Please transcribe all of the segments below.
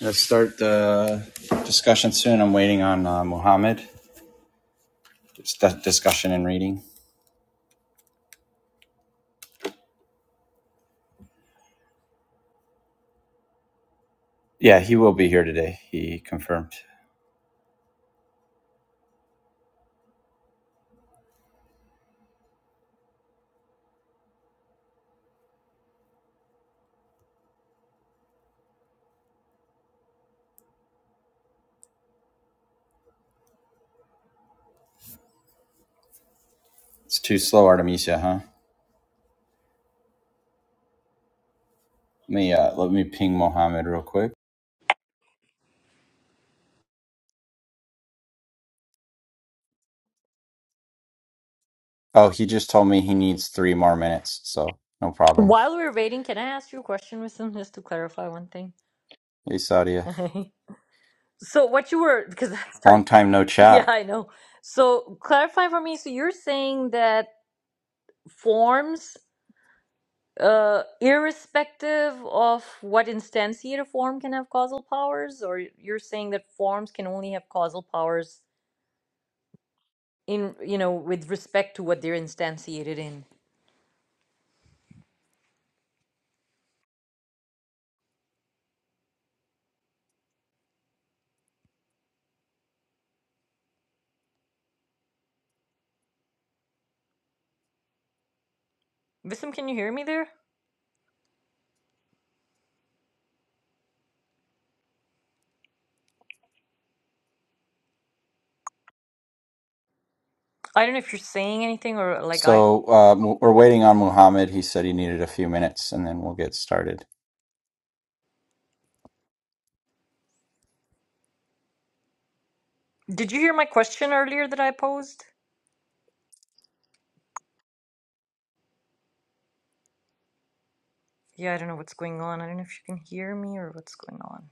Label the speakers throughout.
Speaker 1: Let's start the discussion soon. I'm waiting on uh, Muhammad. It's the discussion and reading. Yeah, he will be here today. He confirmed. It's too slow, Artemisia, huh? Let me uh, let me ping Muhammad real quick. Oh, he just told me he needs three more minutes, so no problem.
Speaker 2: While we're waiting, can I ask you a question, Wisdom, just to clarify one thing?
Speaker 1: Hey, Sadia.
Speaker 2: so what you were because that's hard.
Speaker 1: Long time no
Speaker 2: Yeah,
Speaker 1: chat.
Speaker 2: I know. So clarify for me. So you're saying that forms, uh, irrespective of what instantiate a form can have causal powers, or you're saying that forms can only have causal powers in you know with respect to what they're instantiated in. Visum, can you hear me there? I don't know if you're saying anything or like I
Speaker 1: So uh, we're waiting on Muhammad. He said he needed a few minutes, and then we'll get started.
Speaker 2: did you hear my question earlier that I posed? Yeah, I don't know what's going on. I don't know if you can hear me or what's going on.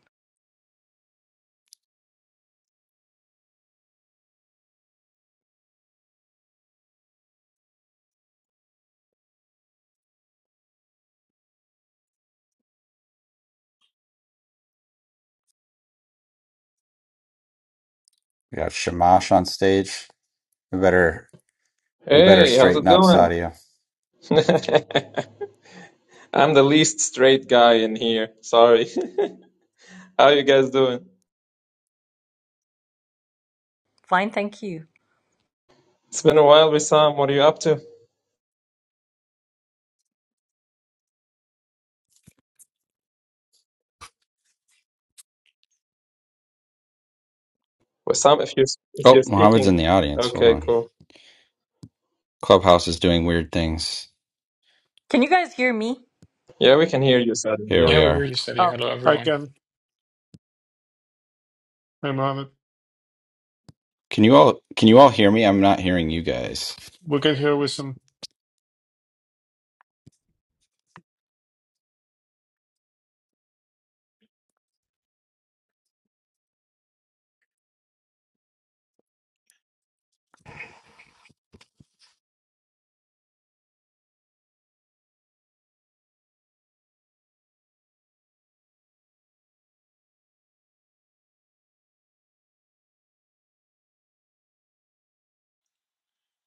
Speaker 1: We got Shamash on stage. We better we better
Speaker 3: Hey, how's it
Speaker 1: straighten up,
Speaker 3: going?
Speaker 1: Sadia.
Speaker 3: I'm the least straight guy in here. Sorry. How you guys doing?
Speaker 2: Fine, thank you.
Speaker 3: It's been a while, Wissam. What are you up to? Wissam, if you're if you're
Speaker 1: Oh, Muhammad's in
Speaker 3: speaking.
Speaker 1: the audience. Hold
Speaker 3: Okay,
Speaker 1: on.
Speaker 3: cool.
Speaker 1: Clubhouse is doing weird things.
Speaker 2: Can you guys hear me?
Speaker 3: Yeah, we can hear you, Salim.
Speaker 1: Here
Speaker 3: Yeah.
Speaker 4: Yeah,
Speaker 1: we
Speaker 4: we
Speaker 1: are.
Speaker 4: really said hello,
Speaker 2: Okay.
Speaker 5: I
Speaker 4: everyone.
Speaker 5: can. I'm on it.
Speaker 1: Can you all can you all hear me? I'm not hearing you guys.
Speaker 5: We can hear with some.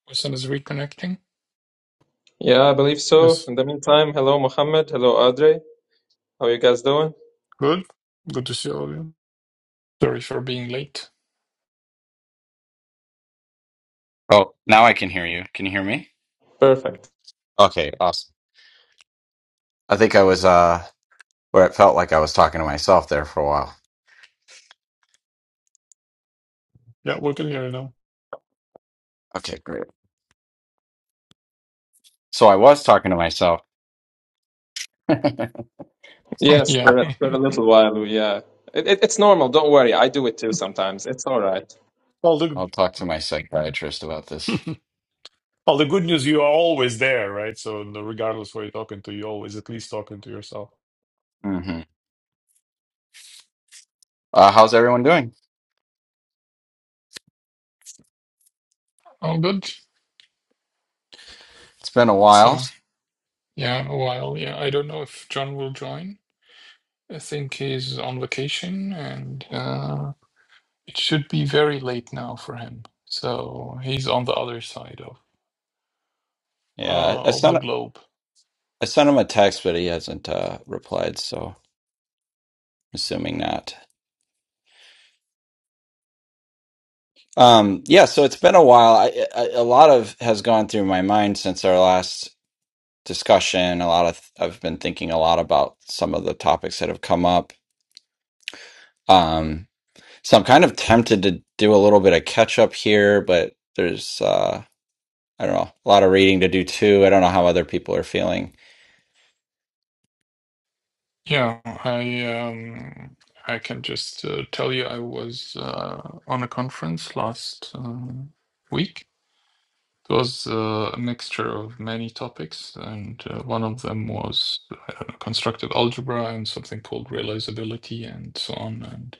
Speaker 4: Wilson is reconnecting.
Speaker 3: Yeah, I believe so.
Speaker 5: Yes.
Speaker 3: In the meantime, hello, Mohammed. Hello, Audrey. How are you guys doing?
Speaker 5: Good. Good to see all of you.
Speaker 4: Sorry for being late.
Speaker 1: Oh, now I can hear you. Can you hear me?
Speaker 3: Perfect.
Speaker 1: Okay, awesome. I think I was uh where it felt like I was talking to myself there for a while.
Speaker 5: Yeah, we can hear you now.
Speaker 1: Okay, great. So I was talking to myself.
Speaker 3: Yes,
Speaker 4: yeah,
Speaker 3: for a, for a little while, yeah. It, it, it's normal. Don't worry. I do it too sometimes. It's all right.
Speaker 5: Well, the
Speaker 1: I'll talk to my psychiatrist about this.
Speaker 5: well, the good news you are always there, right? So no- regardless where you're talking to, you're always at least talking to yourself.
Speaker 1: hmm Uh, how's everyone doing?
Speaker 4: all good.
Speaker 1: It's been a while.
Speaker 4: So, yeah, a while. Yeah, I don't know if John will join. I think he's on vacation and uh, it should be very late now for him. So, he's on the other side of,
Speaker 1: Yeah,
Speaker 4: uh,
Speaker 1: I I
Speaker 4: of the
Speaker 1: sent
Speaker 4: globe.
Speaker 1: I sent him a text, but he hasn't uh, replied. So I'm assuming not. Um, yeah, so it's been a while. I, I, a lot of has gone through my mind since our last discussion. A lot of I've been thinking a lot about some of the topics that have come up. Um, so I'm kind of tempted to do a little bit of catch up here, but there's uh, I don't know, a lot of reading to do too. I don't know how other people are feeling.
Speaker 4: Yeah, I um, I can just uh, tell you I was uh, on a conference last uh, week It was uh, a mixture of many topics, and uh, one of them was I don't know, constructed algebra and something called realizability and so on. And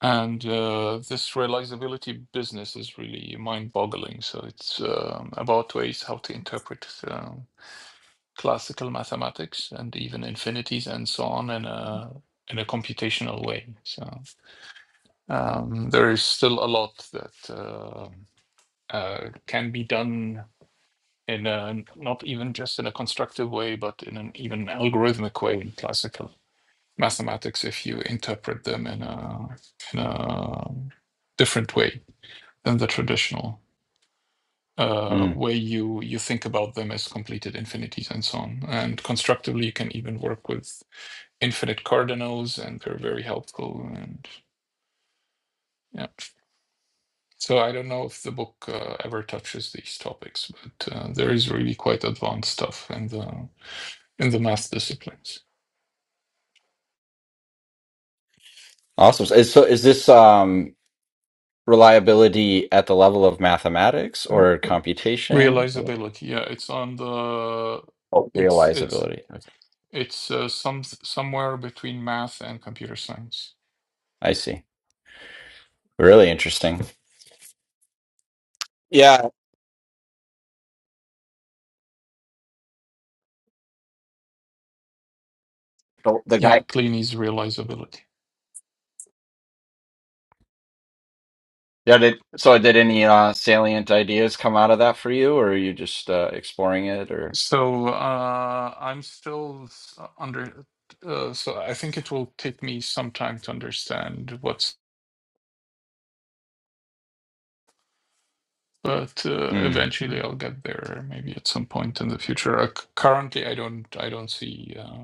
Speaker 4: and uh, this realizability business is really mind-boggling. So it's um, about ways how to interpret um classical mathematics and even infinities and so on in a in a computational way. So um, there is still a lot that uh, uh, can be done in a, not even just in a constructive way, but in an even algorithmic way in classical mathematics if you interpret them in a, in a different way than the traditional uh,
Speaker 1: Mm.
Speaker 4: way you, you think about them as completed infinities and so on. And constructively, you can even work with infinite cardinals, and they're very helpful. And yeah. So I don't know if the book uh, ever touches these topics, but uh, there is really quite advanced stuff in the in the math disciplines.
Speaker 1: Awesome. So is, so is this um reliability at the level of mathematics
Speaker 4: Uh,
Speaker 1: or computation
Speaker 4: realizability. Yeah, it's on the.
Speaker 1: or
Speaker 4: It's it's
Speaker 1: realizability. Okay.
Speaker 4: it's uh, some somewhere between math and computer science.
Speaker 1: I see. Really interesting. Yeah. The, the guy.
Speaker 4: Yeah, Kleene realizability.
Speaker 1: Yeah. Did, so did any uh, salient ideas come out of that for you or are you just uh, exploring it or?
Speaker 4: So uh, I'm still s- under. Uh, so I think it will take me some time to understand what's. But uh,
Speaker 1: Mm,
Speaker 4: eventually I'll get there. Maybe at some point in the future. Uh, c- currently, I don't. I don't see. Uh,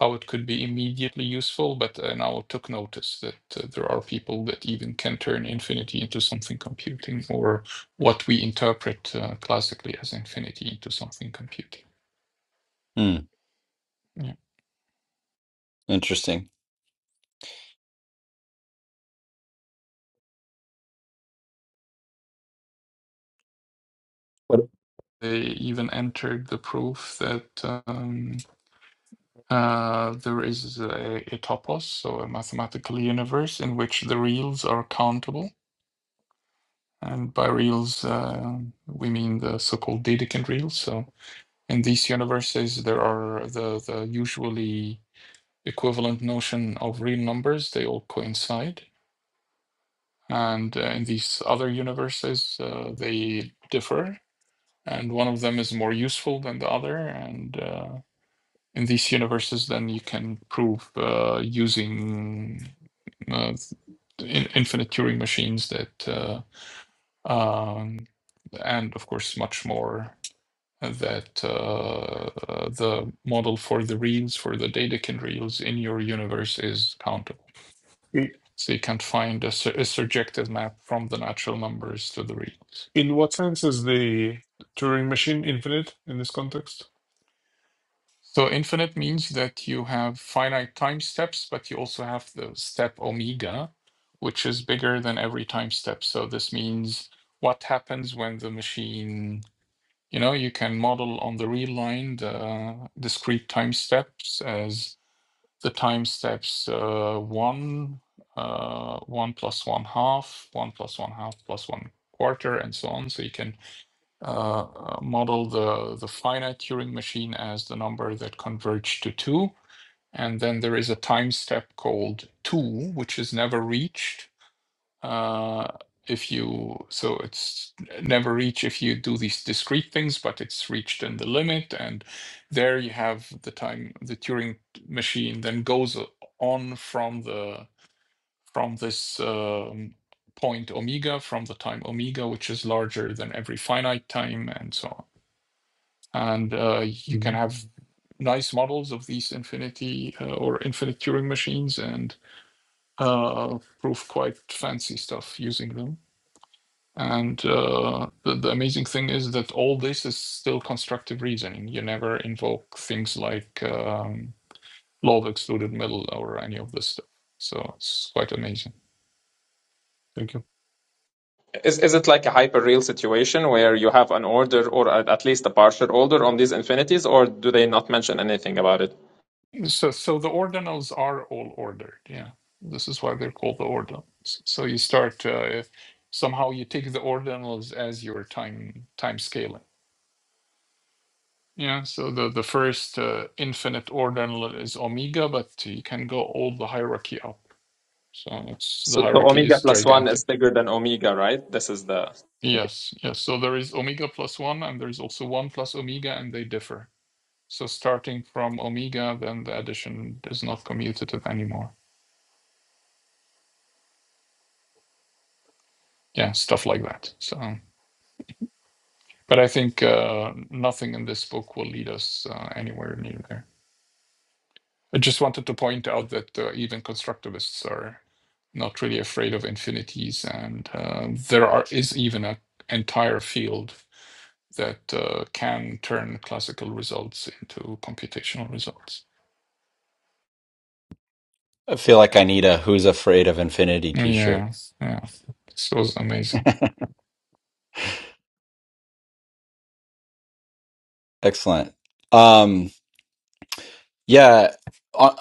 Speaker 4: how it could be immediately useful, but I now took notice that uh, there are people that even can turn infinity into something computing, or what we interpret uh, classically as infinity into something computing.
Speaker 1: mm,
Speaker 4: Yeah.
Speaker 1: interesting. What?
Speaker 4: They even entered the proof that um, uh, there is a, a topos, so a mathematical universe in which the reals are countable. And by reals, uh, we mean the so called Dedekind reals. So In these universes, there are the, the usually equivalent notion of real numbers, they all coincide. And uh, in these other universes, uh, they differ, and one of them is more useful than the other. And uh, in these universes, then you can prove uh, using uh, in, infinite Turing machines that, uh, um, and of course, much more that uh, the model for the reals for the Dedekind reals in your universe is countable.
Speaker 5: I-
Speaker 4: So you can't find a, a surjective map from the natural numbers to the reals.
Speaker 5: In what sense is the Turing machine infinite in this context?
Speaker 4: So infinite means that you have finite time steps, but you also have the step omega, which is bigger than every time step. So this means what happens when the machine, you know, you can model on the real line the discrete time steps as the time steps uh, one, uh, one plus one half, one plus one half plus one quarter, and so on. So you can uh, uh, model the the finite Turing machine as the number that converged to two, and then there is a time step called two, which is never reached, uh, if you so it's never reach if you do these discrete things, but it's reached in the limit, and there you have the time the Turing machine then goes on from the from this um, point omega from the time omega, which is larger than every finite time, and so on. And uh, you can
Speaker 5: hmm
Speaker 4: have nice models of these infinity uh, or infinite Turing machines and uh, prove quite fancy stuff using them. And uh, the, the amazing thing is that all this is still constructive reasoning. You never invoke things like um, law of excluded middle or any of this stuff. So it's quite amazing.
Speaker 5: Thank you.
Speaker 3: Is is it like a hyperreal situation where you have an order or at at least a partial order on these infinities, or do they not mention anything about it?
Speaker 4: So, so the ordinals are all ordered. Yeah, this is why they're called the ordinals. So you start uh, if somehow you take the ordinals as your time time scaling. Yeah. So the the first uh, infinite ordinal is omega, but you can go all the hierarchy up. So it's the
Speaker 3: So, so
Speaker 4: hierarchy
Speaker 3: omega
Speaker 4: is
Speaker 3: plus one is
Speaker 4: gigantic.
Speaker 3: bigger than omega, right? This is the
Speaker 4: Yes, yes. So there is omega plus one, and there is also one plus omega, and they differ. So starting from omega, then the addition is not commutative anymore. Yeah, stuff like that. So, but I think uh, nothing in this book will lead us uh, anywhere near there. I just wanted to point out that uh, even constructivists are not really afraid of infinities, and uh, there are is even an entire field that uh, can turn classical results into computational results.
Speaker 1: I feel like I need a Who's Afraid of Infinity t-shirt.
Speaker 4: Yeah, yeah, this was amazing.
Speaker 1: Excellent. Um, Yeah. Uh,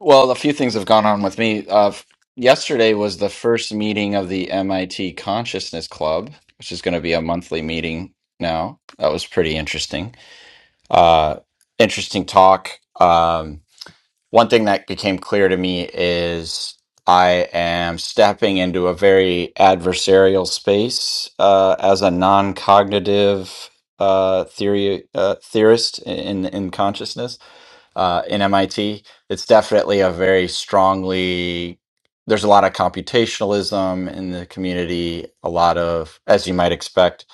Speaker 1: well, a few things have gone on with me. Uh, f- yesterday was the first meeting of the MIT Consciousness Club, which is going to be a monthly meeting now. That was pretty interesting. Uh, interesting talk. Um, one thing that became clear to me is I am stepping into a very adversarial space uh, as a non-cognitive uh, theory uh, theorist in in consciousness uh, in MIT. It's definitely a very strongly there's a lot of computationalism in the community, a lot of, as you might expect,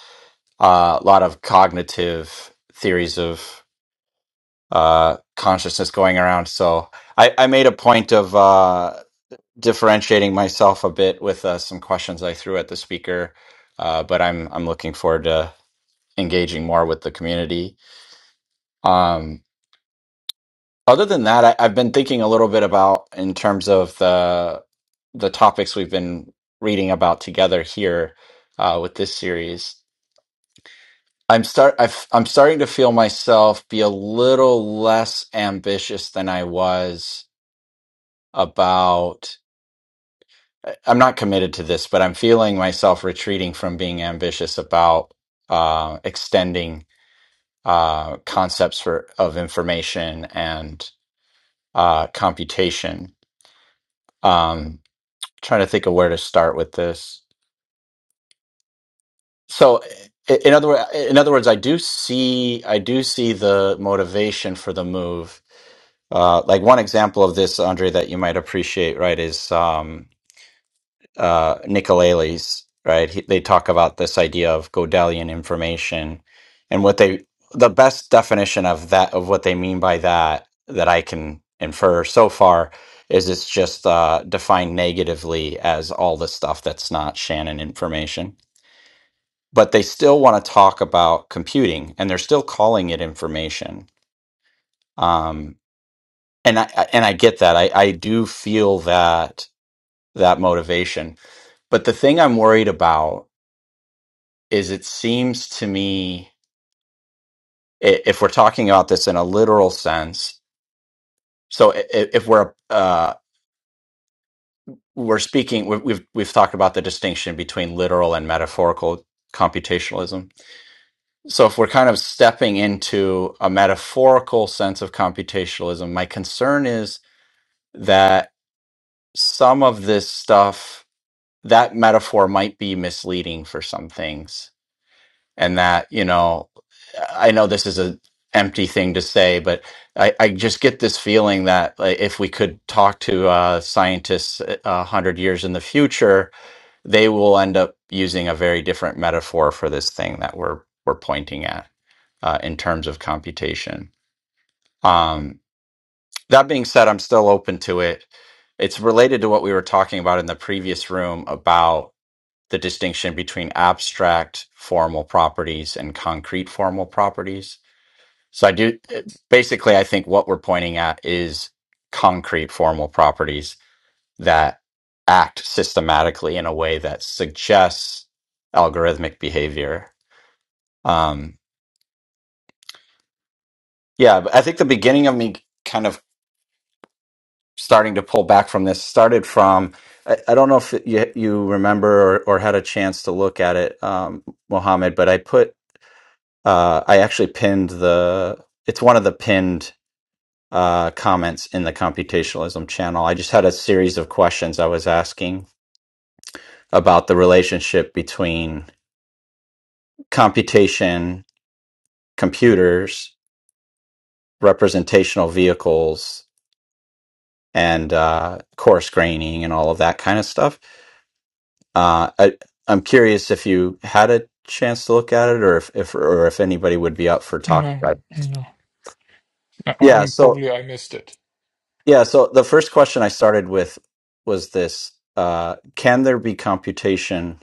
Speaker 1: uh, a lot of cognitive theories of uh, consciousness going around. So I, I made a point of uh, differentiating myself a bit with uh, some questions I threw at the speaker, uh, but I'm I'm looking forward to engaging more with the community. Um, Other than that, I, I've been thinking a little bit about in terms of the the topics we've been reading about together here uh, with this series. I'm start I've, I'm starting to feel myself be a little less ambitious than I was about. I- I'm not committed to this, but I'm feeling myself retreating from being ambitious about uh, extending uh, concepts for of information and uh, computation. Um, trying to think of where to start with this. So, i- in other wo- in other words, I do see I do see the motivation for the move. Uh, like one example of this, Andre, that you might appreciate, right, is um, uh, Nicolelis, right? He, they talk about this idea of Godelian information, and what they the best definition of that of what they mean by that that I can infer so far is it's just uh, defined negatively as all the stuff that's not Shannon information but they still want to talk about computing and they're still calling it information um, and I, I- and I get that I, I do feel that that motivation but the thing I'm worried about is it seems to me i- if we're talking about this in a literal sense so i- i- if we're uh, we're speaking we've we've we've talked about the distinction between literal and metaphorical computationalism So if we're kind of stepping into a metaphorical sense of computationalism, my concern is that some of this stuff, that metaphor might be misleading for some things. And that, you know, I know this is an empty thing to say, but I, I just get this feeling that like, if we could talk to uh, scientists uh, a hundred years in the future, they will end up using a very different metaphor for this thing that we're we're pointing at uh, in terms of computation. Um, that being said, I'm still open to it. It's related to what we were talking about in the previous room about the distinction between abstract formal properties and concrete formal properties. So, I do basically, I think what we're pointing at is concrete formal properties that act systematically in a way that suggests algorithmic behavior. Um, yeah, but I think the beginning of me kind of starting to pull back from this started from. I, I don't know if you, you remember or, or had a chance to look at it, um, Mohammed, but I put, uh, I actually pinned the, it's one of the pinned uh, comments in the computationalism channel. I just had a series of questions I was asking about the relationship between computation, computers, representational vehicles, and uh, coarse graining and all of that kind of stuff Uh, I, I'm curious if you had a chance to look at it, or if, if or if anybody would be up for talking
Speaker 4: No,
Speaker 1: about it.
Speaker 4: no, I-
Speaker 1: Yeah.
Speaker 4: am
Speaker 1: So
Speaker 4: probably I missed it.
Speaker 1: yeah. So the first question I started with was this: uh, Can there be computation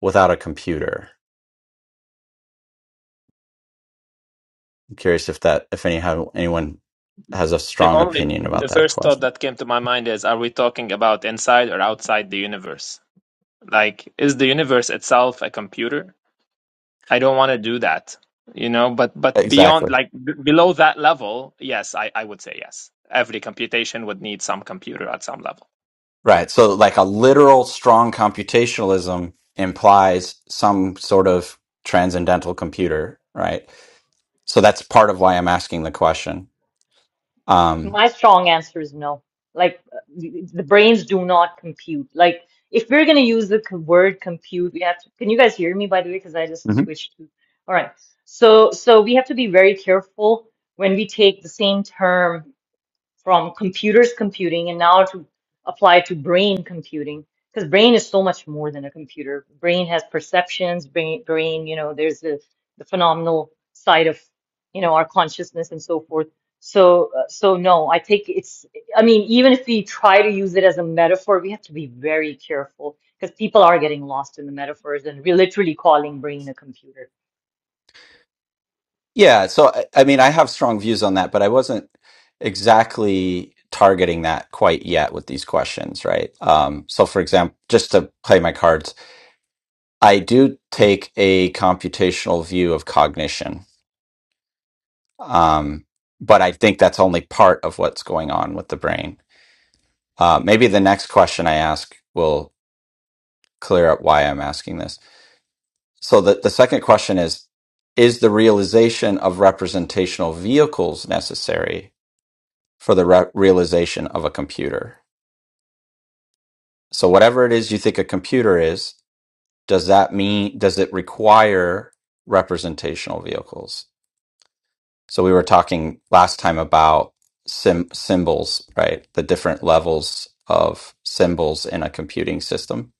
Speaker 1: without a computer? I'm curious if that if anyhow anyone has a
Speaker 3: the
Speaker 1: strong
Speaker 3: only
Speaker 1: opinion about
Speaker 3: the
Speaker 1: that
Speaker 3: first thought
Speaker 1: question.
Speaker 3: that came to my mind is: Are we talking about inside or outside the universe? Like, is the universe itself a computer? I don't want to do that, you know, but but beyond
Speaker 1: Exactly.
Speaker 3: like b- below that level, yes, I, I would say yes. Every computation would need some computer at some level.
Speaker 1: Right. So like a literal strong computationalism implies some sort of transcendental computer, right? So that's part of why I'm asking the question Um,
Speaker 2: My strong answer is no. Like uh, the brains do not compute. Like if we're gonna use the c- word compute, we have to. Can you guys hear me by the way? Because I just
Speaker 1: Mhm.
Speaker 2: switched to. All right. So so we have to be very careful when we take the same term. from computers computing and now to apply to brain computing because brain is so much more than a computer brain has perceptions brain brain you know there's the the phenomenal side of you know our consciousness and so forth so uh, so no i think it's i mean even if we try to use it as a metaphor we have to be very careful because people are getting lost in the metaphors and we're literally calling brain a computer
Speaker 1: yeah, so I, I mean, I have strong views on that, but I wasn't exactly targeting that quite yet with these questions, right? Um, so, for example, just to play my cards, I do take a computational view of cognition, um, but I think that's only part of what's going on with the brain. Uh, maybe the next question I ask will clear up why I'm asking this. So, the, the second question is Is the realization of representational vehicles necessary? for the re- realization of a computer. So whatever it is you think a computer is, does that mean does it require representational vehicles? So we were talking last time about sim- symbols, right? The different levels of symbols in a computing system.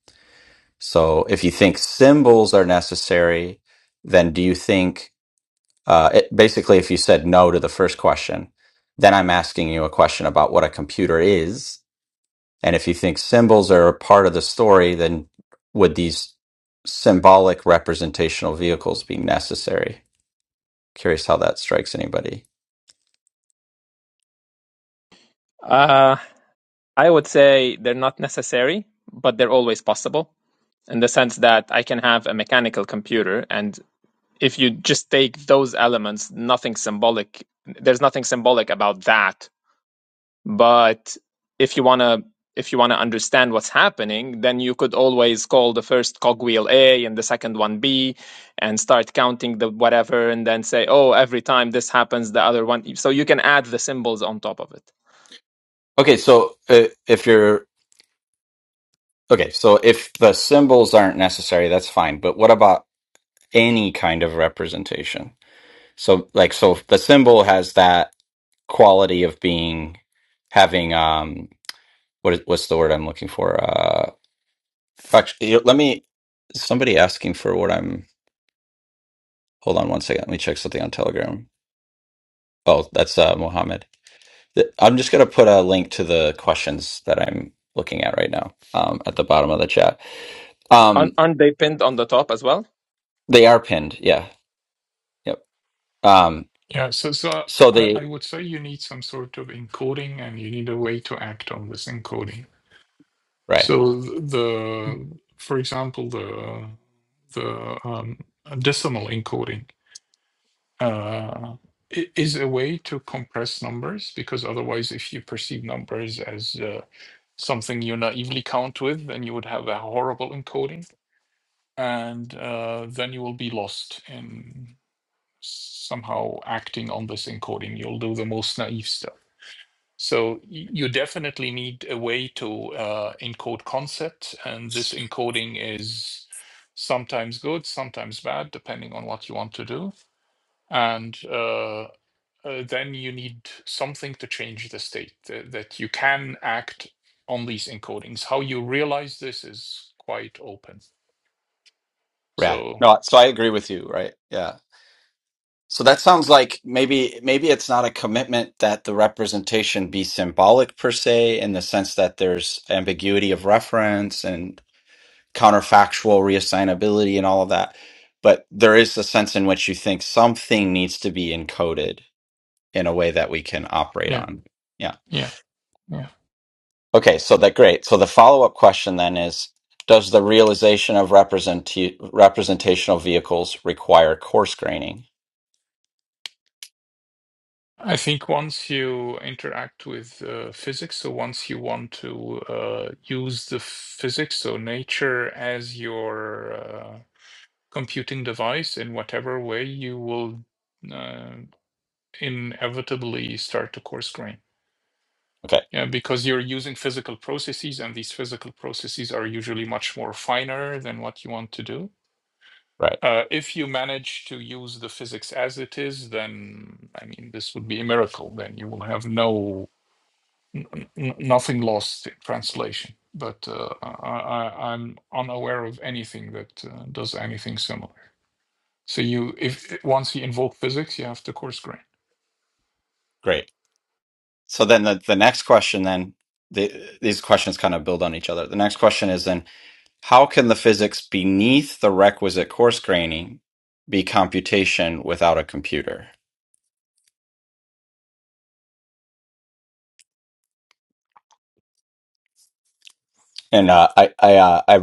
Speaker 1: So if you think symbols are necessary, then do you think uh, it, basically if you said no to the first question, then I'm asking you a question about what a computer is And if you think symbols are a part of the story, then would these symbolic representational vehicles be necessary? Curious how that strikes anybody.
Speaker 3: Uh, I would say they're not necessary, but they're always possible in the sense that I can have a mechanical computer, and if you just take those elements, nothing symbolic, there's nothing symbolic about that But if you want to if you want to understand what's happening, then you could always call the first cogwheel A and the second one B and start counting the whatever and then say, oh, every time this happens, the other one. So you can add the symbols on top of it.
Speaker 1: Okay, so uh, if you're okay, so if the symbols aren't necessary, that's fine. But what about any kind of representation? So like so the symbol has that quality of being having um what is what's the word I'm looking for? Uh actually let me somebody asking for what I'm hold on one second, let me check something on Telegram. Oh, that's uh Mohammed. Th- I'm just gonna put a link to the questions that I'm looking at right now um at the bottom of the chat.
Speaker 3: Aren't,
Speaker 1: Um
Speaker 3: aren't they pinned on the top as well?
Speaker 1: they are pinned, yeah. Yep. Um
Speaker 4: Yeah, so so
Speaker 1: so
Speaker 4: I,
Speaker 1: they
Speaker 4: I would say you need some sort of encoding, and you need a way to act on this encoding.
Speaker 1: right,
Speaker 4: So the, for example, the the um, decimal encoding uh, i- is a way to compress numbers because otherwise, if you perceive numbers as uh, something you naively count with, then you would have a horrible encoding, and uh, then you will be lost in somehow acting on this encoding. You'll do the most naive stuff. So y- you definitely need a way to uh, encode concepts, and this encoding is sometimes good, sometimes bad, depending on what you want to do. And uh, uh, then you need something to change the state uh, that you can act on these encodings. How you realize this is quite open.
Speaker 1: right.
Speaker 4: So,
Speaker 1: No, so I agree with you, right? Yeah. So that sounds like maybe maybe it's not a commitment that the representation be symbolic per se, in the sense that there's ambiguity of reference and counterfactual reassignability and all of that. But there is a sense in which you think something needs to be encoded in a way that we can operate
Speaker 4: yeah,
Speaker 1: on. Yeah.
Speaker 4: yeah, yeah.
Speaker 1: Okay, so that great. So the follow-up question then is, does the realization of represent representational vehicles require coarse graining?
Speaker 4: I think once you interact with uh, physics, so once you want to uh, use the physics, so nature as your uh, computing device in whatever way, you will uh, inevitably start to coarse grain.
Speaker 1: Okay,
Speaker 4: Yeah, because you're using physical processes, and these physical processes are usually much more finer than what you want to do.
Speaker 1: right,
Speaker 4: Uh, if you manage to use the physics as it is, then I mean, this would be a miracle. Then you will have no n- n- nothing lost in translation. But uh, I, I, I'm unaware of anything that uh, does anything similar. So you, if once you invoke physics, you have to course grain.
Speaker 1: great. So then the, the next question then the, these questions kind of build on each other. The next question is then how can the physics beneath the requisite coarse graining be computation without a computer? And uh, I I uh, I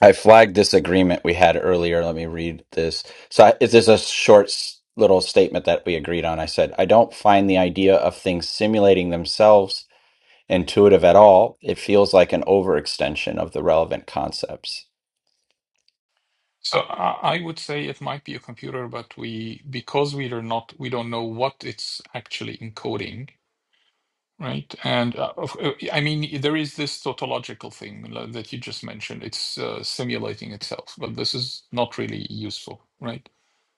Speaker 1: I flagged this agreement we had earlier. Let me read this. So, I- is this is a short s- little statement that we agreed on? I said, I don't find the idea of things simulating themselves intuitive at all. It feels like an overextension of the relevant concepts.
Speaker 4: So I I would say it might be a computer, but we because we are not we don't know what it's actually encoding, right? And uh, of- uh, I mean, there is this tautological thing lo- that you just mentioned. It's uh, simulating itself, but this is not really useful, right?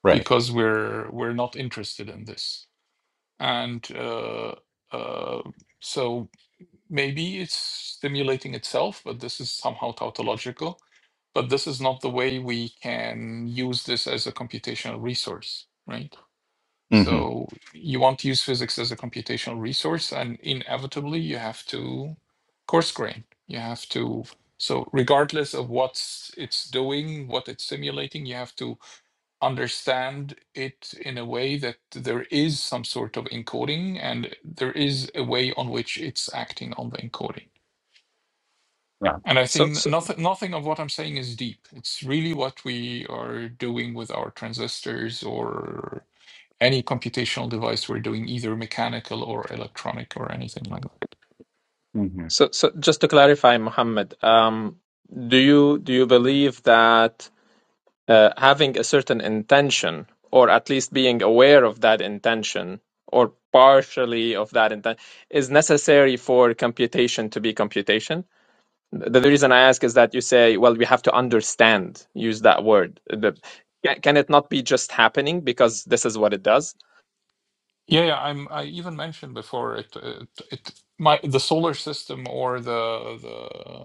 Speaker 1: Right.
Speaker 4: Because we're we're not interested in this, and uh, uh, so maybe it's stimulating itself, but this is somehow tautological but this is not the way we can use this as a computational resource, right?
Speaker 1: hmm
Speaker 4: So you want to use physics as a computational resource, and inevitably you have to coarse grain. You have to so regardless of what it's doing, what it's simulating, you have to understand it in a way that there is some sort of encoding and there is a way on which it's acting on the encoding. And I
Speaker 3: So,
Speaker 4: think
Speaker 3: so,
Speaker 4: nothing nothing of what I'm saying is deep. It's really what we are doing with our transistors or any computational device we're doing, either mechanical or electronic or anything like that.
Speaker 1: Yeah.
Speaker 3: so, so just to clarify, Mohammed, um, do you do you believe that uh, having a certain intention or at least being aware of that intention or partially of that intention, is necessary for computation to be computation the, the reason i ask is that you say well we have to understand use that word the, can, can it not be just happening because this is what it does
Speaker 4: Yeah, yeah. I'm. I even mentioned before it. It, it my the solar system or the the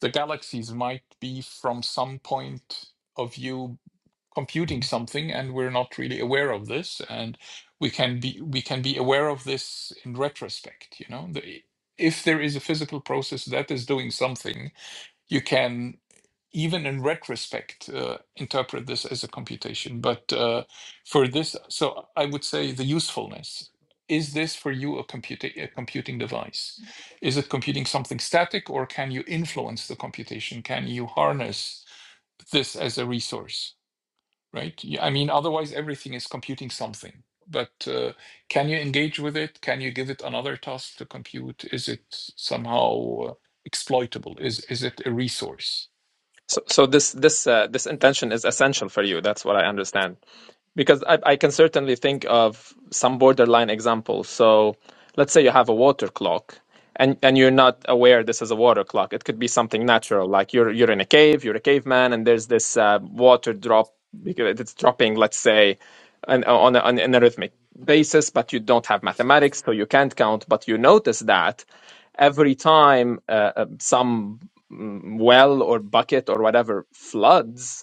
Speaker 4: the galaxies might be from some point of view computing something and we're not really aware of this and we can be we can be aware of this in retrospect you know the, if there is a physical process that is doing something you can even in retrospect uh, interpret this as a computation but uh, for this so i would say the usefulness is this for you a, computa- a computing device is it computing something static or can you influence the computation can you harness this as a resource right Yeah, I mean otherwise everything is computing something but uh, can you engage with it can you give it another task to compute is it somehow uh, exploitable is is it a resource
Speaker 3: so, so this this uh, this intention is essential for you that's what i understand Because I, I can certainly think of some borderline examples. So let's say you have a water clock and, and you're not aware this is a water clock. It could be something natural, like you're you're in a cave, you're a caveman, and there's this uh, water drop because it's dropping, let's say, an, on, a, on an rhythmic basis, but you don't have mathematics, so you can't count. But you notice that every time uh, uh, some mm, well or bucket or whatever floods,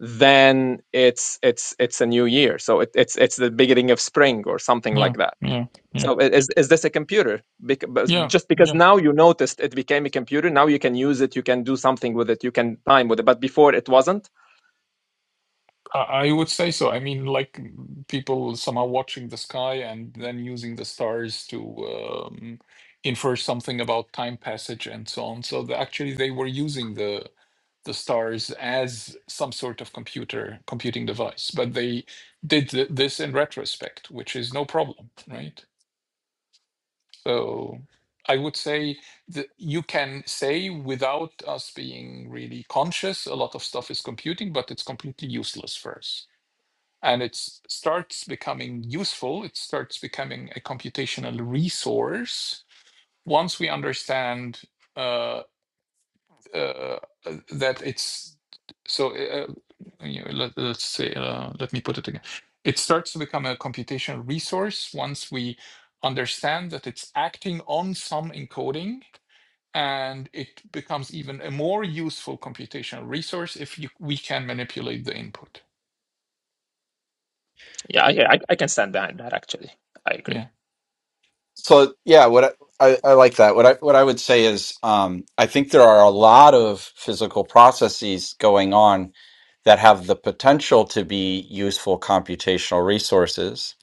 Speaker 3: then it's it's it's a new year. So it, it's it's the beginning of spring or something
Speaker 4: Yeah,
Speaker 3: like that.
Speaker 4: yeah, yeah,
Speaker 3: So is is this a computer? Bec-
Speaker 4: yeah,
Speaker 3: just because
Speaker 4: yeah.
Speaker 3: now you noticed it became a computer, now you can use it, you can do something with it, you can time with it. But before it wasn't.
Speaker 4: I, I would say so. I mean, like mm, people somehow watching the sky and then using the stars to um, infer something about time passage and so on. So the, actually, they were using the the stars as some sort of computer computing device, but they did th- this in retrospect, which is no problem, right? So I would say that you can say without us being really conscious, a lot of stuff is computing, but it's completely useless first. And it starts becoming useful, it starts becoming a computational resource once we understand. uh, uh, uh, that it's so uh, uh, you know, let, let's say uh, let me put it again it starts to become a computational resource once we understand that it's acting on some encoding and it becomes even a more useful computational resource if you, we can manipulate the input
Speaker 3: Yeah, yeah, I, I can stand behind that actually. I agree.
Speaker 4: yeah
Speaker 1: So yeah, what I, I, I like that. What I what I would say is, um, I think there are a lot of physical processes going on that have the potential to be useful computational resources.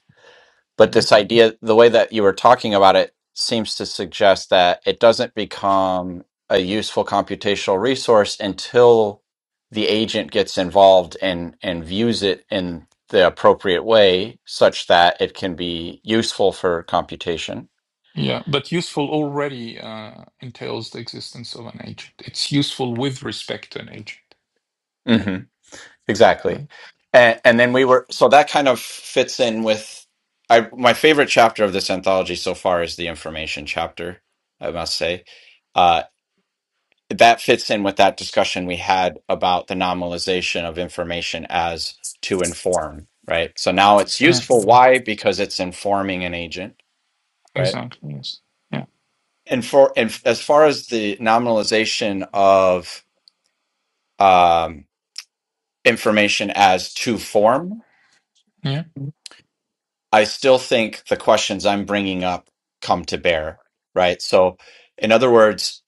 Speaker 1: But
Speaker 4: yeah
Speaker 1: this idea, the way that you were talking about it, seems to suggest that it doesn't become a useful computational resource until the agent gets involved and and views it in the appropriate way, such that it can be useful for computation
Speaker 4: yeah but useful already uh, entails the existence of an agent it's useful with respect to an agent
Speaker 1: hmm Exactly.
Speaker 4: right
Speaker 1: And, and then we were, so that kind of fits in with I, my favorite chapter of this anthology so far is the information chapter, I must say. Uh, that fits in with that discussion we had about the nominalization of information as to inform, right? So now it's
Speaker 4: yeah
Speaker 1: useful. Why? Because it's informing an agent, right?
Speaker 4: exactly yes yeah
Speaker 1: And for and as far as the nominalization of um, information as to form,
Speaker 4: yeah
Speaker 1: I still think the questions I'm bringing up come to bear, right? So, in other words,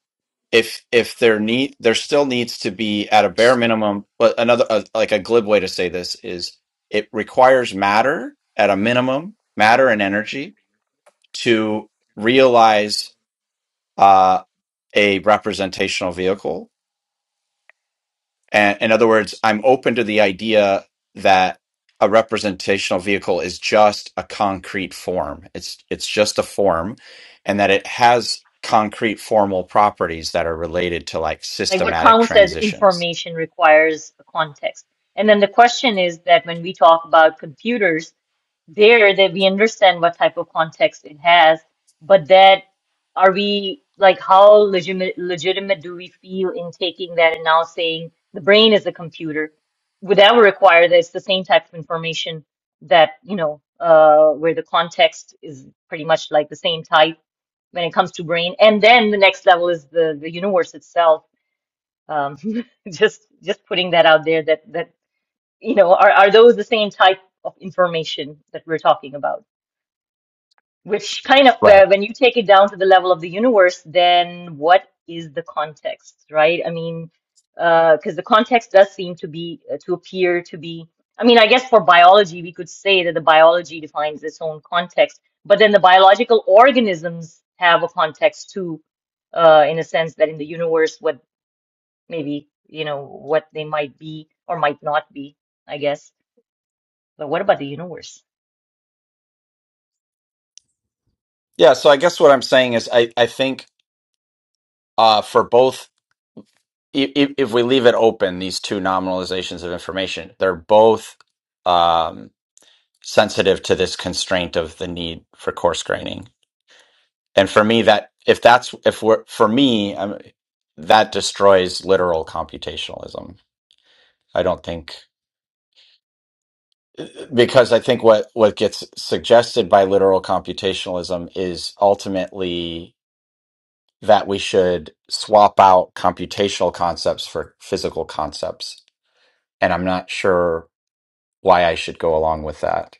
Speaker 1: if if there need there still needs to be at a bare minimum, but another uh, like a glib way to say this is it requires matter at a minimum, matter and energy to realize uh, a representational vehicle And in other words, I'm open to the idea that a representational vehicle is just a concrete form. It's it's just a form, and that it has concrete formal properties that are related to like
Speaker 2: Like what
Speaker 1: systematic
Speaker 2: counts as
Speaker 1: transitions.
Speaker 2: information requires a context. And then the question is that when we talk about computers, there that we understand what type of context it has, but that are we like how legitimate legitimate do we feel in taking that and now saying the brain is a computer? Would that require that it's the same type of information that, you know, uh, where the context is pretty much like the same type when it comes to brain. And then the next level is the the universe itself um, just just putting that out there that that you know are are those the same type of information that we're talking about? Which kind of
Speaker 1: Right.
Speaker 2: uh, when you take it down to the level of the universe, then what is the context, right? I mean, uh, because the context does seem to be uh, to appear to be. I mean, I guess for biology, we could say that the biology defines its own context, but then the biological organisms have a context too uh, in a sense that in the universe, what maybe, you know, what they might be or might not be, I guess. But what about the universe?
Speaker 1: Yeah. So I guess what I'm saying is I I think uh, for both. If, if we leave it open, these two nominalizations of information, they're both um, sensitive to this constraint of the need for coarse graining. and for me that if that's if we're for me i that destroys literal computationalism i don't think because i think what what gets suggested by literal computationalism is ultimately that we should swap out computational concepts for physical concepts and i'm not sure why i should go along with that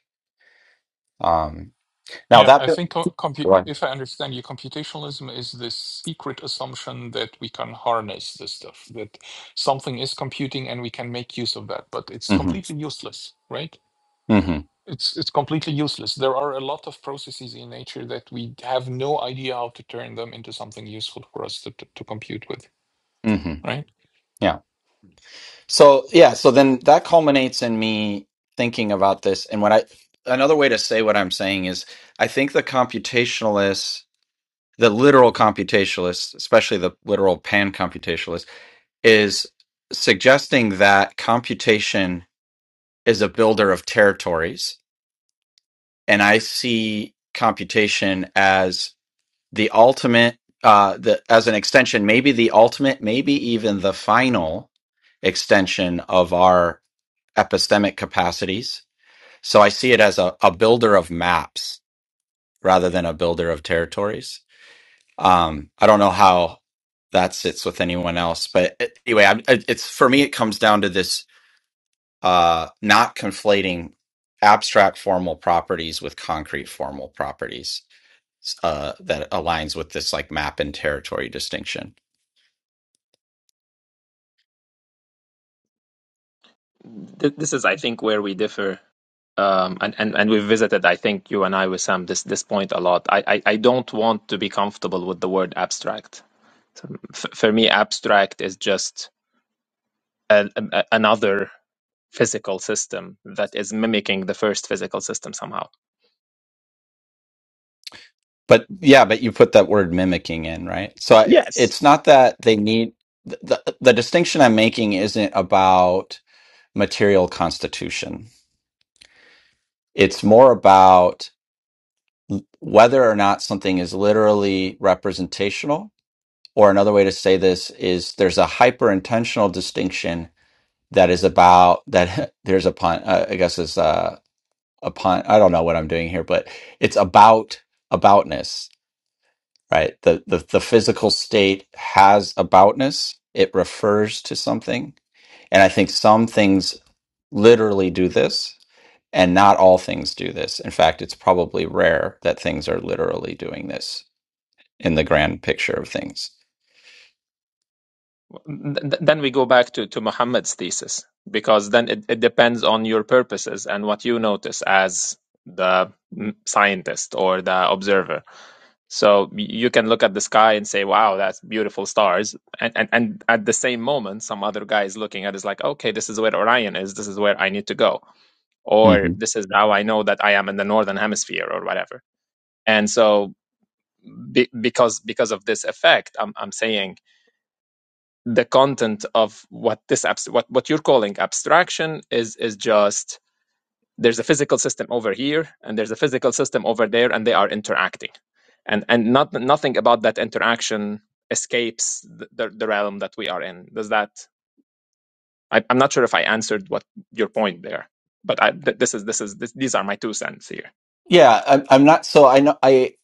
Speaker 1: um now
Speaker 4: Yeah,
Speaker 1: that
Speaker 4: I think co- compu-
Speaker 1: go on
Speaker 4: if I understand you, computationalism is this secret assumption that we can harness this stuff, that something is computing and we can make use of that, but it's
Speaker 1: hmm
Speaker 4: completely useless, right?
Speaker 1: hmm
Speaker 4: It's it's completely useless. There are a lot of processes in nature that we have no idea how to turn them into something useful for us to to, to compute with,
Speaker 1: hmm
Speaker 4: right?
Speaker 1: So yeah, so then that culminates in me thinking about this. And what I another way to say what I'm saying is I think the computationalists, the literal computationalists, especially the literal pan computationalist, is suggesting that computation is a builder of territories. And I see computation as the ultimate uh the as an extension, maybe the ultimate, maybe even the final extension of our epistemic capacities. So I see it as a, a builder of maps rather than a builder of territories. Um, I don't know how that sits with anyone else, but anyway, I, it's for me, it comes down to this uh, not conflating abstract formal properties with concrete formal properties uh, that aligns with this like map and territory distinction.
Speaker 3: This is, I think, where we differ, um, and, and and we've visited, I think, you and I with Sam this this point a lot. I I, I don't want to be comfortable with the word abstract. So f- for me, abstract is just a, a- another physical system that is mimicking the first physical system somehow.
Speaker 1: But yeah, but you put that word mimicking in, right? So I-
Speaker 3: Yes.
Speaker 1: it's not that they need the the the distinction I'm making isn't about material constitution. It's more about l- whether or not something is literally representational, or another way to say this is there's a hyper intentional distinction that is about that there's a pun uh, i guess is uh, a pun i don't know what i'm doing here but it's about aboutness right the, the the physical state has aboutness it refers to something and i think some things literally do this and not all things do this in fact it's probably rare that things are literally doing this in the grand picture of things.
Speaker 3: Th- then we go back to, to Muhammad's thesis because then it, it depends on your purposes and what you notice as the mm, scientist or the observer. So y- you can look at the sky and say, "Wow, that's beautiful stars," and and, and at the same moment, some other guy is looking at it is like, "Okay, this is where Orion is. This is where I need to go." Or
Speaker 1: hmm
Speaker 3: this is how I know that I am in the northern hemisphere, or whatever And so, be, because because of this effect, I'm I'm saying the content of what this abs- what what you're calling abstraction is is just there's a physical system over here and there's a physical system over there, and they are interacting, and and not nothing about that interaction escapes the, the, the realm that we are in. Does that I, I'm not sure if I answered what your point there, but I, th- this is this is this, these are my two cents here.
Speaker 1: Yeah, I'm, I'm not. So I know I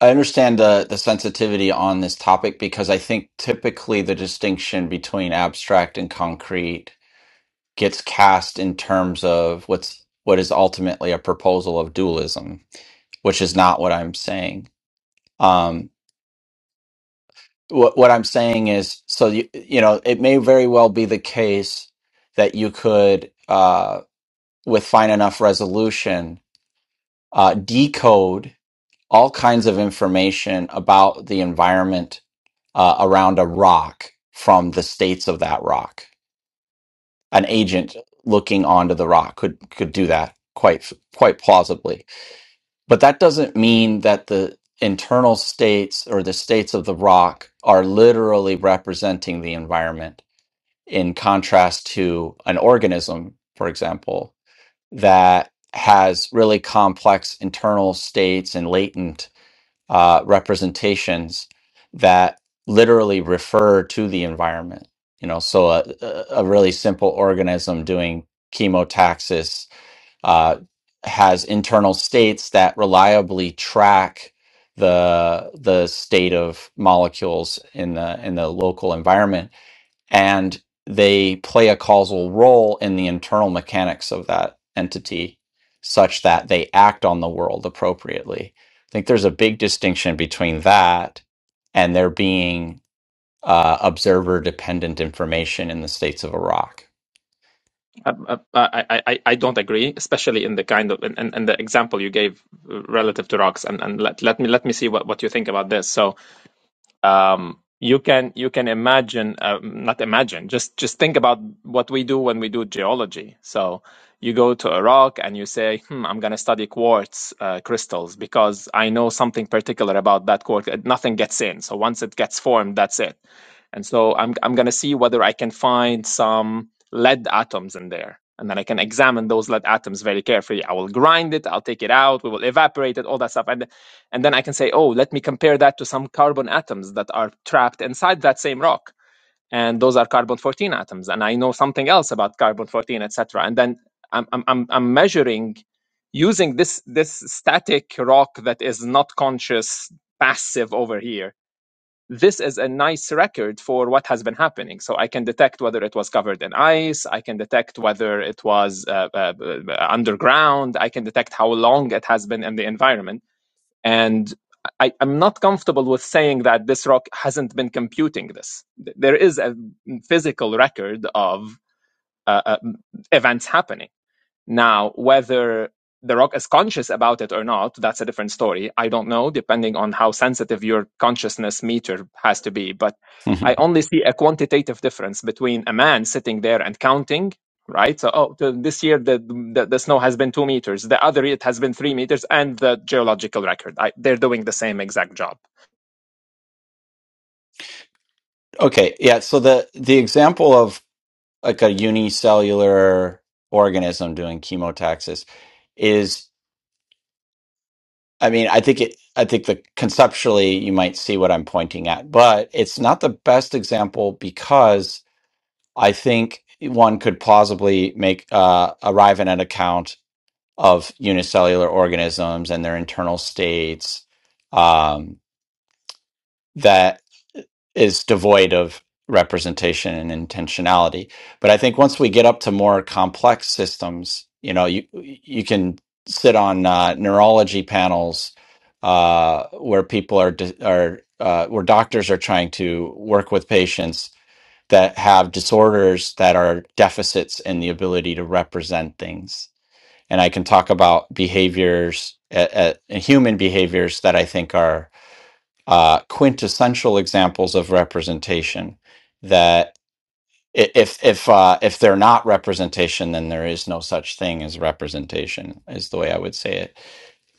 Speaker 1: I understand the the sensitivity on this topic because I think typically the distinction between abstract and concrete gets cast in terms of what's what is ultimately a proposal of dualism, which is not what I'm saying. Um, what what I'm saying is, so you you know, it may very well be the case that you could, uh, with fine enough resolution, uh, decode all kinds of information about the environment uh, around a rock from the states of that rock. An agent looking onto the rock could could do that quite quite plausibly, but that doesn't mean that the internal states or the states of the rock are literally representing the environment in contrast to an organism, for example, that has really complex internal states and latent uh, representations that literally refer to the environment. You know, so a, a a really simple organism doing chemotaxis uh, has internal states that reliably track the the state of molecules in the in the local environment and they play a causal role in the internal mechanics of that entity such that they act on the world appropriately. I think there's a big distinction between that and there being uh, observer dependent information in the states of Iraq.
Speaker 3: I, I, I, I I don't agree, especially in the kind of and, and, and the example you gave uh, relative to rocks. And, and let, let me let me see what, what you think about this. So um, you can you can imagine um, not imagine just just think about what we do when we do geology so you go to a rock and you say hmm, i'm going to study quartz uh, crystals because i know something particular about that quartz Uh, nothing gets in so once it gets formed that's it and so I'm, I'm going to see whether I can find some lead atoms in there. And then I can examine those lead atoms very carefully. I will grind it, I'll take it out, we will evaporate it, all that stuff. And, and then I can say, oh, let me compare that to some carbon atoms that are trapped inside that same rock. And those are carbon 14 atoms. And I know something else about carbon 14, etc. And then I'm, I'm, I'm I'm measuring using this, this static rock that is not conscious, passive over here this is a nice record for what has been happening. So I can detect whether it was covered in ice. I can detect whether it was uh, uh, uh, underground. I can detect how long it has been in the environment. And I, I'm not comfortable with saying that this rock hasn't been computing this. There is a physical record of uh, uh, events happening. Now, whether The Rock is conscious about it or not, that's a different story. I don't know, depending on how sensitive your consciousness meter has to be. But I
Speaker 1: Mhm.
Speaker 3: only see a quantitative difference between a man sitting there and counting, right? So, oh, th- this year the, the the snow has been two meters. The other year it has been three meters, and the geological record. I, they're doing the same exact job.
Speaker 1: Okay, yeah. So the the example of like a unicellular organism doing chemotaxis is I mean, I think it, I think that conceptually you might see what I'm pointing at, but it's not the best example because I think one could plausibly make uh, arrive at an account of unicellular organisms and their internal states um, is devoid of representation and intentionality. But I think once we get up to more complex systems, you know, you you can sit on uh, neurology panels uh, where people are di- are uh, where doctors are trying to work with patients that have disorders that are deficits in the ability to represent things. And I can talk about behaviors, uh, uh, human behaviors that I think are uh, quintessential examples of representation that i- if if uh, if they're not representation, then there is no such thing as representation is the way I would say it.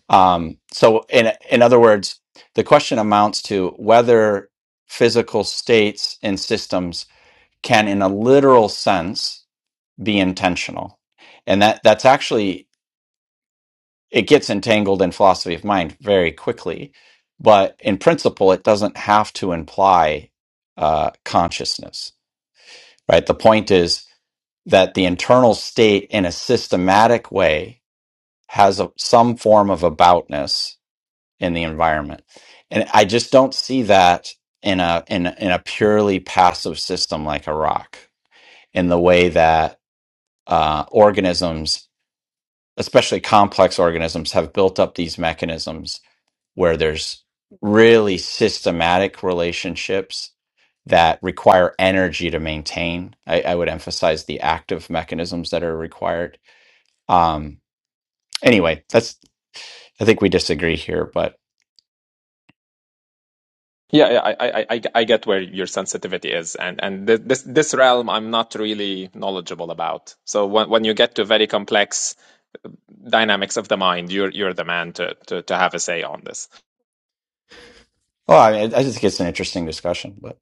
Speaker 1: Um, so in in other words, the question amounts to whether physical states and systems can, in a literal sense, be intentional, and that that's actually it gets entangled in philosophy of mind very quickly. But in principle, it doesn't have to imply uh, consciousness, right? The point is that the internal state in a systematic way has a, some form of aboutness in the environment. And I just don't see that in a, in a, in a purely passive system like a rock, in the way that uh, organisms, especially complex organisms, have built up these mechanisms where there's really systematic relationships that require energy to maintain. I, I would emphasize the active mechanisms that are required. Um, anyway, that's I think we disagree here, but
Speaker 3: Yeah, yeah, I, I, I, I get where your sensitivity is, and and th- this this realm I'm not really knowledgeable about. So when when you get to very complex dynamics of the mind. You're you're the man to to, to have a say on this.
Speaker 1: oh, I, I just think it's an interesting discussion. But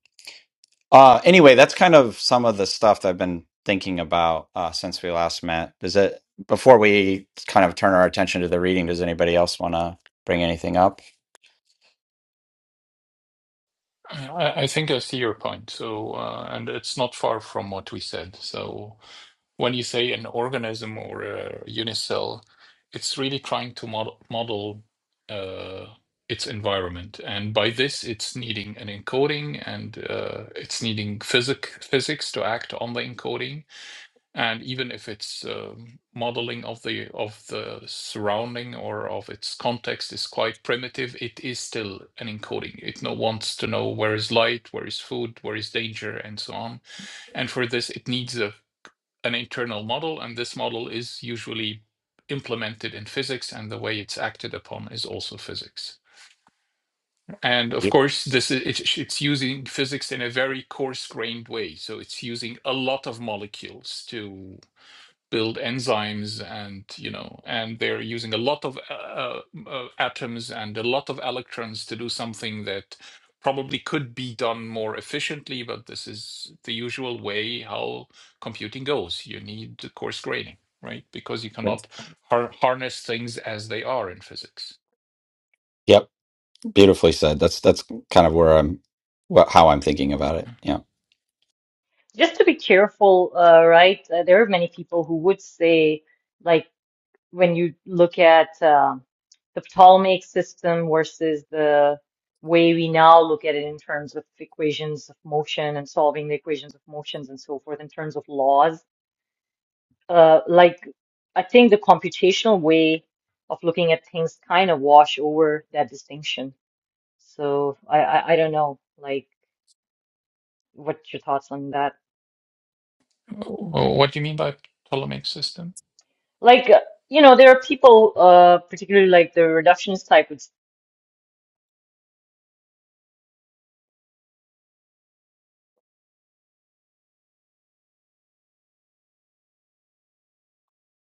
Speaker 1: Uh, anyway, that's kind of some of the stuff that I've been thinking about uh, since we last met. Is it before we kind of turn our attention to the reading? Does anybody else want to bring anything up?
Speaker 4: I, I think I see your point. So, uh, and it's not far from what we said. So. when you say an organism or a unicell, it's really trying to model, model uh, its environment. And by this, it's needing an encoding and uh, it's needing physic, physics to act on the encoding. And even if it's um, modeling of the of the surrounding or of its context is quite primitive, it is still an encoding. It no wants to know where is light, where is food, where is danger, and so on. And for this, it needs a an internal model, and this model is usually implemented in physics, and the way it's acted upon is also physics. And of
Speaker 1: Yep.
Speaker 4: course, this is, it's, it's using physics in a very coarse-grained way, so it's using a lot of molecules to build enzymes and you know and they're using a lot of uh, uh, uh, atoms and a lot of electrons to do something that probably could be done more efficiently but this is the usual way how computing goes you need coarse graining right because you cannot har- harness things as they are in physics
Speaker 1: Yep, beautifully said. That's that's kind of where I'm, what, how I'm thinking about it. Yeah.
Speaker 2: Just to be careful, uh, right? Uh, there are many people who would say, like, when you look at um the Ptolemaic system versus the way we now look at it in terms of equations of motion and solving the equations of motions and so forth, in terms of laws, uh, like, I think the computational way of looking at things kind of wash over that distinction So I, I I don't know like what's your thoughts on that?
Speaker 4: Wh- wh- what do you mean by ptolemaic system
Speaker 2: Like uh, you know there are people uh particularly like the reductionist type of s-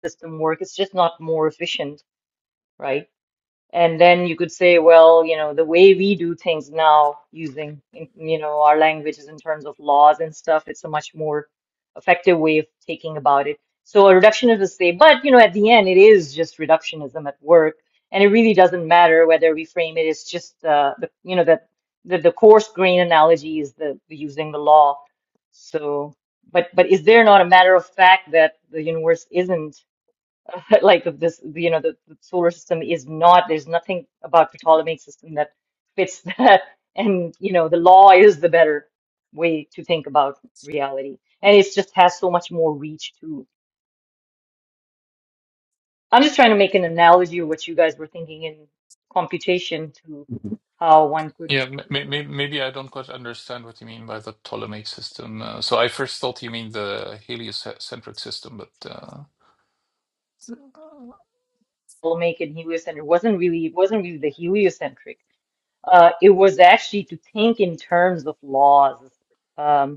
Speaker 2: system work it's just not more efficient, right? And then you could say, well, you know, the way we do things now, using, in- you know, our languages in terms of laws and stuff, it's a much more effective way of thinking about it. So a reductionist would say, but, you know, at the end, it is just reductionism at work. And it really doesn't matter whether we frame it, it's just, uh, the, you know, that the, the coarse grain analogy is the the using the law. So, but, but is there not a matter of fact that the universe isn't? like this you know the, the solar system is not there's nothing about the Ptolemaic system that fits that and you know the law is the better way to think about reality and it just has so much more reach to I'm just trying to make an analogy of what you guys were thinking in computation to how one could
Speaker 4: Yeah,
Speaker 2: look at the
Speaker 4: maybe maybe I don't quite understand what you mean by the Ptolemaic system. Uh, so I first thought you mean the heliocentric system, but uh,
Speaker 2: Ptolemaic and heliocentric it wasn't really it wasn't really the heliocentric uh it was actually to think in terms of laws Um,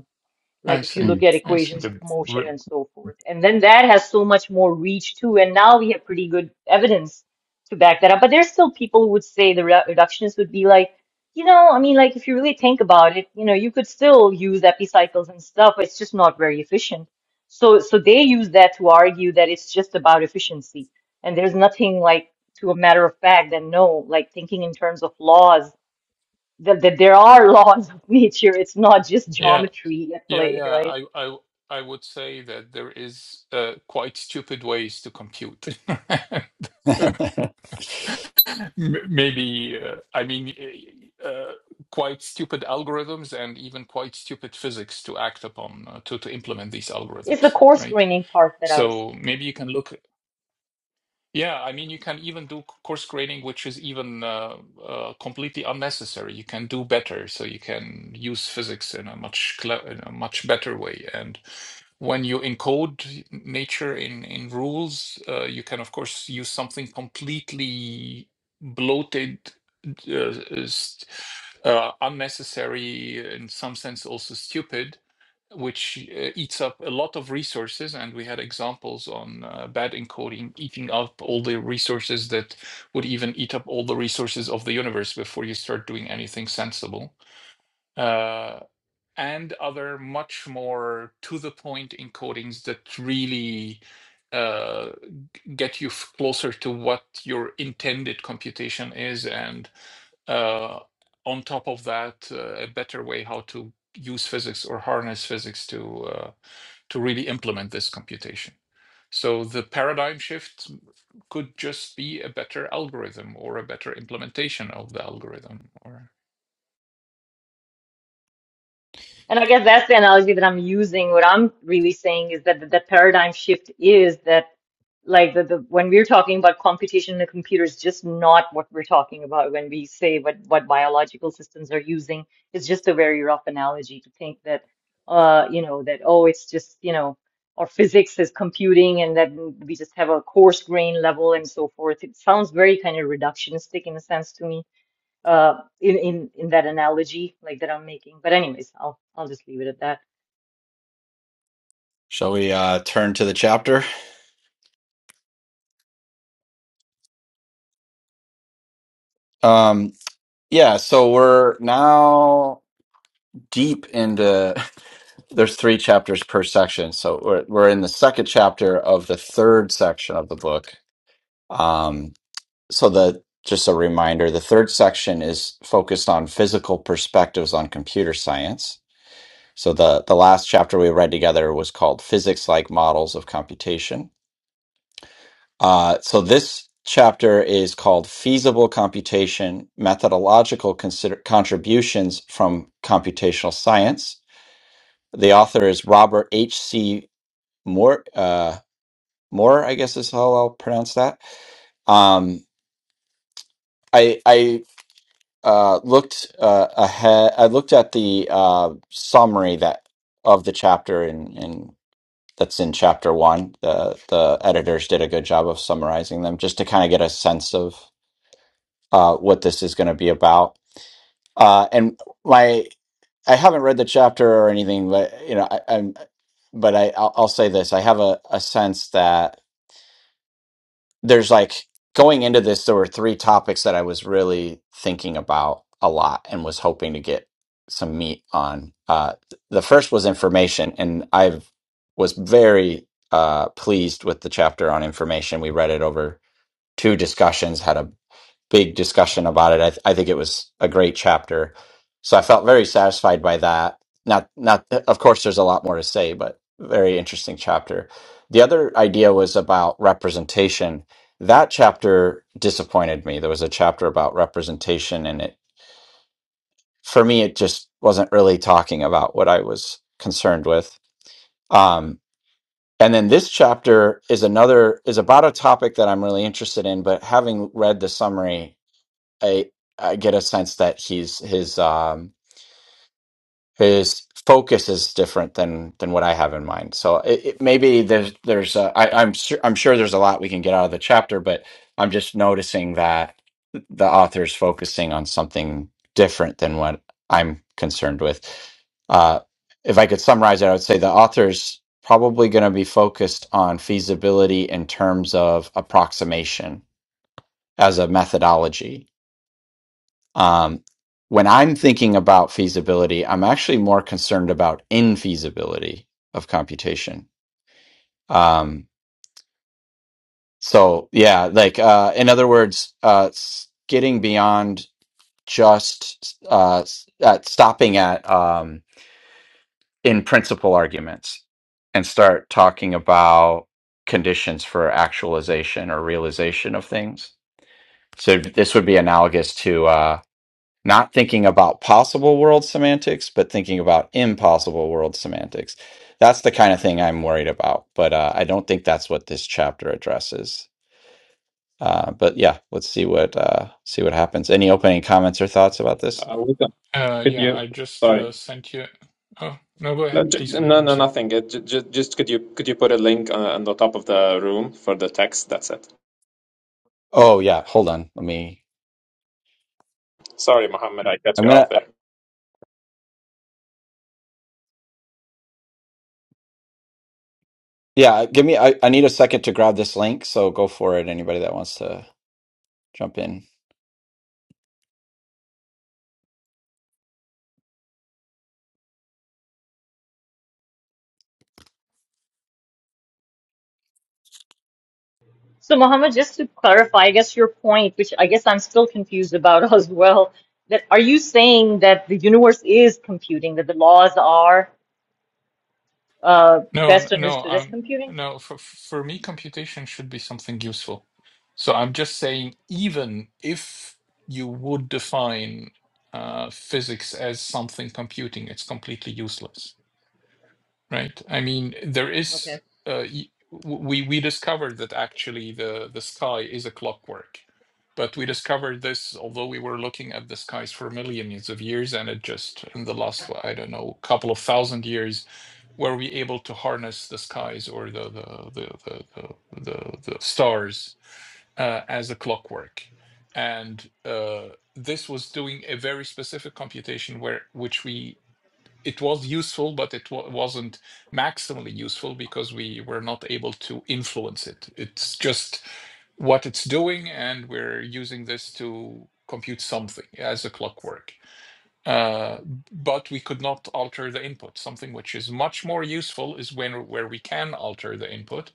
Speaker 4: I
Speaker 2: like if you
Speaker 4: see,
Speaker 2: look
Speaker 1: Mm.
Speaker 2: at
Speaker 4: I
Speaker 5: We
Speaker 4: see.
Speaker 2: equations of
Speaker 5: could
Speaker 2: motion
Speaker 5: re-
Speaker 2: and so forth. And then that has so much more reach too. And now we have pretty good evidence to back that up. But there's still people who would say the redu- reductionists would be like, you know, I mean, like if you really think about it, you know, you could still use epicycles and stuff. It's just not very efficient. So, so they use that to argue that it's just about efficiency. And there's nothing like to a matter of fact than no, like thinking in terms of laws, that, that there are laws of nature. It's not just
Speaker 4: Yeah,
Speaker 2: geometry at
Speaker 4: yeah,
Speaker 2: play,
Speaker 4: yeah.
Speaker 2: right?
Speaker 4: I I I would say that there is uh, quite stupid ways to compute. M- Maybe uh, I mean eh, eh, uh, quite stupid algorithms and even quite stupid physics to act upon uh, to to implement these
Speaker 2: It's the
Speaker 4: algorithms,
Speaker 2: core
Speaker 4: right?
Speaker 2: screening part that I was,
Speaker 4: So maybe you can look. Yeah, I mean, you can even do c- course grading, which is even uh, uh, completely unnecessary. You can do better, so you can use physics in a much cle- in a much better way. And when you encode nature in in rules, uh, you can of course use something completely bloated, uh, s- uh, unnecessary, in some sense also stupid which uh, eats up a lot of resources. And we had examples on uh, bad encoding eating up all the resources that would even eat up all the resources of the universe before you start doing anything sensible. Uh, and other much more to the point encodings that really uh, get you f- closer to what your intended computation is and uh, on top of that uh, a better way how to use physics or harness physics to uh, to really implement this computation so the paradigm shift could just be a better algorithm or a better implementation of the algorithm or
Speaker 2: and I guess that's the analogy that I'm using. What I'm really saying is that the, the paradigm shift is that, like the, the when we're talking about computation in the computer is just not what we're talking about when we say what what biological systems are using. It's just a very rough analogy to think that, uh, you know, that oh, it's just you know, or physics is computing, and that we just have a coarse grain level and so forth. It sounds very kind of reductionistic in a sense to me uh in in in that analogy like that I'm making. But anyways, I'll I'll just leave it at that.
Speaker 1: Shall we uh, turn to the chapter? Um, yeah, so we're now deep into. There's three chapters per section, so we're we're in the second chapter of the third section of the book. Um, So the just a reminder, the third section is focused on physical perspectives on computer science. So the the last chapter we read together was called Physics Like Models of Computation. Uh, so this chapter is called Feasible Computation: Methodological Consider- Contributions from Computational Science. The author is Robert H. C. Moore. Uh, Moore, I guess is how I'll pronounce that. Um, I I uh, looked uh, ahead. I looked at the uh, summary that of the chapter in, in that's in chapter one. The the editors did a good job of summarizing them, just to kind of get a sense of uh, what this is going to be about. Uh, and my I haven't read the chapter or anything, but you know, I, I'm. But I, I'll, I'll say this: I have a, a sense that there's like going into this there were three topics that i was really thinking about a lot and was hoping to get some meat on uh th- the first was information and i was very uh pleased with the chapter on information we read it over two discussions had a big discussion about it. I, th- I think it was a great chapter. So I felt very satisfied by that. Not, not, of course, there's a lot more to say, but very interesting chapter. The other idea was about representation. That chapter disappointed me. There was a chapter about representation, and it, for me, it just wasn't really talking about what I was concerned with. Um, and then this chapter is another, is about a topic that I'm really interested in, but having read the summary, I I get a sense that he's his um his focus is different than than what I have in mind. So it, it, maybe there's there's uh, I, I'm sure I'm sure there's a lot we can get out of the chapter, but I'm just noticing that the author's focusing on something different than what I'm concerned with. Uh, if I could summarize it, I would say the author's probably going to be focused on feasibility in terms of approximation as a methodology Um, when I'm thinking about feasibility, I'm actually more concerned about infeasibility of computation. Um, so yeah, like uh, in other words, uh, s- getting beyond just uh, s- at stopping at um, in principle arguments and start talking about conditions for actualization or realization of things. So this would be analogous to. uh, not thinking about possible world semantics, but thinking about impossible world semantics. That's the kind of thing I'm worried about, but uh, I don't think that's what this chapter addresses. Uh, but yeah, let's see what uh, see what happens. Any opening comments or thoughts about this?
Speaker 3: Uh,
Speaker 4: uh,
Speaker 3: could
Speaker 4: yeah
Speaker 3: you?
Speaker 4: i just
Speaker 3: Sorry.
Speaker 4: uh, sent you oh no go
Speaker 3: No,
Speaker 4: ahead please go ahead
Speaker 3: no,
Speaker 4: i'm
Speaker 3: no,
Speaker 4: sorry
Speaker 3: nothing. It, j- just could you could you put a link on, on the top of the room for the text? That's it.
Speaker 1: Oh yeah, hold on. Let me.
Speaker 3: Sorry, Mohammed, I cut
Speaker 1: I'm
Speaker 3: you off
Speaker 1: gonna.
Speaker 3: there.
Speaker 1: Yeah, give me. I, I need a second to grab this link, so go for it. Anybody that wants to jump in.
Speaker 2: So Mohammed, just to clarify, I guess your point, which I guess I'm still confused about as well, that are you saying that the universe is computing, that the laws are uh
Speaker 4: No, n-
Speaker 2: best
Speaker 4: no,
Speaker 2: understood as
Speaker 4: I'm
Speaker 2: computing?
Speaker 4: no, for for me, computation should be something useful. So I'm just saying, even if you would define uh, physics as something computing, it's completely useless. Right. I mean, there is
Speaker 2: Okay.
Speaker 4: uh, y- w- we we discovered that actually the the sky is a clockwork, but we discovered this although we were looking at the skies for millions of years, and it just in the last I don't know couple of thousand years were we able to harness the skies or the the the the the, the, the stars uh, as a clockwork, and uh, this was doing a very specific computation where which we it was useful, but it wa- wasn't maximally useful because we were not able to influence it. It's just what it's doing, and we're using this to compute something as a clockwork. Uh, but we could not alter the input. Something which is much more useful is when where we can alter the input,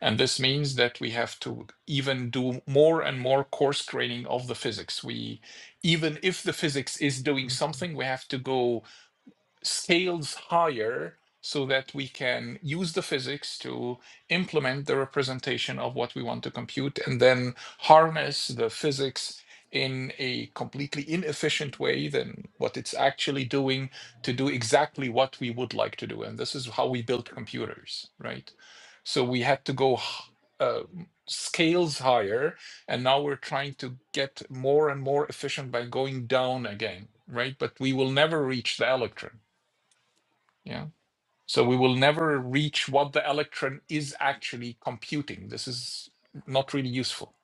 Speaker 4: and this means that we have to even do more and more coarse graining of the physics. We even if the physics is doing something, we have to go scales higher so that we can use the physics to implement the representation of what we want to compute and then harness the physics in a completely inefficient way than what it's actually doing to do exactly what we would like to do. And this is how we built computers, right? So we had to go uh, scales higher, and now we're trying to get more and more efficient by going down again, right? But we will never reach the electron yeah. So we will never reach what the electron is actually computing. This is not really useful.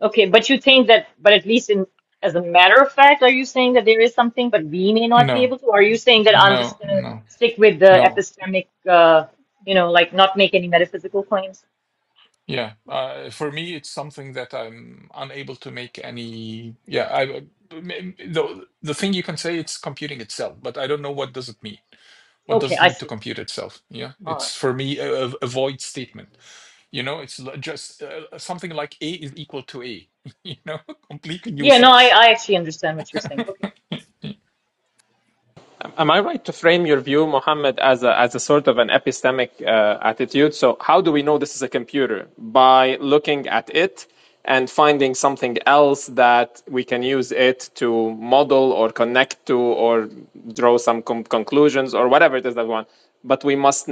Speaker 2: Okay, but you think that but at least in as a matter of fact, are you saying that there is something but we may not be
Speaker 4: No,
Speaker 2: able to? Or are you
Speaker 4: n-
Speaker 2: saying that I'm
Speaker 4: no,
Speaker 2: just gonna
Speaker 4: no,
Speaker 2: stick with the
Speaker 4: no.
Speaker 2: epistemic uh you know, like not make any metaphysical claims?
Speaker 4: Yeah. Uh, for me, it's something that I'm unable to make any. Yeah. I I- m- m- the the thing you can say it's computing itself, but I don't know what does it mean. What does
Speaker 2: Okay,
Speaker 4: it
Speaker 2: I
Speaker 4: mean to
Speaker 2: see.
Speaker 4: compute itself? Yeah,
Speaker 2: All right.
Speaker 4: it's for me a, a a void statement. You know, it's l- just uh, something like A is equal to A. You know, completely
Speaker 2: Yeah, no, I,
Speaker 4: useless.
Speaker 2: I actually understand what you're saying. Okay.
Speaker 3: Am I right to frame your view, Mohammed, as a, as a sort of an epistemic uh, attitude? So, how do we know this is a computer? By looking at it and finding something else that we can use it to model or connect to or draw some con- conclusions or whatever it is that we want. But we must,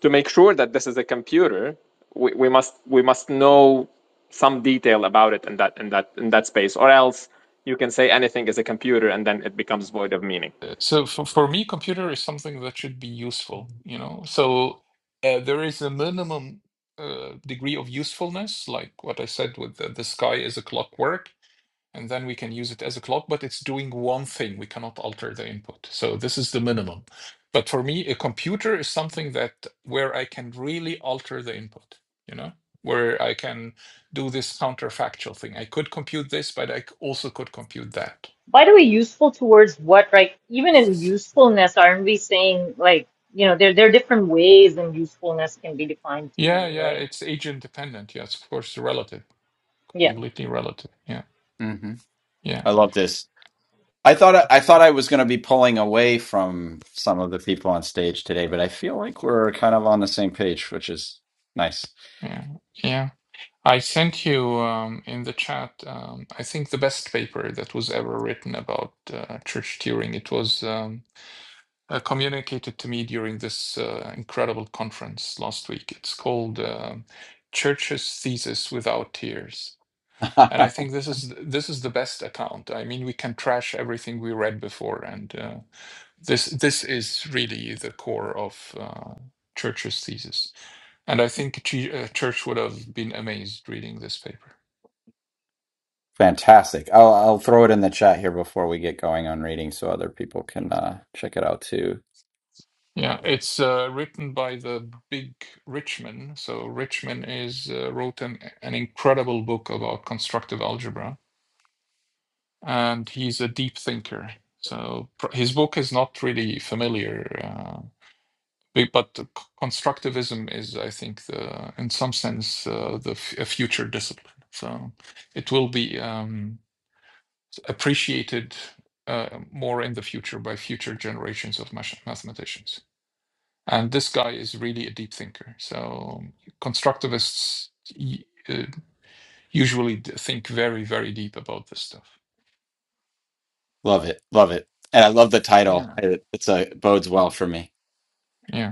Speaker 3: to make sure that this is a computer, we, we must we must know some detail about it in that in that in that space, or else you can say anything is a computer and then it becomes void of meaning.
Speaker 4: Uh, So for, for me, computer is something that should be useful, you know. So uh, there is a minimum uh, degree of usefulness, like what I said with the, the sky is a clockwork, and then we can use it as a clock, but it's doing one thing. We cannot alter the input. So this is the minimum. But for me, a computer is something that where I can really alter the input, you know, where I can do this counterfactual thing. I could compute this, but I c- also could compute that.
Speaker 2: By the way, useful towards what? right? even in usefulness, aren't we saying like, you know, there there are different ways in usefulness can be defined
Speaker 4: Yeah,
Speaker 2: too,
Speaker 4: yeah,
Speaker 2: right?
Speaker 4: it's agent dependent. Yes, of course, relative,
Speaker 2: Yeah.
Speaker 4: completely relative. Yeah,
Speaker 1: hmm
Speaker 4: yeah,
Speaker 1: I love this. I thought I, I thought I was going to be pulling away from some of the people on stage today, but I feel like we're kind of on the same page, which is nice.
Speaker 4: yeah, yeah. I sent you um, in the chat, um, I think the best paper that was ever written about uh, church turing. It was um, uh, communicated to me during this uh, incredible conference last week. It's called um, Church's Thesis Without Tears. And I think this is this is the best account. I mean, we can trash everything we read before and uh, This this is really the core of uh, Church's thesis, and I think Ch- uh, Church would have been amazed reading this paper.
Speaker 1: Fantastic. I'll I'll throw it in the chat here before we get going on reading so other people can uh, check it out too.
Speaker 4: Yeah, it's uh, written by the big Richman. So Richman is uh, wrote an an incredible book about constructive algebra, and he's a deep thinker. So pr- his book is not really familiar uh, Be- But c- constructivism is, I think, the, in some sense, uh, the f- a future discipline. So it will be um, appreciated uh, more in the future by future generations of mach- mathematicians. And this guy is really a deep thinker. So constructivists y- uh, usually d- think very, very deep about this stuff.
Speaker 1: Love it. Love it. And I love the title.
Speaker 4: Yeah.
Speaker 1: It, it's a bodes well for me.
Speaker 4: Yeah.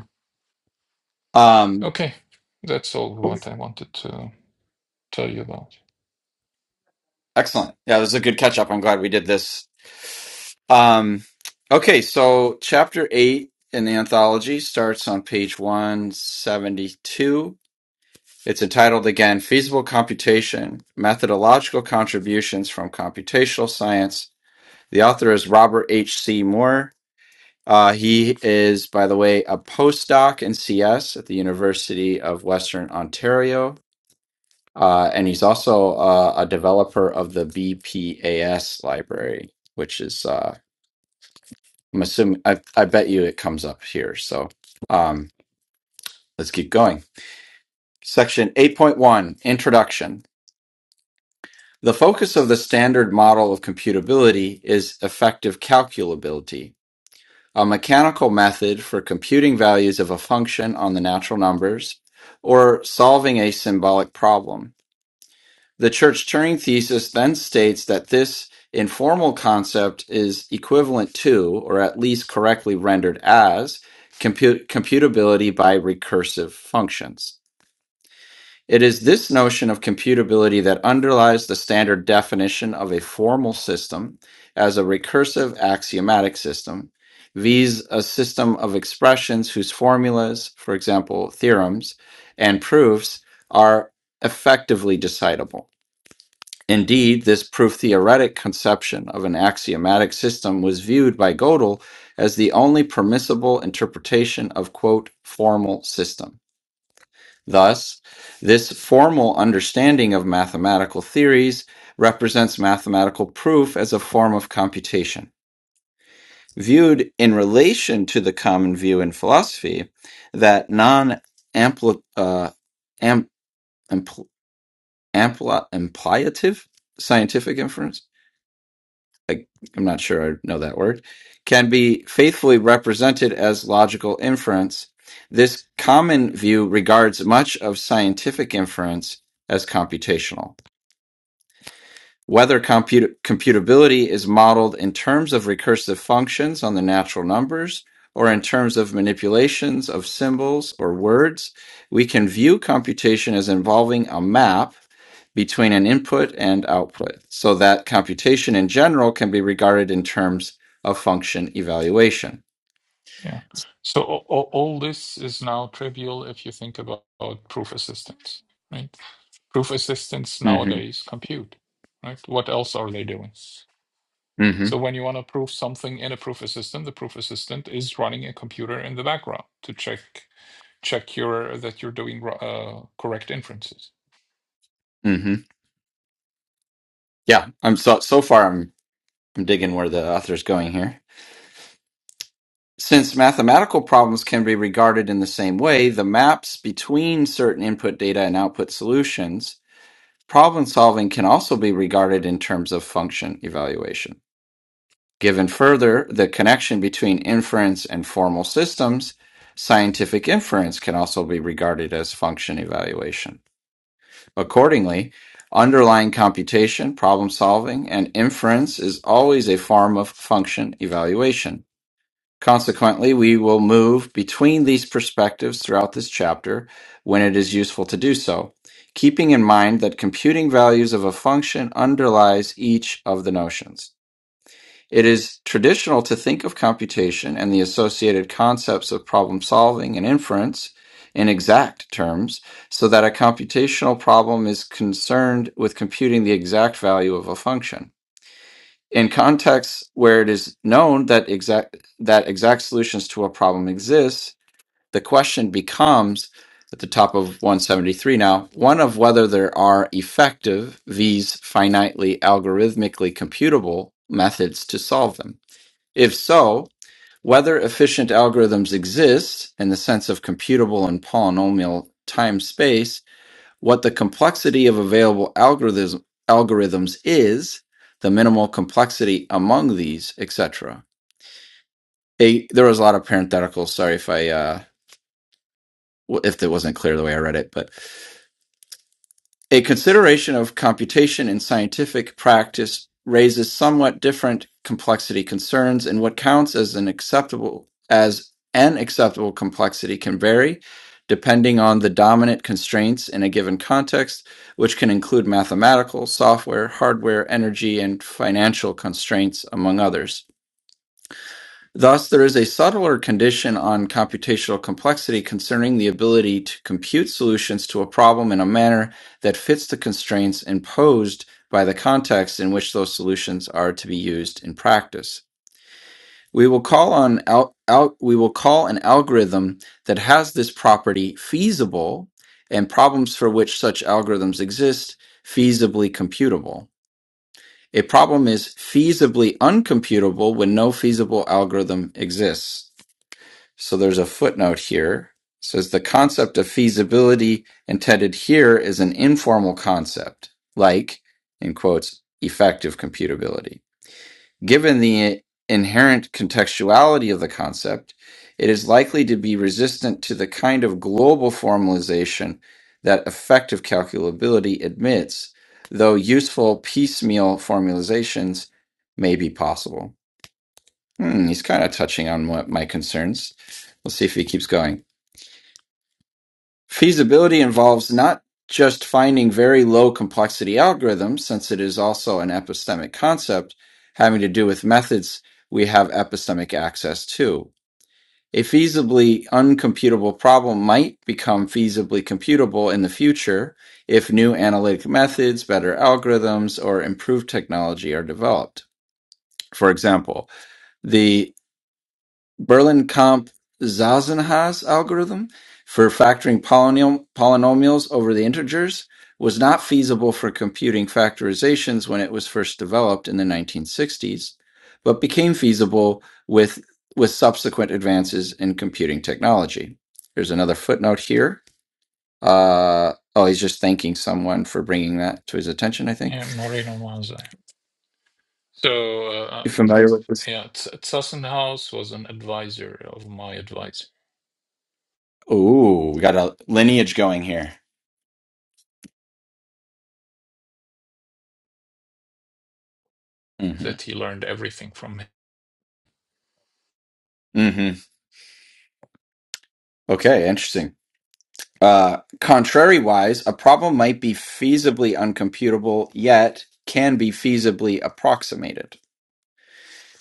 Speaker 1: Um
Speaker 4: Okay. That's all
Speaker 1: cool.
Speaker 4: what I wanted to tell you about.
Speaker 1: excellent. Yeah, it was a good catch up. I'm glad we did this. Um okay, so chapter 8 in the anthology starts on page 172 It's entitled again Feasible Computation: Methodological Contributions from Computational Science. The author is Robert H. C. Moore. Uh, he is, by the way, a postdoc in CS at the University of Western Ontario, uh, and he's also uh, a developer of the BPAS library, which is, uh, I'm assuming, I, I bet you it comes up here. So um, let's keep going. Section 8.1 Introduction. The focus of the standard model of computability is effective calculability, a mechanical method for computing values of a function on the natural numbers or solving a symbolic problem. The Church-Turing thesis then states that this informal concept is equivalent to, or at least correctly rendered as, compute- computability by recursive functions. It is this notion of computability that underlies the standard definition of a formal system as a recursive axiomatic system, viz., a system of expressions whose formulas, for example, theorems and proofs, are effectively decidable. Indeed, this proof theoretic conception of an axiomatic system was viewed by Gödel as the only permissible interpretation of, quote, formal system Thus, this formal understanding of mathematical theories represents mathematical proof as a form of computation. Viewed in relation to the common view in philosophy that non ampliative scientific inference I, I'm not sure I know that word, can be faithfully represented as logical inference. This common view regards much of scientific inference as computational. Whether comput- computability is modeled in terms of recursive functions on the natural numbers or in terms of manipulations of symbols or words, we can view computation as involving a map between an input and output, so that computation in general can be regarded in terms of function evaluation.
Speaker 4: Yeah. So all, all all this is now trivial if you think about, about proof assistance, right? Proof assistance
Speaker 1: Mm-hmm.
Speaker 4: nowadays compute, right? What else are they doing? So
Speaker 1: Mm-hmm.
Speaker 4: when you want to prove something in a proof assistant, the proof assistant is running a computer in the background to check check your that you're doing ro- uh, correct inferences.
Speaker 1: Mm-hmm. Yeah, I'm so so far. I'm, I'm digging where the author's going here. Since mathematical problems can be regarded in the same way, the maps between certain input data and output solutions, problem solving can also be regarded in terms of function evaluation. Given further the connection between inference and formal systems, scientific inference can also be regarded as function evaluation. Accordingly, underlying computation, problem solving, and inference is always a form of function evaluation Consequently, we will move between these perspectives throughout this chapter when it is useful to do so, keeping in mind that computing values of a function underlies each of the notions. It is traditional to think of computation and the associated concepts of problem solving and inference in exact terms, so that a computational problem is concerned with computing the exact value of a function in contexts where it is known that exact that exact solutions to a problem exist, the question becomes at the top of 173 now one of whether there are effective v's finitely algorithmically computable methods to solve them if so whether efficient algorithms exist in the sense of computable and polynomial time space what the complexity of available algorithms algorithms is, the minimal complexity among these, etc. A- There was a lot of parentheticals. Sorry if I uh, if it wasn't clear the way I read it, but A consideration of computation in scientific practice raises somewhat different complexity concerns, and what counts as an acceptable as an acceptable complexity can vary depending on the dominant constraints in a given context, which can include mathematical, software, hardware, energy, and financial constraints, among others. Thus, there is a subtler condition on computational complexity concerning the ability to compute solutions to a problem in a manner that fits the constraints imposed by the context in which those solutions are to be used in practice. We will call on al- al- we will call an algorithm that has this property feasible and problems for which such algorithms exist feasibly computable. A problem is feasibly uncomputable when no feasible algorithm exists. So there's a footnote here. It says the concept of feasibility intended here is an informal concept, like, in quotes, effective computability. Given the inherent contextuality of the concept, it is likely to be resistant to the kind of global formalization that effective calculability admits, though useful piecemeal formalizations may be possible. Hmm, he's kind of touching on what my concerns. Let's see if he keeps going. Feasibility involves not just finding very low complexity algorithms, since it is also an epistemic concept having to do with methods we have epistemic access to. A feasibly uncomputable problem might become feasibly computable in the future if new analytic methods, better algorithms, or improved technology are developed. For example, the Berlin, Berленkamp-Zasenha's algorithm for factoring polynom- polynomials over the integers was not feasible for computing factorizations when it was first developed in the 1960s, but became feasible with, with subsequent advances in computing technology. There's another footnote here. Uh, oh, he's just thanking someone for bringing that to his attention, I think.
Speaker 4: Yeah, Moreno Manze. So uh, uh,
Speaker 1: You familiar
Speaker 4: that's,
Speaker 1: with this?
Speaker 4: yeah, T- Tassenhaus was an advisor of my advisor
Speaker 1: Oh, we got a lineage going here. hmm
Speaker 4: that he learned everything from him
Speaker 1: hmm Okay, interesting. Uh, contrariwise, a problem might be feasibly uncomputable, yet can be feasibly approximated.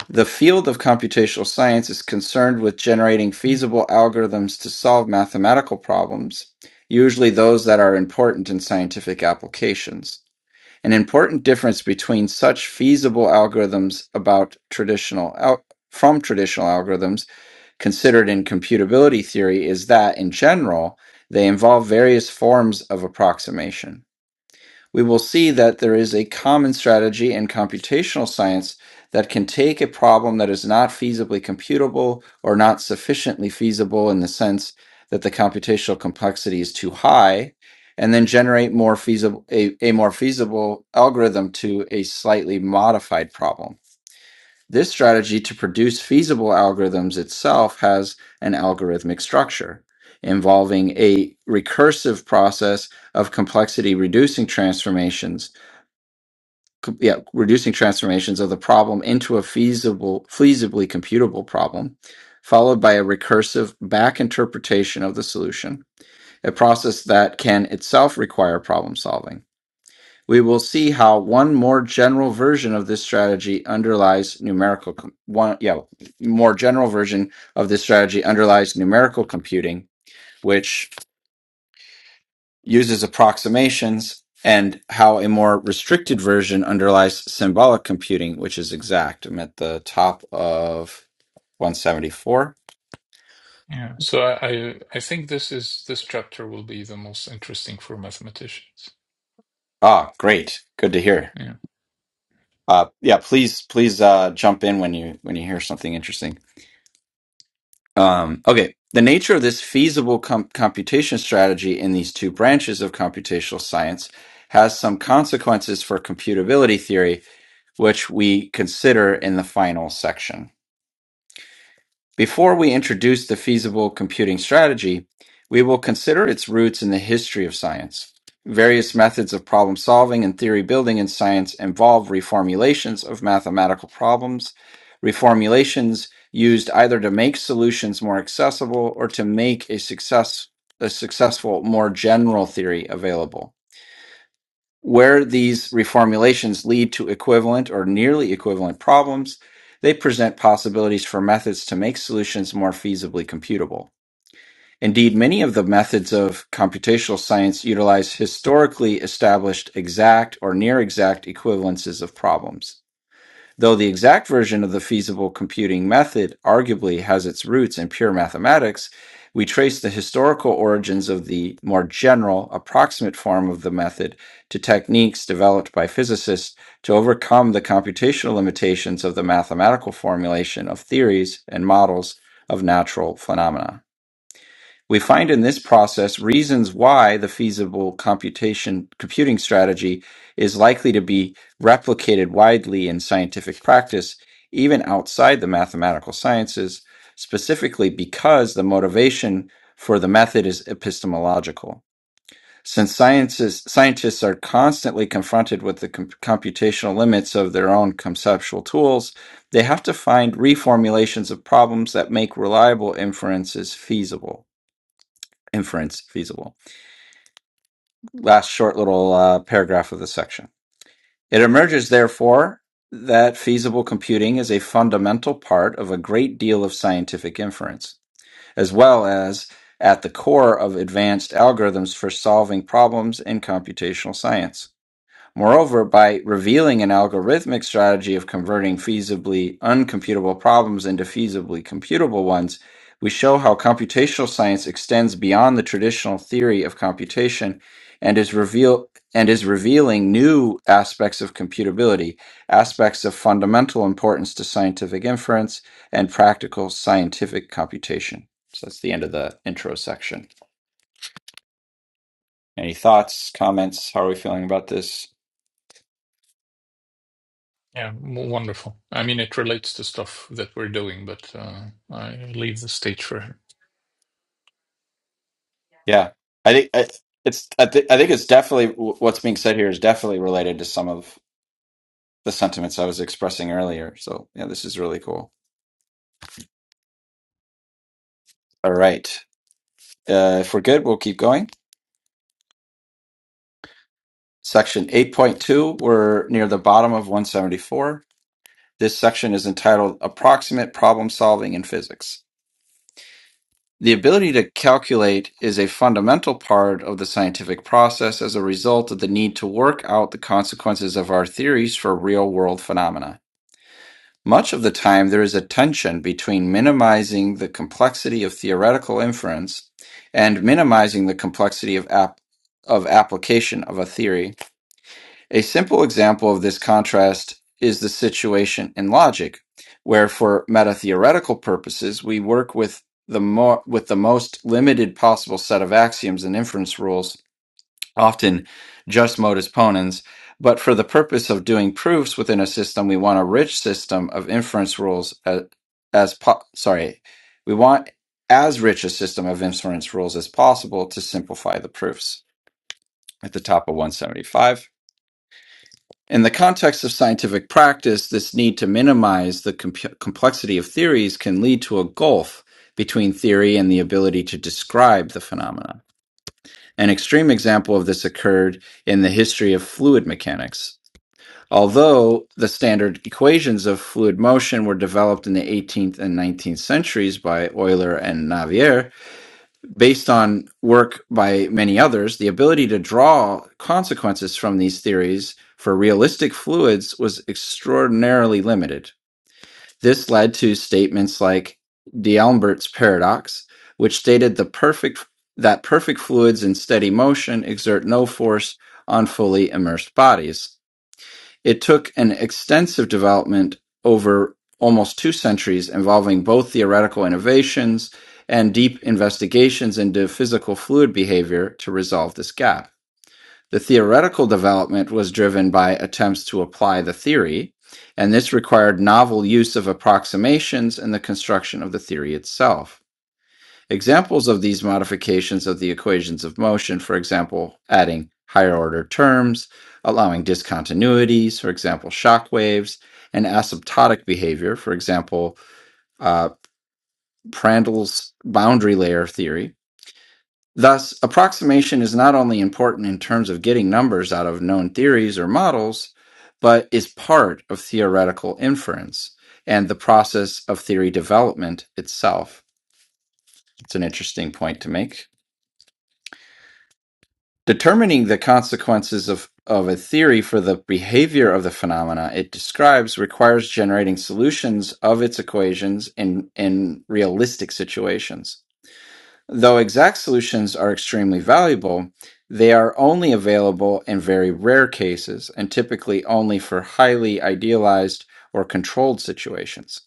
Speaker 1: The field of computational science is concerned with generating feasible algorithms to solve mathematical problems, usually those that are important in scientific applications. An important difference between such feasible algorithms about traditional al- from traditional algorithms considered in computability theory is that, in general, they involve various forms of approximation. We will see that there is a common strategy in computational science that can take a problem that is not feasibly computable or not sufficiently feasible in the sense that the computational complexity is too high and then generate more feasible a, a more feasible algorithm to a slightly modified problem this strategy to produce feasible algorithms itself has an algorithmic structure involving a recursive process of complexity reducing transformations, yeah, reducing transformations of the problem into a feasible, feasibly computable problem, followed by a recursive back interpretation of the solution, a process that can itself require problem solving. We will see how one more general version of this strategy underlies numerical com- one yeah more general version of this strategy underlies numerical computing, which uses approximations, and how a more restricted version underlies symbolic computing, which is exact. I'm at the top of 174.
Speaker 4: Yeah. So I, I I think this is this chapter will be the most interesting for mathematicians.
Speaker 1: Ah, great, good to hear.
Speaker 4: Yeah.
Speaker 1: Uh, yeah, please please uh, jump in when you when you hear something interesting. Um, okay, the nature of this feasible com- computation strategy in these two branches of computational science has some consequences for computability theory, which we consider in the final section. Before we introduce the feasible computing strategy, we will consider its roots in the history of science. Various methods of problem solving and theory building in science involve reformulations of mathematical problems, reformulations used either to make solutions more accessible or to make a success a successful more general theory available. Where these reformulations lead to equivalent or nearly equivalent problems, they present possibilities for methods to make solutions more feasibly computable. Indeed, many of the methods of computational science utilize historically established exact or near exact equivalences of problems. Though the exact version of the feasible computing method arguably has its roots in pure mathematics, we trace the historical origins of the more general, approximate form of the method to techniques developed by physicists to overcome the computational limitations of the mathematical formulation of theories and models of natural phenomena. We find in this process reasons why the feasible computation computing strategy is likely to be replicated widely in scientific practice, even outside the mathematical sciences, specifically because the motivation for the method is epistemological. Since sciences, scientists are constantly confronted with the com- computational limits of their own conceptual tools, they have to find reformulations of problems that make reliable inferences feasible inference feasible. Last short little uh, paragraph of the section. It emerges, therefore, that feasible computing is a fundamental part of a great deal of scientific inference, as well as at the core of advanced algorithms for solving problems in computational science. Moreover, by revealing an algorithmic strategy of converting feasibly uncomputable problems into feasibly computable ones, we show how computational science extends beyond the traditional theory of computation and is reveal and is revealing new aspects of computability, aspects of fundamental importance to scientific inference and practical scientific computation. So that's the end of the intro section. Any thoughts, comments? How are we feeling about this?
Speaker 4: Yeah. w- Wonderful. I mean, it relates to stuff that we're doing, but uh, I leave the stage for her.
Speaker 1: Yeah, I think I, it's. I, th- I think it's definitely what's being said here is definitely related to some of the sentiments I was expressing earlier. So yeah, this is really cool. All right, uh, if we're good, we'll keep going. Section eight point two. We're near the bottom of one seventy four. This section is entitled "Approximate Problem Solving in Physics." The ability to calculate is a fundamental part of the scientific process as a result of the need to work out the consequences of our theories for real world phenomena. Much of the time there is a tension between minimizing the complexity of theoretical inference and minimizing the complexity of app of application of a theory. A simple example of this contrast is the situation in logic, where for meta-theoretical purposes we work with the mo- with the most limited possible set of axioms and inference rules often just modus ponens. But for the purpose of doing proofs within a system, we want a rich system of inference rules as, as po- sorry, we want as rich a system of inference rules as possible to simplify the proofs at the top of 175. In the context of scientific practice, this need to minimize the comp- complexity of theories can lead to a gulf between theory and the ability to describe the phenomena. An extreme example of this occurred in the history of fluid mechanics. Although the standard equations of fluid motion were developed in the 18th and 19th centuries by Euler and Navier, based on work by many others, the ability to draw consequences from these theories for realistic fluids was extraordinarily limited. This led to statements like D'Albert's paradox, which stated the perfect that perfect fluids in steady motion exert no force on fully immersed bodies. It took an extensive development over almost two centuries involving both theoretical innovations and deep investigations into physical fluid behavior to resolve this gap. The theoretical development was driven by attempts to apply the theory, and this required novel use of approximations in the construction of the theory itself. Examples of these modifications of the equations of motion, for example, adding higher order terms, allowing discontinuities, for example, shock waves, and asymptotic behavior, for example, uh, Prandtl's boundary layer theory, Thus, approximation is not only important in terms of getting numbers out of known theories or models, but is part of theoretical inference and the process of theory development itself. It's an interesting point to make. Determining the consequences of, of a theory for the behavior of the phenomena it describes requires generating solutions of its equations in, in realistic situations. Though exact solutions are extremely valuable, they are only available in very rare cases and typically only for highly idealized or controlled situations.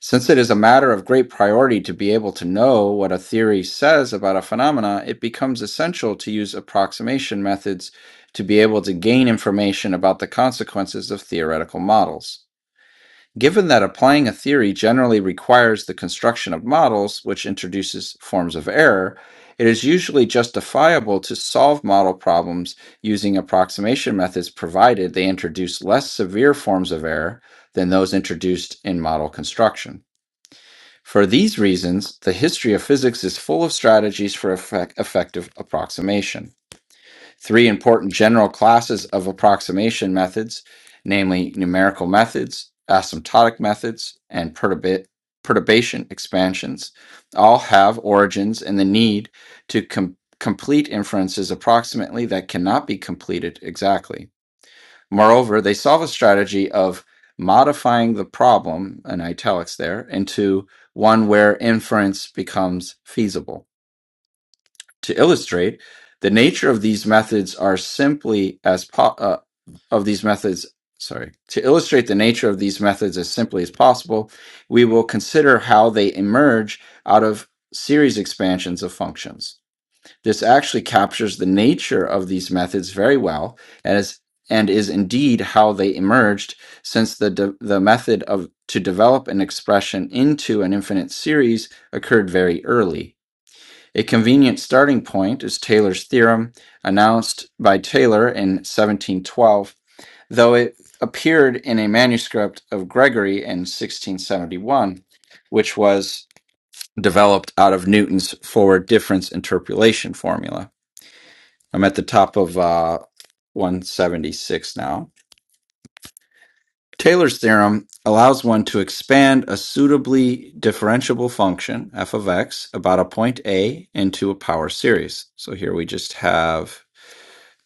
Speaker 1: Since it is a matter of great priority to be able to know what a theory says about a phenomena, it becomes essential to use approximation methods to be able to gain information about the consequences of theoretical models. Given that applying a theory generally requires the construction of models, which introduces forms of error, it is usually justifiable to solve model problems using approximation methods provided they introduce less severe forms of error than those introduced in model construction. For these reasons, the history of physics is full of strategies for effect- effective approximation. Three important general classes of approximation methods, namely numerical methods, asymptotic methods, and perturba- perturbation expansions, all have origins in the need to com- complete inferences approximately that cannot be completed exactly. Moreover, they solve a strategy of modifying the problem, in italics there, into one where inference becomes feasible. To illustrate, the nature of these methods are simply as po- uh, of these methods. Sorry. To illustrate the nature of these methods as simply as possible, we will consider how they emerge out of series expansions of functions. This actually captures the nature of these methods very well, as and is indeed how they emerged, since the de- the method of to develop an expression into an infinite series occurred very early a convenient starting point is Taylor's theorem, announced by Taylor in 1712, though it appeared in a manuscript of Gregory in 1671, which was developed out of Newton's forward difference interpolation formula. I'm at the top of uh, 176 now. Taylor's theorem allows one to expand a suitably differentiable function, f of x, about a point A into a power series. So here we just have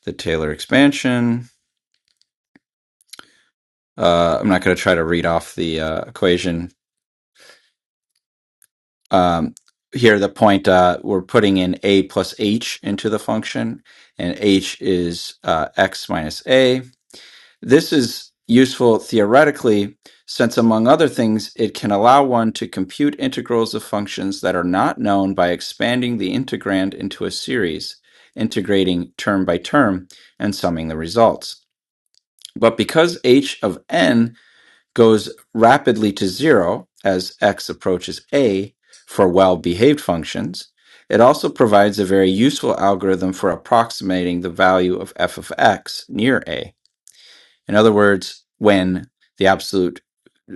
Speaker 1: the Taylor expansion. Uh, I'm not going to try to read off the uh, equation. Um, here, the point uh, we're putting in a plus h into the function, and h is uh, x minus a. This is useful theoretically, since among other things, it can allow one to compute integrals of functions that are not known by expanding the integrand into a series, integrating term by term, and summing the results. But because h of n goes rapidly to zero as x approaches a for well behaved functions. It also provides a very useful algorithm for approximating the value of f of x near a. In other words, when the absolute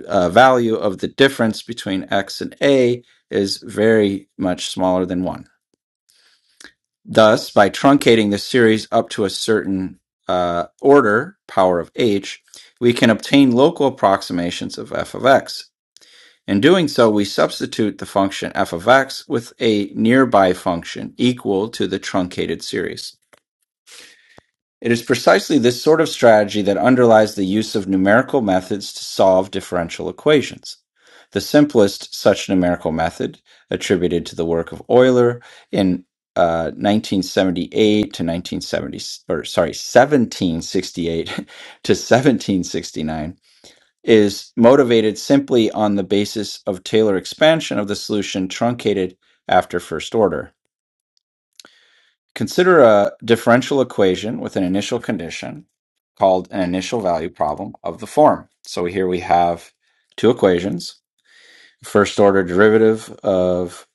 Speaker 1: uh, value of the difference between x and a is very much smaller than one. Thus, by truncating the series up to a certain uh, order, power of h, we can obtain local approximations of f of x In doing so, we substitute the function f of x with a nearby function equal to the truncated series. It is precisely this sort of strategy that underlies the use of numerical methods to solve differential equations. The simplest such numerical method, attributed to the work of Euler in uh, 1978 to 1970, or sorry, 1768 to 1769, is motivated simply on the basis of Taylor expansion of the solution truncated after first order. Consider a differential equation with an initial condition called an initial value problem of the form. So here we have two equations. First order derivative of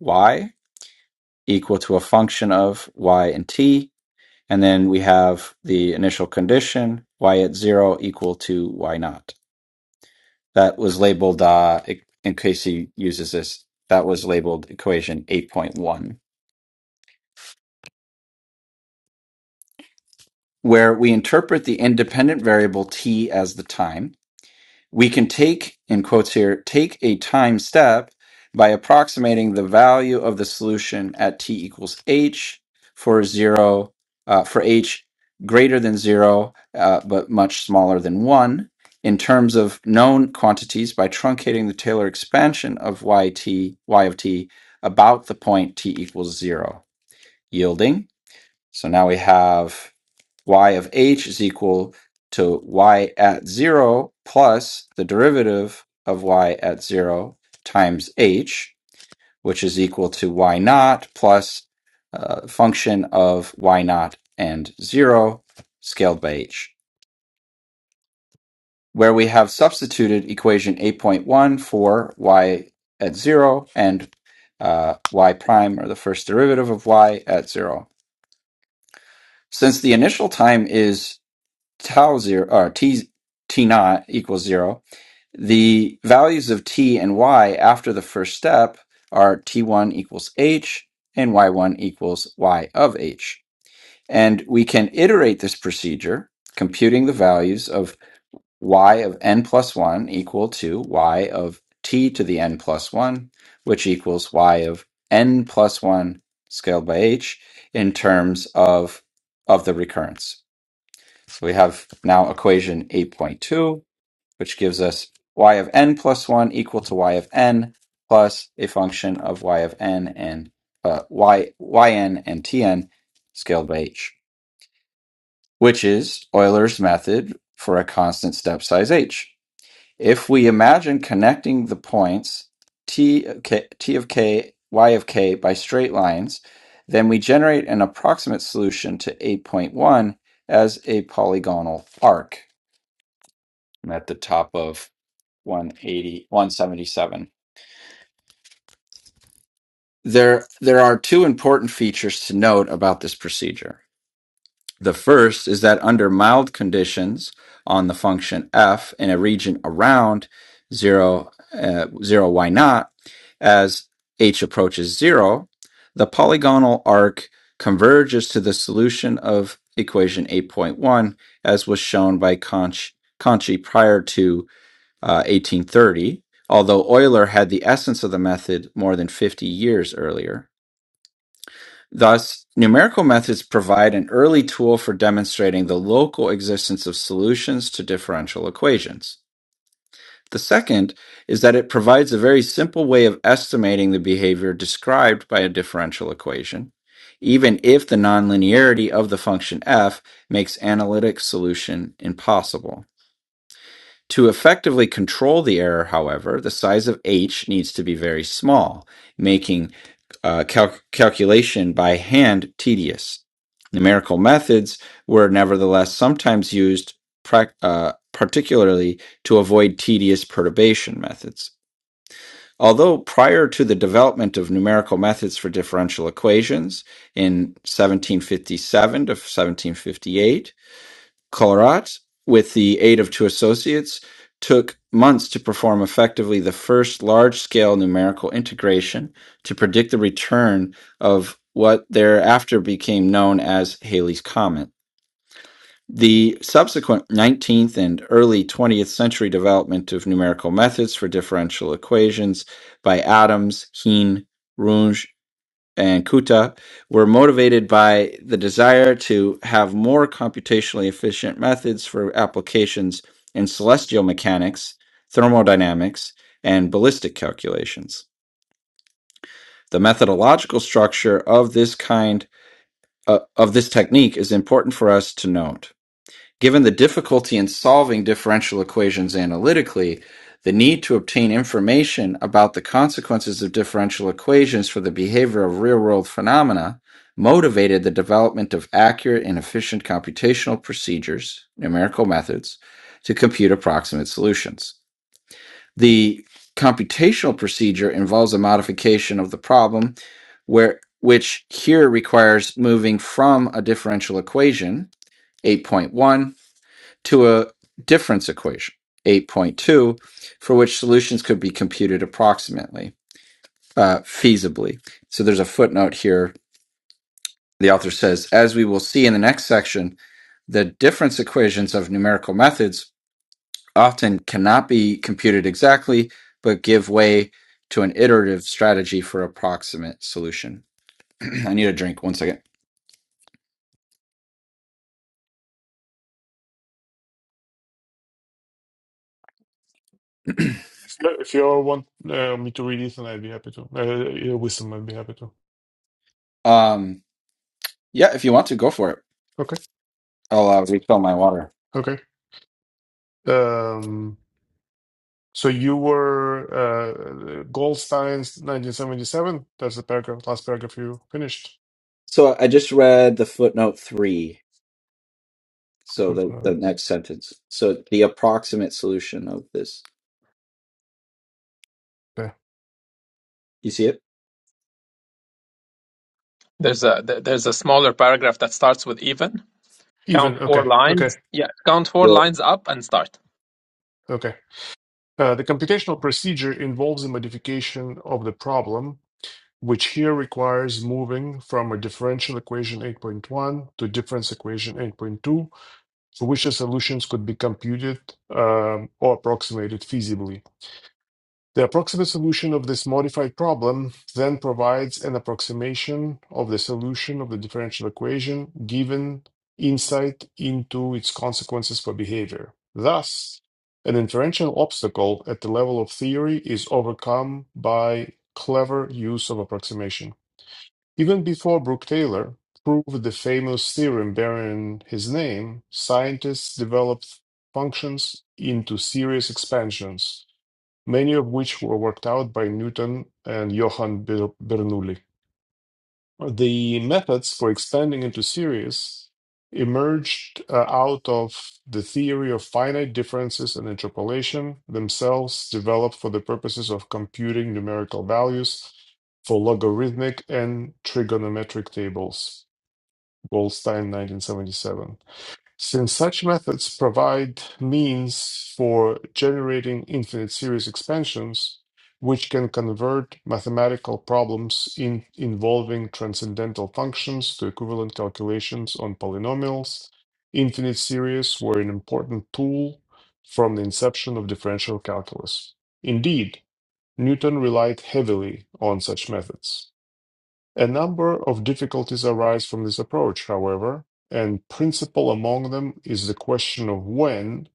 Speaker 1: y equal to a function of y and t. And then we have the initial condition y at zero equal to y naught. that was labeled uh e- in case he uses this that was labeled equation 8.1 where we interpret the independent variable t as the time We can take, in quotes here, take a time step by approximating the value of the solution at t equals h for zero, uh, for h greater than zero, uh, but much smaller than one, in terms of known quantities by truncating the Taylor expansion of yt, y of t, about the point t equals zero, yielding. So now we have y of h is equal to y at 0 plus the derivative of y at 0 times h, which is equal to y naught plus uh, function of y naught and 0 scaled by h, where we have substituted equation 8.1 for y at 0 and uh, y prime, or the first derivative of y at 0. Since the initial time is tau zero or t t naught equals zero, the values of t and y after the first step are t1 equals h and y1 equals y of h. And we can iterate this procedure, computing the values of y of n plus 1 equal to y of t to the n plus 1, which equals y of n plus 1 scaled by h in terms of of the recurrence. So we have now equation 8.2, which gives us y of n plus 1 equal to y of n plus a function of y of n and uh, y, yn and tn scaled by h, which is Euler's method for a constant step size h. If we imagine connecting the points t of k, t of k y of k by straight lines, then we generate an approximate solution to 8.1 as a polygonal arc. I'm at the top of one eighty-one seventy-seven. There, there are two important features to note about this procedure. The first is that under mild conditions on the function f in a region around 0, uh, 0 y naught, as h approaches 0, the polygonal arc converges to the solution of equation 8.1, as was shown by Conch, Conchi prior to uh, 1830, although Euler had the essence of the method more than 50 years earlier. Thus, numerical methods provide an early tool for demonstrating the local existence of solutions to differential equations. The second is that it provides a very simple way of estimating the behavior described by a differential equation, even if the nonlinearity of the function f makes analytic solution impossible. To effectively control the error, however, the size of h needs to be very small, making uh, calc calculation by hand tedious. Numerical methods were nevertheless sometimes used, prac uh, particularly to avoid tedious perturbation methods. Although prior to the development of numerical methods for differential equations in 1757 to 1758, Colrat, with the aid of two associates, took months to perform effectively the first large scale numerical integration to predict the return of what thereafter became known as Halley's Comet. The subsequent 19th and early 20th century development of numerical methods for differential equations by Adams, Heen, Runge, and Kuta were motivated by the desire to have more computationally efficient methods for applications in celestial mechanics, thermodynamics, and ballistic calculations. The methodological structure of this kind uh, of this technique is important for us to note. Given the difficulty in solving differential equations analytically, the need to obtain information about the consequences of differential equations for the behavior of real-world phenomena motivated the development of accurate and efficient computational procedures, numerical methods, to compute approximate solutions. The computational procedure involves a modification of the problem where which here requires moving from a differential equation 8.1 to a difference equation, 8.2, for which solutions could be computed approximately, uh, feasibly. So there's a footnote here. The author says, as we will see in the next section, the difference equations of numerical methods often cannot be computed exactly, but give way to an iterative strategy for approximate solution. I need a drink. One second.
Speaker 5: if you if you all want uh, me to read it, then I'd be happy to. Uh, yeah, Wisdom, I'd be happy to.
Speaker 1: Um, yeah, if you want to, go for it.
Speaker 5: Okay.
Speaker 1: I'll uh, refill my water.
Speaker 5: Okay. Um. So you were uh, Goldstein's 1977. That's the paragraph, last paragraph you finished.
Speaker 1: So I just read the footnote three So the, the
Speaker 5: Footnotes.
Speaker 1: next sentence. So the approximate solution of this.
Speaker 5: Yeah.
Speaker 1: You see it?
Speaker 3: There's a there- there's a smaller paragraph that starts with even. Count
Speaker 5: Even
Speaker 3: four
Speaker 5: okay, okay,
Speaker 3: lines. Yeah, count four
Speaker 1: Yeah.
Speaker 3: lines up and start.
Speaker 5: okay. Uh, the computational procedure involves a modification of the problem, which here requires moving from a differential equation 8.1 to difference equation 8.2, for which the solutions could be computed um, or approximated feasibly. The approximate solution of this modified problem then provides an approximation of the solution of the differential equation given insight into its consequences for behavior. Thus, an inferential obstacle at the level of theory is overcome by clever use of approximation. Even before Brooke Taylor proved the famous theorem bearing his name, scientists developed functions into series expansions many of which were worked out by Newton and Johann Bernoulli. The methods for expanding into series emerged uh, out of the theory of finite differences and interpolation, themselves developed for the purposes of computing numerical values for logarithmic and trigonometric tables. Goldstein, 1977. Since such methods provide means for generating infinite series expansions, which can convert mathematical problems in involving transcendental functions to equivalent calculations on polynomials, infinite series were an important tool from the inception of differential calculus. Indeed, Newton relied heavily on such methods. A number of difficulties arise from this approach, however, and principal among them is the question of when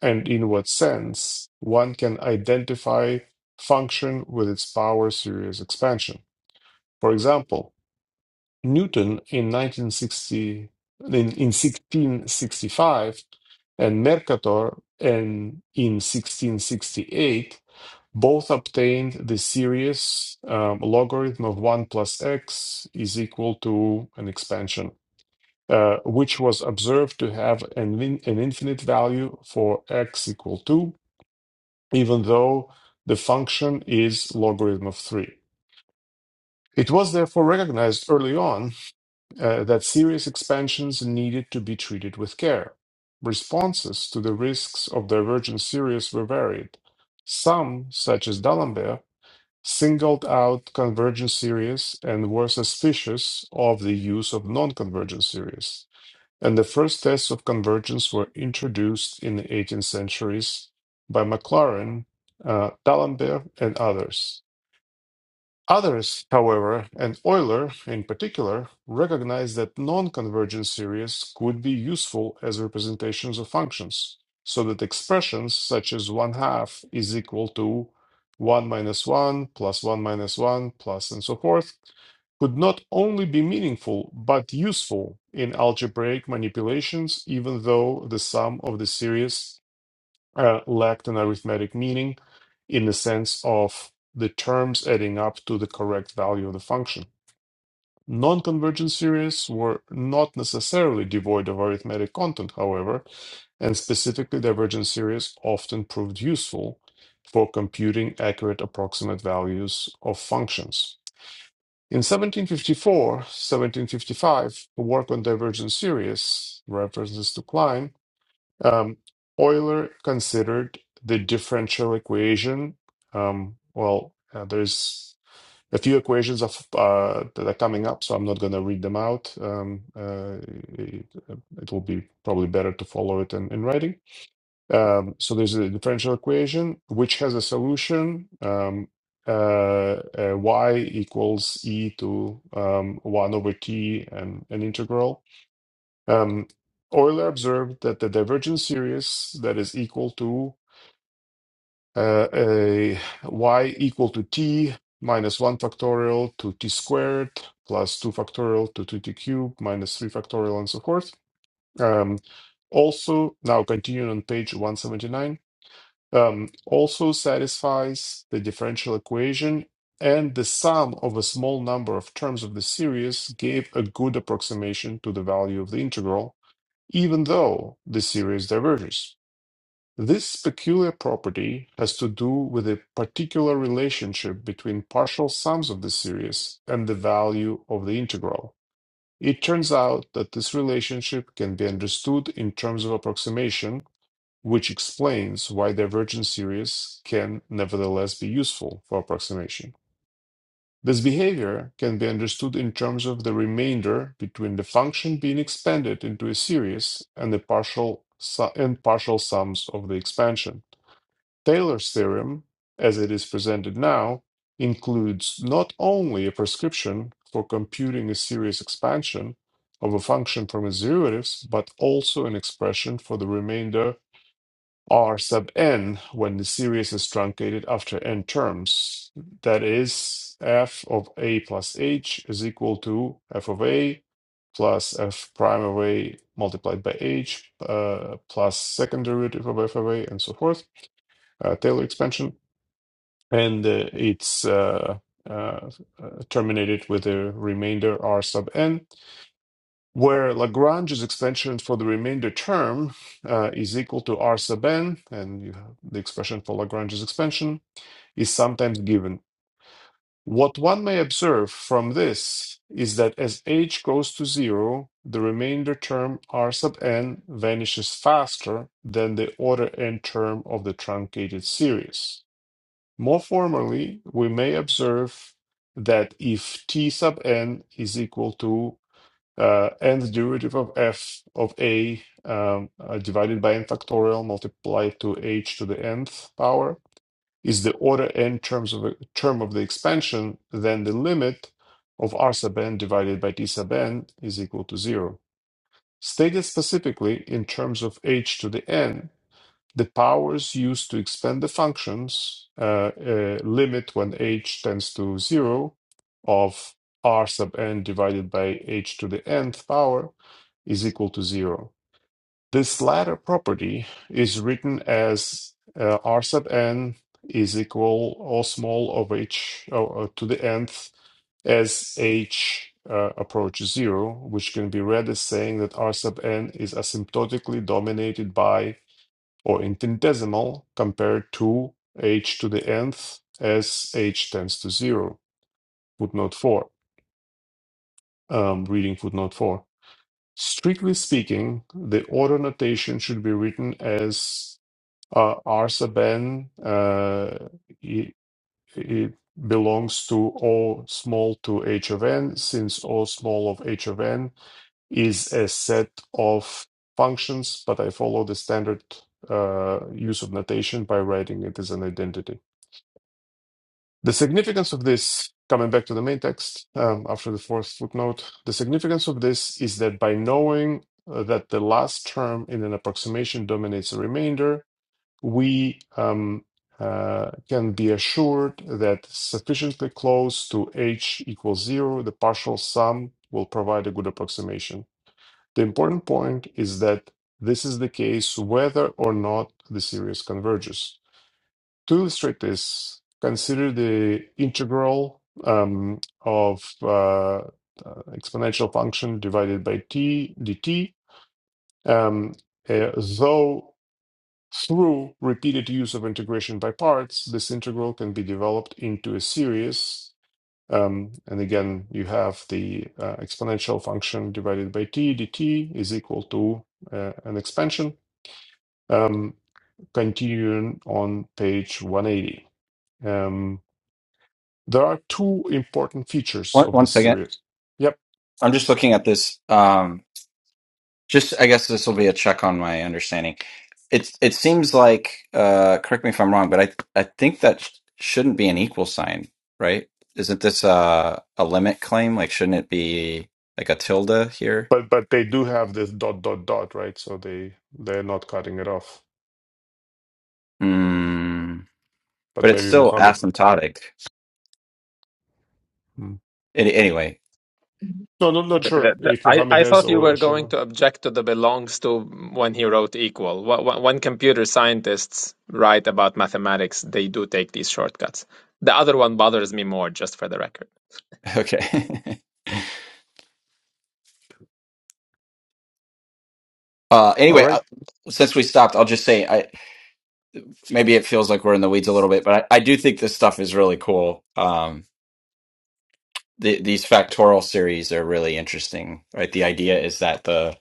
Speaker 5: and in what sense one can identify function with its power series expansion. For example, Newton in 1960 in, in 1665 and Mercator in, in 1668 both obtained the series um, logarithm of 1 plus x is equal to an expansion, uh, which was observed to have an, in- an infinite value for x equal 2, even though the function is logarithm of 3. It was therefore recognized early on uh, that series expansions needed to be treated with care. Responses to the risks of divergent series were varied. Some, such as D'Alembert, singled out convergent series and were suspicious of the use of non-convergent series. And the first tests of convergence were introduced in the 18th centuries by Maclaurin, uh, D'Alembert, and others. Others, however, and Euler in particular, recognized that non-convergent series could be useful as representations of functions, so that expressions such as 1 half is equal to 1 minus 1 plus 1 minus 1 plus and so forth could not only be meaningful but useful in algebraic manipulations, even though the sum of the series uh, lacked an arithmetic meaning in the sense of the terms adding up to the correct value of the function. Non convergent series were not necessarily devoid of arithmetic content, however, and specifically divergent series often proved useful for computing accurate approximate values of functions. In 1754 1755, a work on divergent series, references to Klein, um, Euler considered the differential equation. Um, well, uh, there's a few equations of uh, that are coming up, so I'm not going to read them out. Um, uh, it, it will be probably better to follow it in, in writing. Um, so there's a differential equation which has a solution. Um, uh, uh, y equals e to um, 1 over t and an integral um, Euler observed that the divergent series that is equal to uh, a y equal to t minus 1 factorial to t squared plus 2 factorial to 2t cubed minus 3 factorial and so forth. Um, also, now continuing on page 179, um, also satisfies the differential equation and the sum of a small number of terms of the series gave a good approximation to the value of the integral even though the series diverges. This peculiar property has to do with a particular relationship between partial sums of the series and the value of the integral. It turns out that this relationship can be understood in terms of approximation, which explains why divergent series can nevertheless be useful for approximation. This behavior can be understood in terms of the remainder between the function being expanded into a series and the partial su- and partial sums of the expansion. Taylor's theorem, as it is presented now, includes not only a prescription for computing a series expansion of a function from its derivatives, but also an expression for the remainder R sub n when the series is truncated after n terms. That is, f of a plus h is equal to f of a plus f prime of a multiplied by h uh, plus second derivative of f of a and so forth, uh, Taylor expansion. And uh, it's uh, uh, uh, terminated with a remainder r sub n where Lagrange's extension for the remainder term uh, is equal to R sub n, and you have the expression for Lagrange's expansion is sometimes given. What one may observe from this is that as h goes to zero, the remainder term R sub n vanishes faster than the order n term of the truncated series. More formally, we may observe that if t sub n is equal to uh, nth derivative of f of a um, uh, divided by n factorial multiplied to h to the nth power is the order n terms of term of the expansion, then the limit of r sub n divided by t sub n is equal to zero. Stated specifically in terms of h to the n, the powers used to expand the functions uh, uh, limit when h tends to zero of r sub n divided by h to the nth power is equal to zero. This latter property is written as uh, r sub n is equal o small of h uh, uh, to the nth as h uh, approaches zero, which can be read as saying that r sub n is asymptotically dominated by or infinitesimal compared to h to the nth as h tends to 0. Footnote 4. Um, reading footnote 4. Strictly speaking, the order notation should be written as uh, R sub n uh, it, it belongs to O small to h of n, since O small of h of n is a set of functions, but I follow the standard uh, use of notation by writing it as an identity. The significance of this, coming back to the main text um, after the fourth footnote, the significance of this is that by knowing uh, that the last term in an approximation dominates the remainder, we um, uh, can be assured that sufficiently close to h equals zero, the partial sum will provide a good approximation. The important point is that this is the case whether or not the series converges. To illustrate this, consider the integral um, of uh, uh, exponential function divided by t dt, um, uh, though through repeated use of integration by parts, this integral can be developed into a series. Um, and again, you have the uh, exponential function divided by t dt is equal to uh, an expansion um, continuing on page 180. Um, There are two important features
Speaker 1: One,
Speaker 5: of
Speaker 1: one
Speaker 5: this
Speaker 1: second.
Speaker 5: series. Yep,
Speaker 1: I'm just looking at this. Um, just I guess this will be a check on my understanding. It it seems like uh, correct me if I'm wrong, but I I think that sh- shouldn't be an equal sign, right? Isn't this a a limit claim? Like, shouldn't it be like a tilde here?
Speaker 5: but but they do have this dot dot dot, right? So they they're not cutting it off.
Speaker 1: Hmm. But
Speaker 5: But
Speaker 1: it's
Speaker 5: maybe
Speaker 1: still
Speaker 5: Mohammed.
Speaker 1: asymptotic.
Speaker 5: Hmm.
Speaker 1: Any anyway,
Speaker 5: No, no, not
Speaker 3: The-
Speaker 5: sure
Speaker 3: the- the-
Speaker 5: if
Speaker 3: I,
Speaker 5: Mohammed
Speaker 3: I
Speaker 5: has
Speaker 3: thought you
Speaker 5: or
Speaker 3: were going
Speaker 5: Shava.
Speaker 3: to object to the belongs to when he wrote equal. Wh- wh- When computer scientists write about mathematics, they do take these shortcuts. The other one bothers me more, just for the record.
Speaker 1: okay. uh,
Speaker 5: All
Speaker 1: anyway,
Speaker 5: right.
Speaker 1: uh, since we stopped, I'll just say I, maybe it feels like we're in the weeds a little bit, but I, I do think this stuff is really cool. Um, the, these factorial series are really interesting, right? The idea is that the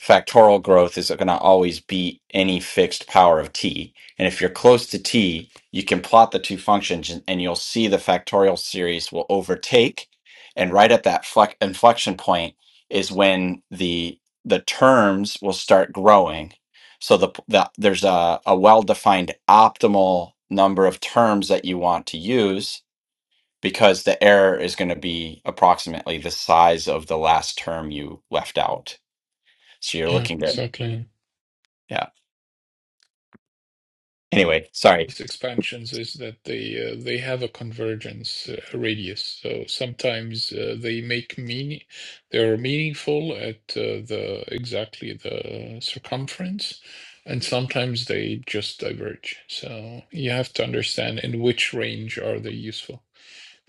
Speaker 1: factorial growth is going to always be any fixed power of t. And if you're close to t, you can plot the two functions and, and you'll see the factorial series will overtake. And right at that flex, inflection point is when the the terms will start growing. So the, the there's a, a well-defined optimal number of terms that you want to use because the error is going to be approximately the size of the last term you left out. So you're
Speaker 4: Yeah.
Speaker 1: looking at
Speaker 4: Exactly.
Speaker 1: yeah. Anyway, sorry.
Speaker 4: these expansions is that they uh, they have a convergence uh, radius. So sometimes uh, they make meaning they are meaningful at uh, the exactly the circumference, and sometimes they just diverge. So you have to understand in which range are they useful.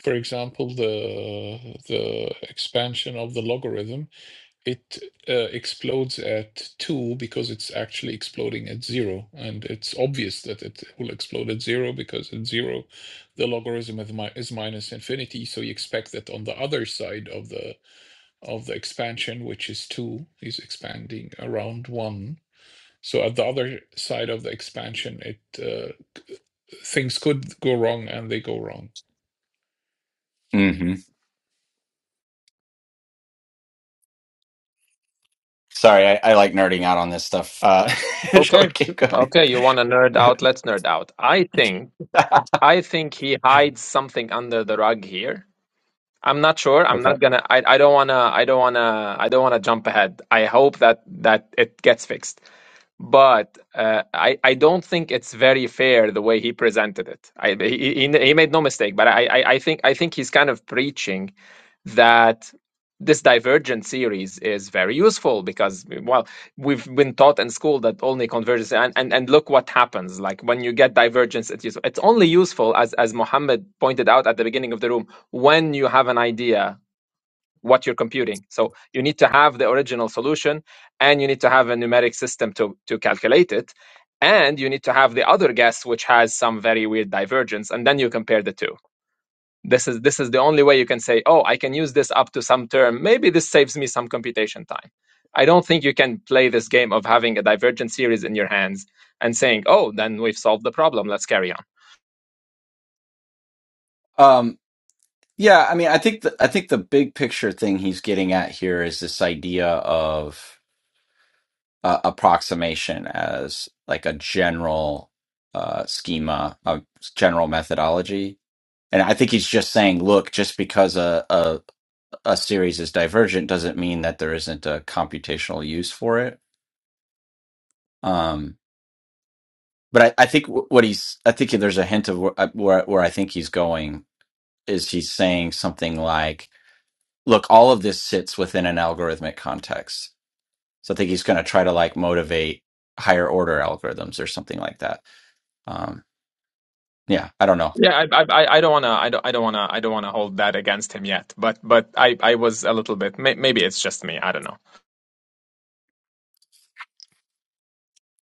Speaker 4: For example, the the expansion of the logarithm it uh, explodes at two because it's actually exploding at zero, and it's obvious that it will explode at zero because at zero, the logarithm is, mi- is minus infinity. So you expect that on the other side of the of the expansion, which is two, is expanding around one. So at the other side of the expansion, it uh, things could go wrong, and they go wrong.
Speaker 1: hmm Sorry, I, I like nerding out on this stuff. Uh, shall we
Speaker 3: Okay.
Speaker 1: keep going?
Speaker 3: Okay, you want to nerd out? Let's nerd out. I think I think he hides something under the rug here. I'm not sure. I'm
Speaker 1: okay.
Speaker 3: not gonna I, I don't wanna I don't wanna I don't wanna jump ahead. I hope that that it gets fixed. But uh, I I don't think it's very fair the way he presented it. I he he, he made no mistake, but I I, I think I think he's kind of preaching that this divergent series is very useful because well we've been taught in school that only convergence and, and, and look what happens like when you get divergence it's useful. it's only useful as as Mohammed pointed out at the beginning of the room when you have an idea what you're computing so you need to have the original solution and you need to have a numeric system to to calculate it and you need to have the other guess which has some very weird divergence and then you compare the two this is this is the only way you can say, oh, I can use this up to some term. Maybe this saves me some computation time. I don't think you can play this game of having a divergent series in your hands and saying, oh, then we've solved the problem. Let's carry on.
Speaker 1: Um, yeah, I mean, I think the, I think the big picture thing he's getting at here is this idea of uh, approximation as like a general uh, schema, a general methodology. And I think he's just saying, look, just because a, a a series is divergent doesn't mean that there isn't a computational use for it. Um, but I, I think wh- what he's I think there's a hint of where, where where I think he's going is he's saying something like, "Look, all of this sits within an algorithmic context." So I think he's going to try to like motivate higher order algorithms or something like that. Um, yeah, I don't know.
Speaker 3: Yeah, I, I, I don't wanna, I don't, I don't wanna, I don't wanna hold that against him yet. But, but I, I was a little bit. May, maybe it's just me. I don't know.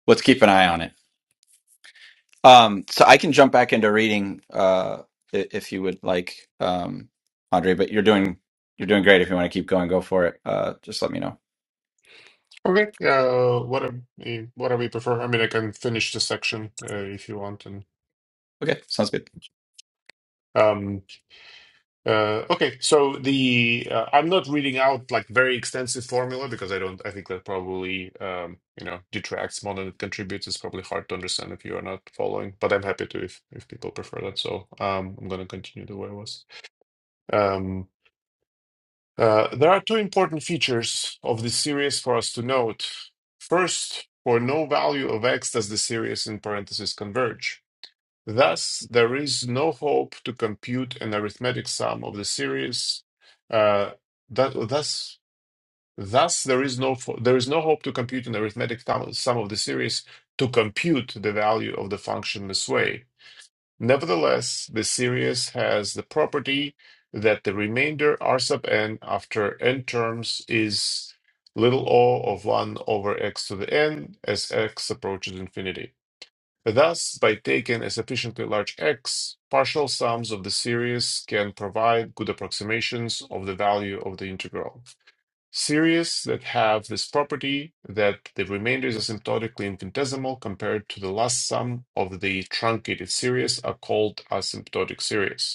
Speaker 1: Let's keep an eye on it. Um, so I can jump back into reading uh, i- if you would like, um, Andre. But you're doing you're doing great. If you want to keep going, go for it. Uh, just let me know.
Speaker 5: Okay. Uh, what are, what do we prefer? I mean, I can finish the section uh, if you want, and
Speaker 1: Okay, sounds good.
Speaker 5: um, Uh, okay, so the uh, I'm not reading out like very extensive formula because I don't. I think that probably um, you know detracts more than it contributes. It's probably hard to understand if you are not following. But I'm happy to if if people prefer that. So um, I'm going to continue the way I was. Um, uh, there are two important features of this series for us to note. First, for no value of x does the series in parentheses converge. Thus, there is no hope to compute an arithmetic sum of the series. Uh, that, thus, thus there is no fo- there is no hope to compute an arithmetic thum- sum of the series to compute the value of the function this way. Nevertheless, the series has the property that the remainder r sub n after n terms is little o of 1 over x to the n as x approaches infinity. Thus, by taking a sufficiently large X, partial sums of the series can provide good approximations of the value of the integral. Series that have this property that the remainder is asymptotically infinitesimal compared to the last sum of the truncated series are called asymptotic series.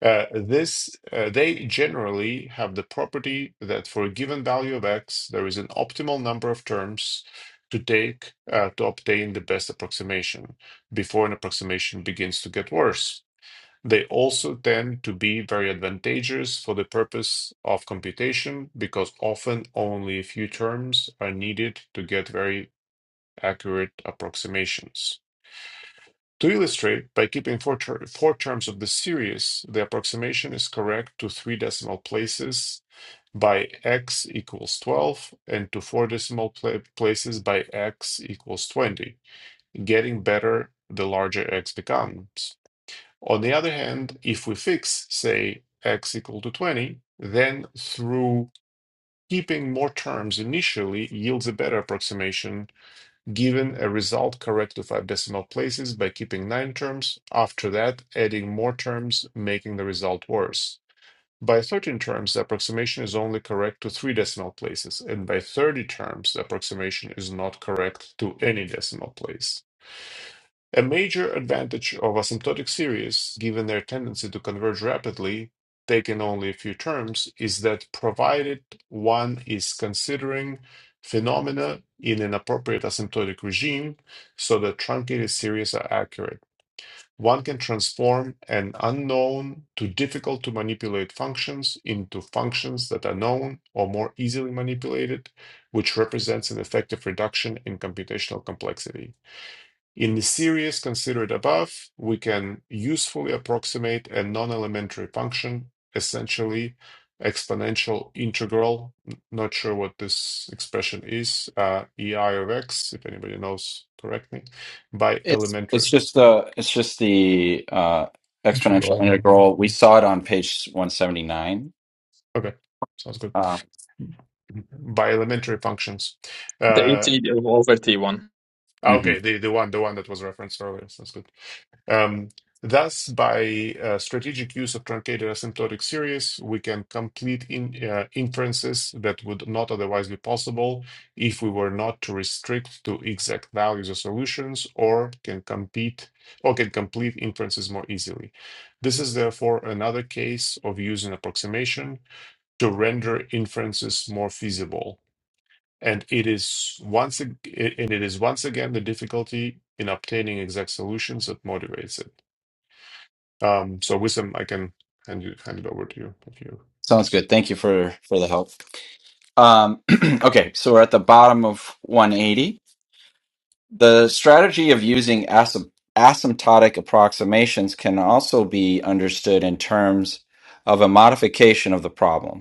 Speaker 5: Uh, this uh, they generally have the property that for a given value of x, there is an optimal number of terms to take uh, to obtain the best approximation before an approximation begins to get worse. They also tend to be very advantageous for the purpose of computation because often only a few terms are needed to get very accurate approximations. To illustrate, by keeping four, ter- four terms of the series, the approximation is correct to three decimal places by x equals 12 and to four decimal pla- places by x equals 20, getting better the larger x becomes. On the other hand, if we fix, say, x equal to 20, then through keeping more terms initially yields a better approximation given a result correct to five decimal places by keeping nine terms, after that, adding more terms, making the result worse. By 13 terms, the approximation is only correct to three decimal places, and by 30 terms, the approximation is not correct to any decimal place. A major advantage of asymptotic series, given their tendency to converge rapidly, taken only a few terms, is that provided one is considering phenomena in an appropriate asymptotic regime so that truncated series are accurate. One can transform an unknown to difficult to manipulate functions into functions that are known or more easily manipulated, which represents an effective reduction in computational complexity. In the series considered above, we can usefully approximate a non-elementary function, essentially exponential integral. Not sure what this expression is, uh, EI of x, if anybody knows, correct me, by
Speaker 1: It's it's
Speaker 5: elementary.
Speaker 1: just the it's just the uh, exponential
Speaker 4: Giroud movie.
Speaker 1: integral. We saw it on page 179.
Speaker 5: Okay, sounds good.
Speaker 1: Uh,
Speaker 5: By elementary functions.
Speaker 3: The ET
Speaker 5: Uh,
Speaker 3: over T one.
Speaker 5: okay,
Speaker 1: mhm.
Speaker 5: the, the one the one that was referenced earlier. Sounds good. Um, thus, by uh, strategic use of truncated asymptotic series, we can complete in, uh, inferences that would not otherwise be possible if we were not to restrict to exact values of solutions, or can compete or can complete inferences more easily. This is therefore another case of using approximation to render inferences more feasible. And it is once ag- and it is once again the difficulty in obtaining exact solutions that motivates it. Um, so Wissam, I can hand you hand it over to you if you're
Speaker 1: Sounds
Speaker 5: interested.
Speaker 1: good. Thank you for for the help. Um, okay, so we're at the bottom of 180. The strategy of using asymptotic asymptotic approximations can also be understood in terms of a modification of the problem.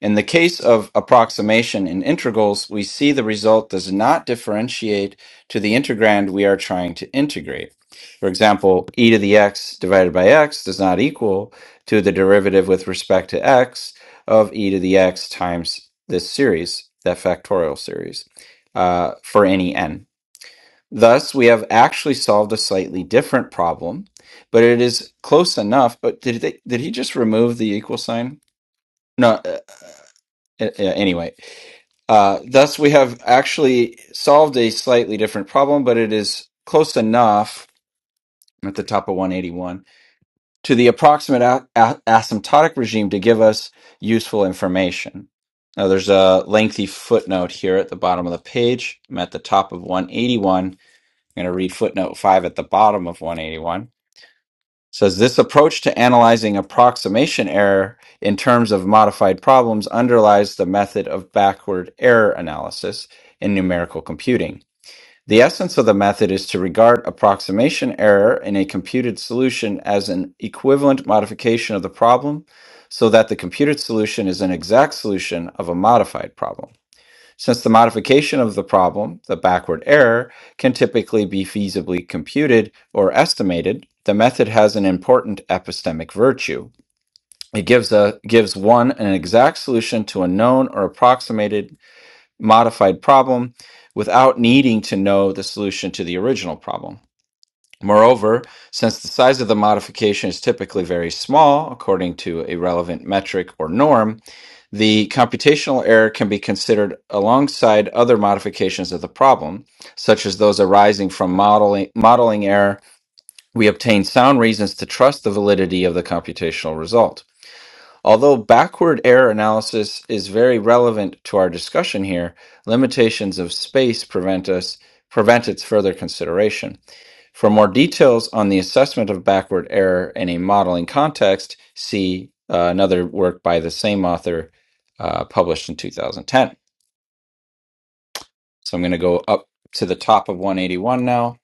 Speaker 1: In the case of approximation in integrals, we see the result does not differentiate to the integrand we are trying to integrate. For example, e to the x divided by x does not equal to the derivative with respect to x of e to the x times this series, that factorial series, uh, for any n. Thus, we have actually solved a slightly different problem, but it is close enough. But did, they, did he just remove the equal sign? No, uh, uh, anyway uh, thus, we have actually solved a slightly different problem, but it is close enough I'm at the top of 181 to the approximate a- a- asymptotic regime to give us useful information. Now, there's a lengthy footnote here at the bottom of the page. I'm at the top of 181. I'm going to read footnote 5 at the bottom of 181 says this approach to analyzing approximation error in terms of modified problems underlies the method of backward error analysis in numerical computing. The essence of the method is to regard approximation error in a computed solution as an equivalent modification of the problem so that the computed solution is an exact solution of a modified problem. Since the modification of the problem, the backward error, can typically be feasibly computed or estimated, the method has an important epistemic virtue. It gives, a, gives one an exact solution to a known or approximated modified problem without needing to know the solution to the original problem. Moreover, since the size of the modification is typically very small, according to a relevant metric or norm, the computational error can be considered alongside other modifications of the problem, such as those arising from modeling, modeling error. We obtain sound reasons to trust the validity of the computational result. Although backward error analysis is very relevant to our discussion here, limitations of space prevent us prevent its further consideration. For more details on the assessment of backward error in a modeling context, see uh, another work by the same author uh, published in 2010. So I'm going to go up to the top of 181 now.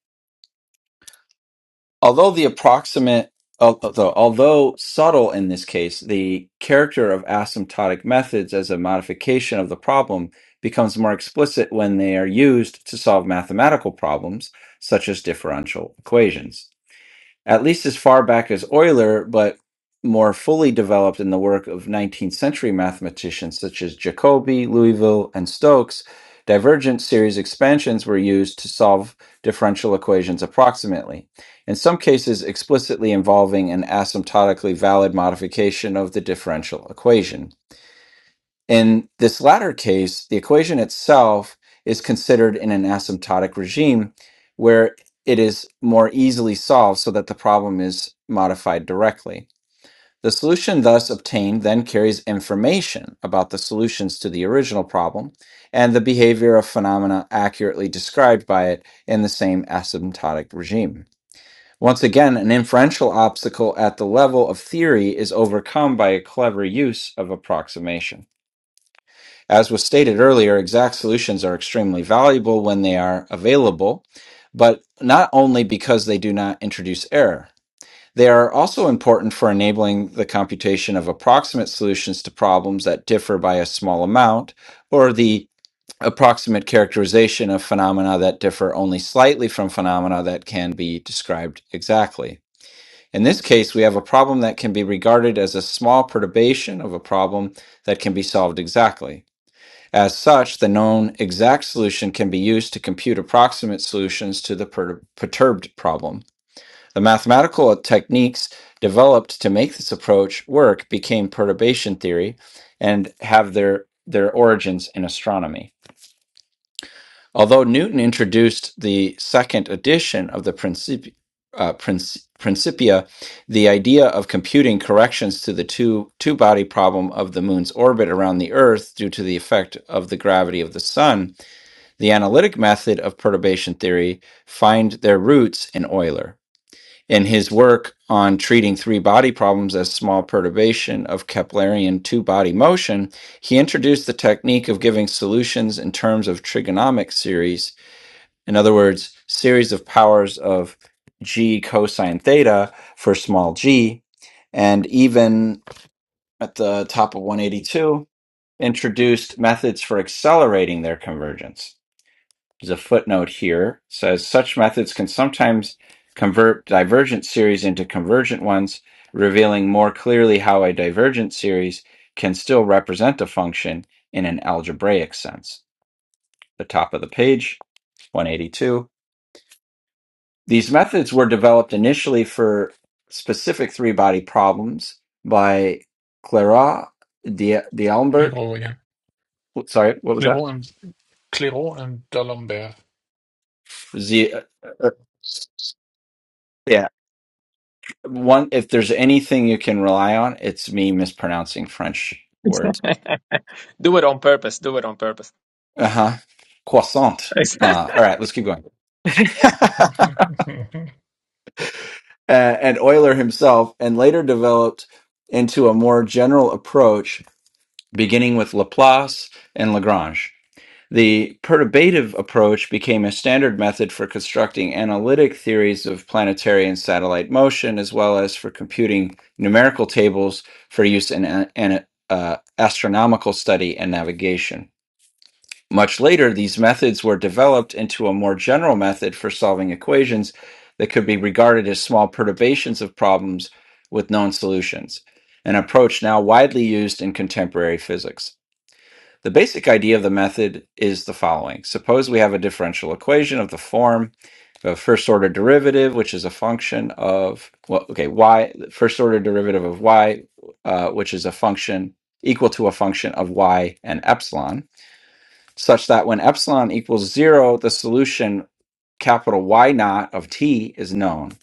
Speaker 1: Although the approximate, although, although subtle in this case, the character of asymptotic methods as a modification of the problem becomes more explicit when they are used to solve mathematical problems such as differential equations. at least as far back as Euler, but more fully developed in the work of 19th century mathematicians such as Jacobi, Louisville, and Stokes, divergent series expansions were used to solve differential equations approximately, in some cases explicitly involving an asymptotically valid modification of the differential equation. In this latter case, the equation itself is considered in an asymptotic regime where it is more easily solved so that the problem is modified directly. The solution thus obtained then carries information about the solutions to the original problem and the behavior of phenomena accurately described by it in the same asymptotic regime. Once again, an inferential obstacle at the level of theory is overcome by a clever use of approximation. As was stated earlier, exact solutions are extremely valuable when they are available, but not only because they do not introduce error. They are also important for enabling the computation of approximate solutions to problems that differ by a small amount, or the approximate characterization of phenomena that differ only slightly from phenomena that can be described exactly. In this case, we have a problem that can be regarded as a small perturbation of a problem that can be solved exactly. As such, the known exact solution can be used to compute approximate solutions to the per- perturbed problem. The mathematical techniques developed to make this approach work became perturbation theory and have their, their origins in astronomy. Although Newton introduced the second edition of the Princip- uh, Princi- Principia, the idea of computing corrections to the two, two body problem of the moon's orbit around the Earth due to the effect of the gravity of the sun the analytic method of perturbation theory find their roots in Euler. In his work on treating three body problems as small perturbation of Keplerian two body motion, he introduced the technique of giving solutions in terms of trigonomic series, in other words, series of powers of g cosine theta for small g, and even at the top of 182, introduced methods for accelerating their convergence. There's a footnote here It says such methods can sometimes convert divergent series into convergent ones, revealing more clearly how a divergent series can still represent a function in an algebraic sense. The top of the page, 182. These methods were developed initially for specific three body problems by Clairaut, D'Alembert.
Speaker 4: Leroy, yeah.
Speaker 1: Sorry, what was that?
Speaker 4: Leroy and Cléron and D'Alembert.
Speaker 1: Z, uh, uh, yeah, one if there's anything you can rely on, it's me mispronouncing French words.
Speaker 3: do it on purpose. Do it on purpose.
Speaker 1: Uh-huh. Croissant.
Speaker 3: he,
Speaker 1: Uh, all right, let's keep going. Uh, and Euler himself, and later developed into a more general approach, beginning with Laplace and Lagrange. The perturbative approach became a standard method for constructing analytic theories of planetary and satellite motion, as well as for computing numerical tables for use in a- an, uh, astronomical study and navigation. Much later, these methods were developed into a more general method for solving equations that could be regarded as small perturbations of problems with known solutions, an approach now widely used in contemporary physics. The basic idea of the method is the following. Suppose we have a differential equation of the form of first order derivative, which is a function of, well, okay, y, first order derivative of y, uh, which is a function equal to a function of y and epsilon, such that when epsilon equals zero, the solution capital Y naught of t is known.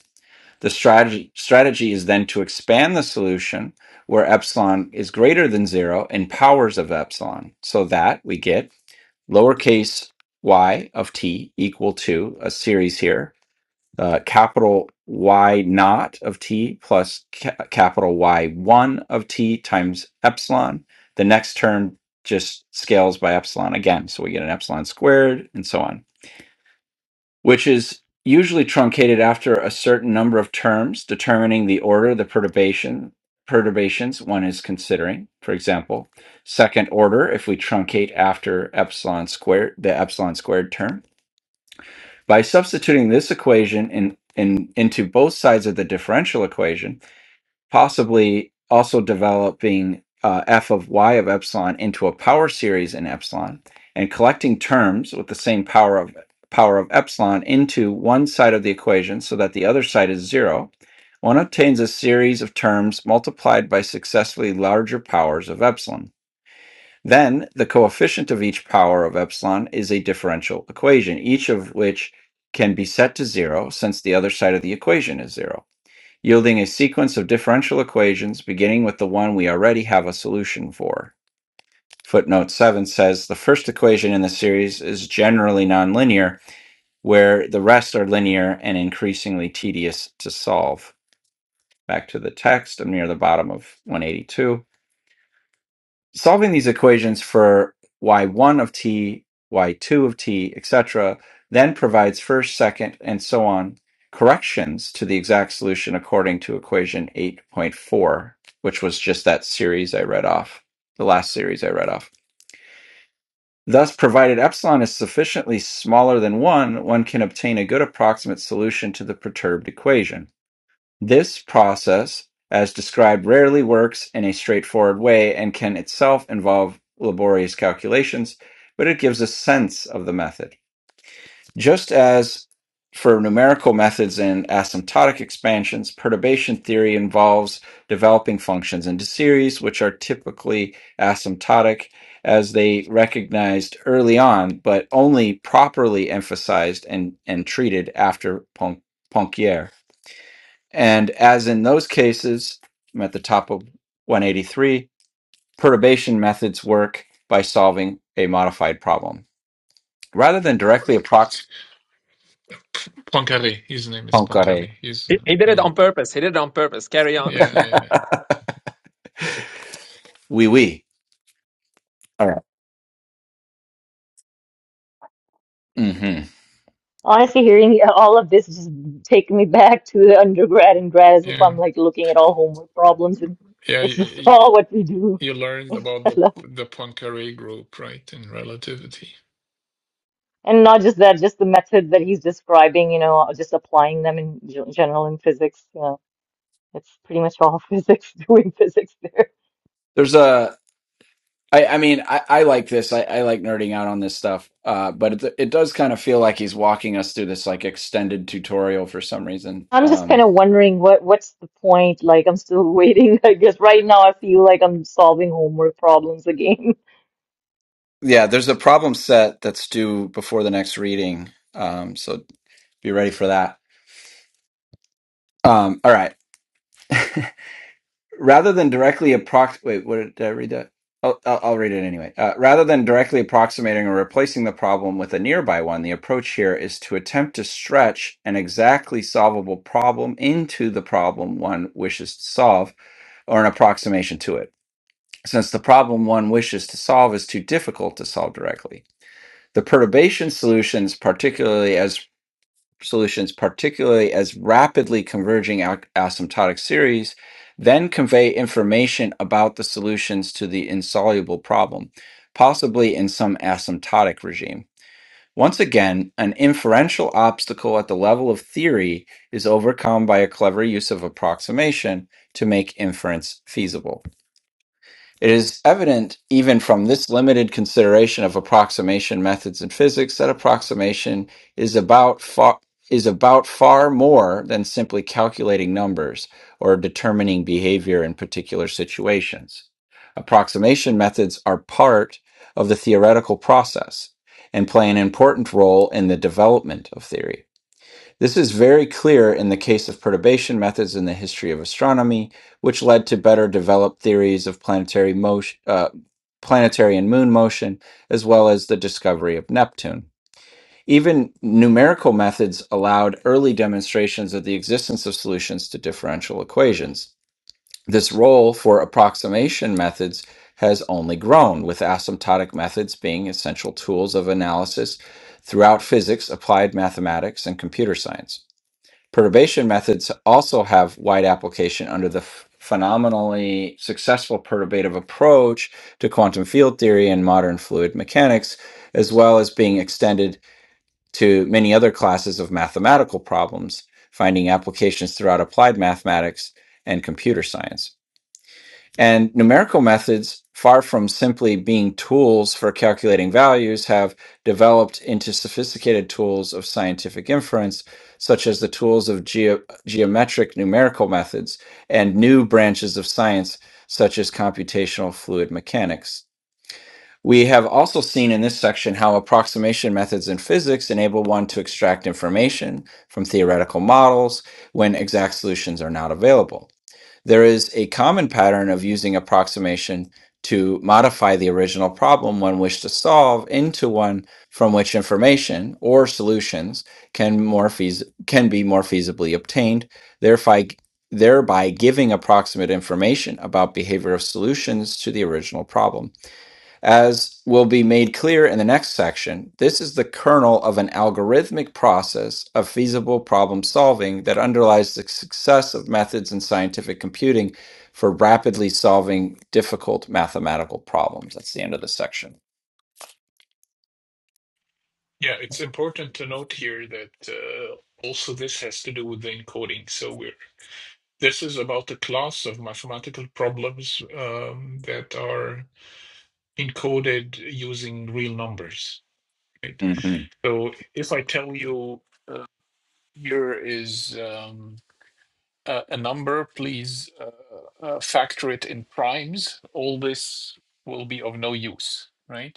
Speaker 1: The strategy, strategy is then to expand the solution where epsilon is greater than zero in powers of epsilon so that we get lowercase y of t equal to a series here, uh, capital Y naught of t plus ca- capital Y1 of t times epsilon. The next term just scales by epsilon again. So we get an epsilon squared and so on which is usually truncated after a certain number of terms determining the order of the perturbation perturbations one is considering for example second order if we truncate after epsilon squared the epsilon squared term by substituting this equation in, in into both sides of the differential equation possibly also developing uh, f of y of epsilon into a power series in epsilon and collecting terms with the same power of power of epsilon into one side of the equation so that the other side is zero one obtains a series of terms multiplied by successively larger powers of epsilon then the coefficient of each power of epsilon is a differential equation each of which can be set to zero since the other side of the equation is zero yielding a sequence of differential equations beginning with the one we already have a solution for. Footnote 7 says the first equation in the series is generally nonlinear, where the rest are linear and increasingly tedious to solve. Back to the text, I'm near the bottom of 182. solving these equations for y1 of t, y2 of t, etc., then provides first, second, and so on corrections to the exact solution according to equation 8.4, which was just that series I read off, the last series I read off. Thus, provided epsilon is sufficiently smaller than 1, one can obtain a good approximate solution to the perturbed equation. This process, as described, rarely works in a straightforward way and can itself involve laborious calculations, but it gives a sense of the method. Just as for numerical methods and asymptotic expansions, perturbation theory involves developing functions into series, which are typically asymptotic as they recognized early on, but only properly emphasized and, and treated after Pon- Poincare. And as in those cases, I'm at the top of 183, perturbation methods work by solving a modified problem. Rather than directly approx
Speaker 4: Poincaré, his name is
Speaker 1: Poincaré.
Speaker 4: Poincaré. He's uh,
Speaker 3: he did it
Speaker 4: yeah,
Speaker 3: on purpose. He did it on purpose. Carry on.
Speaker 4: yeah, I know.
Speaker 1: Oui, oui. All right. Mm-hmm.
Speaker 2: Honestly, hearing all of this just take me back to the undergrad and grad as if
Speaker 4: yeah,
Speaker 2: I'm like looking at all homework problems and
Speaker 4: yeah.
Speaker 2: it's just
Speaker 4: You,
Speaker 2: all what we do.
Speaker 4: you learned about
Speaker 2: I
Speaker 4: the
Speaker 2: love,
Speaker 4: the Poincaré group, right, in relativity.
Speaker 2: and not just that, just the method that he's describing, you know, just applying them in ge- general in physics. You know, it's pretty much all physics doing physics there.
Speaker 1: There's a, I, I mean, I, I like this. I, I like nerding out on this stuff, uh, but it, it does kind of feel like he's walking us through this like extended tutorial for some reason.
Speaker 2: I'm just kind
Speaker 1: Um,
Speaker 2: of wondering what what's the point? Like I'm still waiting. I guess right now I feel like I'm solving homework problems again.
Speaker 1: yeah, there's a problem set that's due before the next reading. Um, so be ready for that. Um, all right. rather than directly approx wait what did, did i read that I'll, I'll, I'll read it anyway uh, rather than directly approximating or replacing the problem with a nearby one the approach here is to attempt to stretch an exactly solvable problem into the problem one wishes to solve or an approximation to it since the problem one wishes to solve is too difficult to solve directly the perturbation solutions particularly as solutions, particularly as rapidly converging ac- asymptotic series, then convey information about the solutions to the insoluble problem, possibly in some asymptotic regime. Once again, an inferential obstacle at the level of theory is overcome by a clever use of approximation to make inference feasible. It is evident, even from this limited consideration of approximation methods in physics, that approximation is about far, is about far more than simply calculating numbers or determining behavior in particular situations. Approximation methods are part of the theoretical process and play an important role in the development of theory. This is very clear in the case of perturbation methods in the history of astronomy, which led to better developed theories of planetary motion, uh, planetary and moon motion, as well as the discovery of Neptune. Even numerical methods allowed early demonstrations of the existence of solutions to differential equations. This role for approximation methods has only grown, with asymptotic methods being essential tools of analysis throughout physics, applied mathematics, and computer science. Perturbation methods also have wide application under the ph- phenomenally successful perturbative approach to quantum field theory and modern fluid mechanics, as well as being extended to many other classes of mathematical problems, finding applications throughout applied mathematics and computer science. And numerical methods, far from simply being tools for calculating values, have developed into sophisticated tools of scientific inference, such as the tools of geo- geometric numerical methods and new branches of science, such as computational fluid mechanics. We have also seen in this section how approximation methods in physics enable one to extract information from theoretical models when exact solutions are not available there is a common pattern of using approximation to modify the original problem one wished to solve into one from which information or solutions can more feas- can be more feasibly obtained, thereby thereby giving approximate information about behavior of solutions to the original problem. As will be made clear in the next section, this is the kernel of an algorithmic process of feasible problem solving that underlies the success of methods in scientific computing for rapidly solving difficult mathematical problems. That's the end of the section.
Speaker 4: Yeah, it's important to note here that uh, also this has to do with the encoding. So we're this is about the class of mathematical problems um, that are encoded using real numbers, right?
Speaker 1: Mm-hmm.
Speaker 4: So if I tell you here is um, a, a number, please uh, uh, factor it in primes. All this will be of no use, right?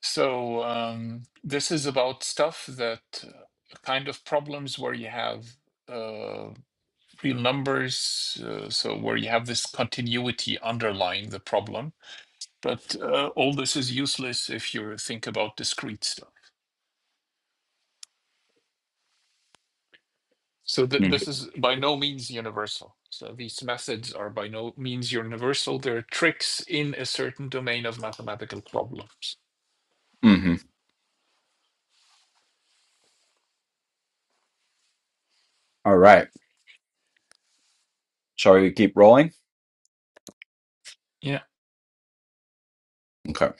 Speaker 4: So um, this is about stuff that uh, kind of problems where you have uh, real numbers, uh, so where you have this continuity underlying the problem. But uh, all this is useless if you think about discrete stuff. So th- this
Speaker 1: Mm-hmm.
Speaker 4: is by no means universal. So these methods are by no means universal. They're tricks in a certain domain of mathematical problems.
Speaker 1: Mm-hmm. All right. Shall we keep rolling?
Speaker 4: Yeah.
Speaker 1: Okay.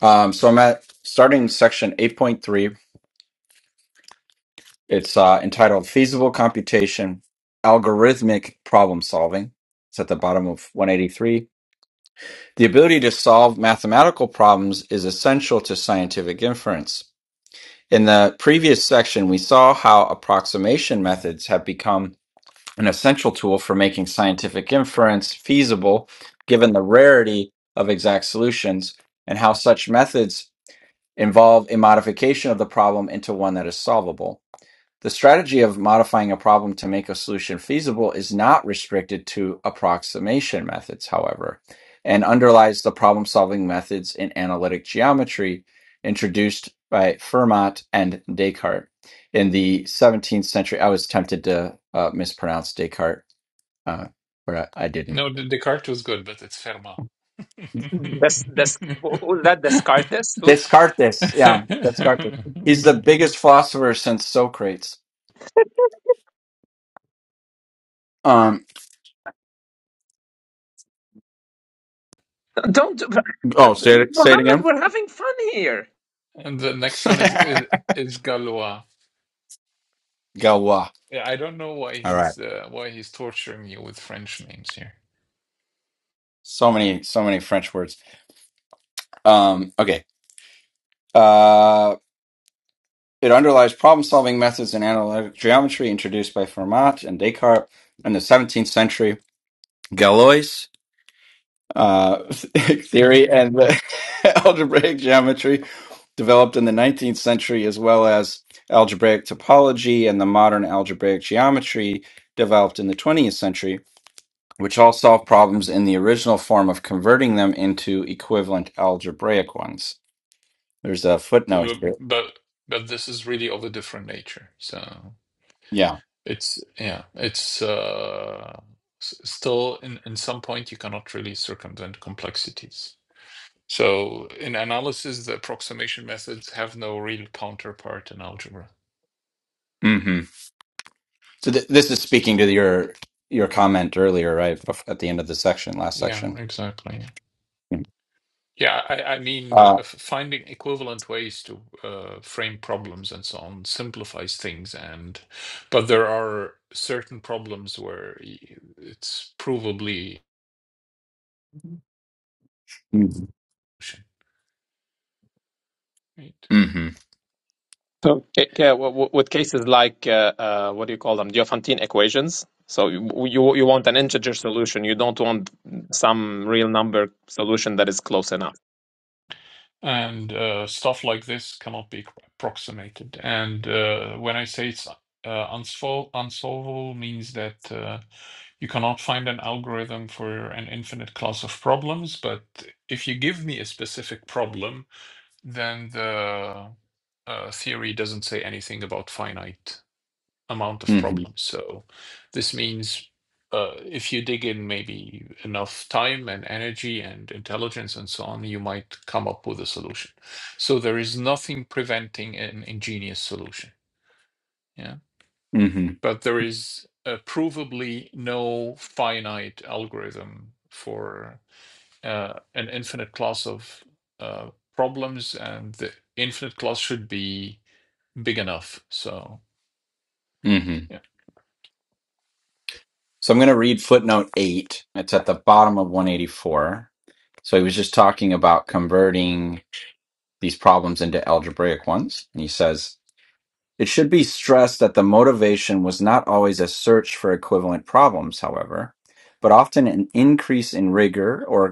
Speaker 1: Um, so I'm at starting section 8.3. It's uh, entitled Feasible Computation Algorithmic Problem Solving. It's at the bottom of 183 The ability to solve mathematical problems is essential to scientific inference. In the previous section, we saw how approximation methods have become an essential tool for making scientific inference feasible, given the rarity of exact solutions, and how such methods involve a modification of the problem into one that is solvable. The strategy of modifying a problem to make a solution feasible is not restricted to approximation methods, however, and underlies the problem solving methods in analytic geometry introduced by Fermat and Descartes. In the 17th century, I was tempted to uh, mispronounce Descartes, uh, but I, I didn't.
Speaker 4: No, D- Descartes was good, but it's Fermat.
Speaker 3: This, this, that Descartes? Who?
Speaker 1: Descartes, yeah, Descartes. He's the biggest philosopher since Socrates. Um,
Speaker 3: Don't,
Speaker 1: oh, say it, say it
Speaker 3: Mohammed,
Speaker 1: again.
Speaker 3: we're having fun here.
Speaker 4: And the next one is is, is Galois.
Speaker 1: Gawa.
Speaker 4: Yeah, I don't know why
Speaker 1: All right.
Speaker 4: he's uh, why he's torturing you with French names here.
Speaker 1: So many, so many French words. Um, okay. Uh, it underlies problem-solving methods in analytic geometry introduced by Fermat and Descartes in the 17th century. Galois uh, theory and the algebraic geometry developed in the 19th century, as well as algebraic topology and the modern algebraic geometry developed in the 20th century, which all solve problems in the original form of converting them into equivalent algebraic ones. There's a footnote here.
Speaker 4: But but this is really of a different nature. So
Speaker 1: Yeah.
Speaker 4: it's yeah, it's uh s- still in in some point you cannot really circumvent complexities. So in analysis, the approximation methods have no real counterpart in algebra.
Speaker 1: hmm So th- this is speaking to your your comment earlier, right bef- at the end of the section, last
Speaker 4: Yeah,
Speaker 1: section.
Speaker 4: exactly. Yeah, I, I mean, uh,
Speaker 1: Uh,
Speaker 4: f- finding equivalent ways to uh, frame problems and so on simplifies things, and but there are certain problems where y- it's provably
Speaker 1: mm-hmm.
Speaker 4: solution, right,
Speaker 1: hmm
Speaker 3: So, ca- ca- w- w- with cases like uh, uh, what do you call them? Diophantine equations. So you, you you want an integer solution. You don't want some real number solution that is close enough.
Speaker 4: and uh, stuff like this cannot be approximated. And uh, when I say it's uh, unsol- unsolvable, means that uh, you cannot find an algorithm for an infinite class of problems, but if you give me a specific problem. then the uh, theory doesn't say anything about finite amount of
Speaker 1: hmm
Speaker 4: problems. So this means uh, if you dig in maybe enough time and energy and intelligence and so on, you might come up with a solution. So there is nothing preventing an ingenious solution. Yeah.
Speaker 1: hmm
Speaker 4: But there is uh, provably no finite algorithm for uh, an infinite class of uh, problems, and the infinite class should be big enough. So
Speaker 1: hmm
Speaker 4: yeah,
Speaker 1: So I'm going to read footnote eight. It's at the bottom of 184. So he was just talking about converting these problems into algebraic ones, and he says. It should be stressed that the motivation was not always a search for equivalent problems, however, but often an increase in rigor or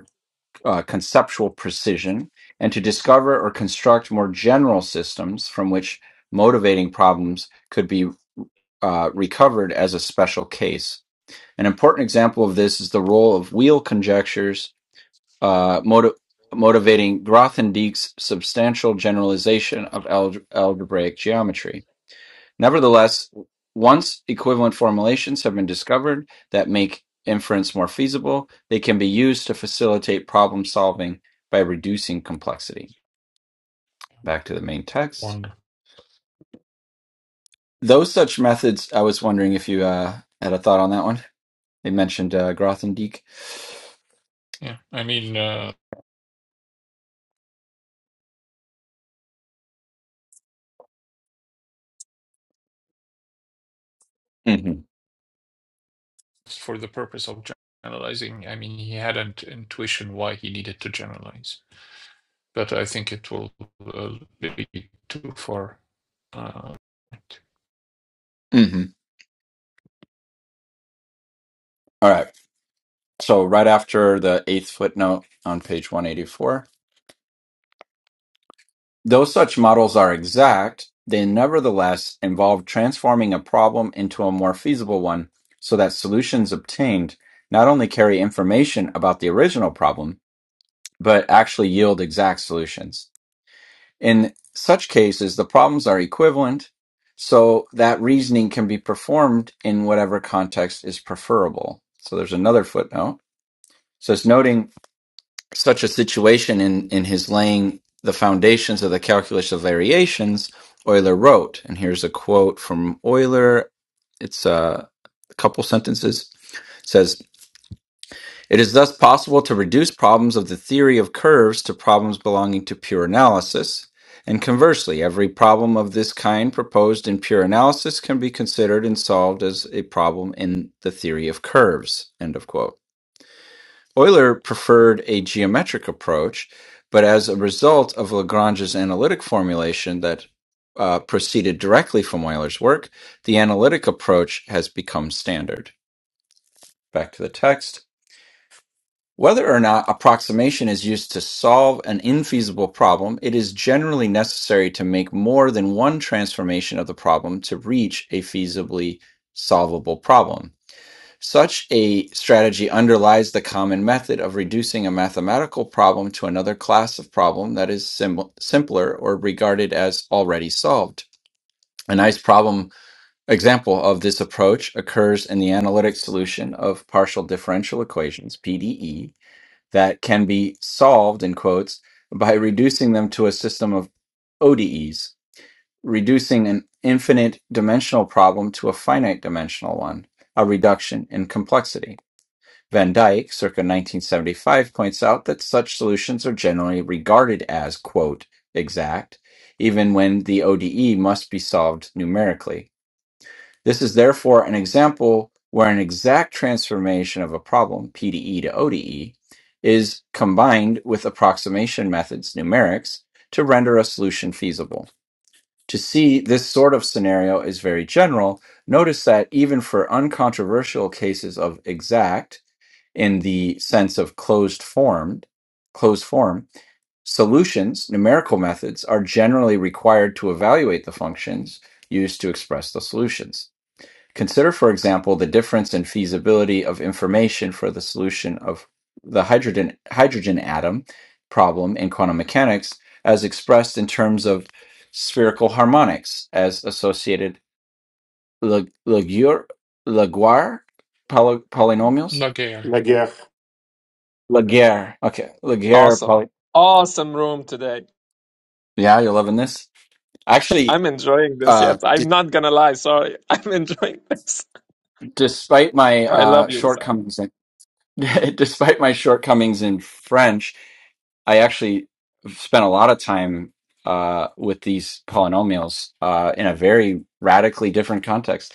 Speaker 1: uh, conceptual precision and to discover or construct more general systems from which motivating problems could be uh, recovered as a special case. An important example of this is the role of wheel conjectures uh, motiv- motivating Grothendieck's substantial generalization of alg- algebraic geometry. Nevertheless, once equivalent formulations have been discovered that make inference more feasible, they can be used to facilitate problem solving by reducing complexity. Back to the main text.
Speaker 4: wonder.
Speaker 1: Those such methods, I was wondering if you uh, had a thought on that one. They mentioned uh, Grothendieck.
Speaker 4: Yeah, I mean, uh,
Speaker 1: Mm-hmm.
Speaker 4: for the purpose of generalizing, I mean, he had an intuition why he needed to generalize, but I think it will uh, be too far. Uh,
Speaker 1: Mm-hmm. All right. So, right after the eighth footnote on page 184, Though such models are exact, they nevertheless involve transforming a problem into a more feasible one so that solutions obtained not only carry information about the original problem, but actually yield exact solutions. In such cases, the problems are equivalent, so that reasoning can be performed in whatever context is preferable. So there's another footnote. So it's noting such a situation in, in his laying the foundations of the calculus of variations, Euler wrote, and here's a quote from Euler. It's uh, a couple sentences. It says, It is thus possible to reduce problems of the theory of curves to problems belonging to pure analysis. And conversely, every problem of this kind proposed in pure analysis can be considered and solved as a problem in the theory of curves. End of quote. Euler preferred a geometric approach, but as a result of Lagrange's analytic formulation that uh, proceeded directly from Euler's work, the analytic approach has become standard. Back to the text. Whether or not approximation is used to solve an infeasible problem, it is generally necessary to make more than one transformation of the problem to reach a feasibly solvable problem. Such a strategy underlies the common method of reducing a mathematical problem to another class of problem that is sim- simpler or regarded as already solved. A nice problem example of this approach occurs in the analytic solution of partial differential equations, PDE, that can be solved, in quotes, by reducing them to a system of ODEs, reducing an infinite dimensional problem to a finite dimensional one, a reduction in complexity. Van Dyck, circa 1975, points out that such solutions are generally regarded as, quote, exact, even when the ODE must be solved numerically. This is therefore an example where an exact transformation of a problem, PDE to ODE, is combined with approximation methods, numerics, to render a solution feasible. To see this sort of scenario is very general, notice that even for uncontroversial cases of exact, in the sense of closed formed closed form solutions numerical methods are generally required to evaluate the functions used to express the solutions consider for example the difference in feasibility of information for the solution of the hydrogen hydrogen atom problem in quantum mechanics as expressed in terms of spherical harmonics as associated Laguerre polynomials
Speaker 4: Laguerre.
Speaker 5: Nagiach,
Speaker 1: Laguerre. Okay, Laguerre.
Speaker 3: Awesome,
Speaker 1: Probably.
Speaker 3: awesome room today.
Speaker 1: Yeah, you're loving this. Actually,
Speaker 3: I'm enjoying this.
Speaker 1: uh,
Speaker 3: Yes,
Speaker 1: d-
Speaker 3: I'm not gonna lie. Sorry, I'm enjoying this.
Speaker 1: despite my
Speaker 3: I
Speaker 1: uh,
Speaker 3: love you, Wissam.
Speaker 1: shortcomings, in, despite my shortcomings in French, I actually spent a lot of time uh, with these polynomials uh, in a very radically different context.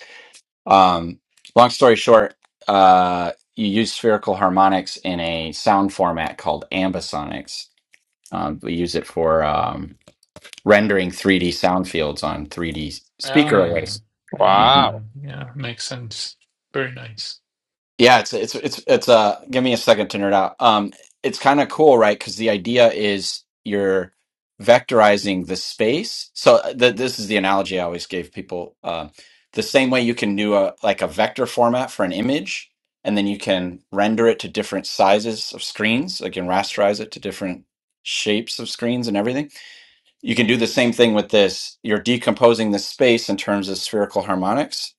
Speaker 1: Um, long story short, uh, you use spherical harmonics in a sound format called ambisonics. Um, we use it for. um, rendering 3D sound fields on 3D
Speaker 4: Ah,
Speaker 1: speaker
Speaker 4: yeah,
Speaker 1: arrays. hmm
Speaker 4: yeah,
Speaker 3: Wow,
Speaker 4: yeah, makes sense. Very nice.
Speaker 1: Yeah, it's it's it's it's uh give me a second to nerd out. Um it's kind of cool, right? Cuz the idea is you're vectorizing the space. So the, this is the analogy I always gave people um the same way you can do a like a vector format for an image and then you can render it to different sizes of screens, like you can rasterize it to different shapes of screens and everything You can do the same thing with this. You're decomposing the space in terms of spherical harmonics.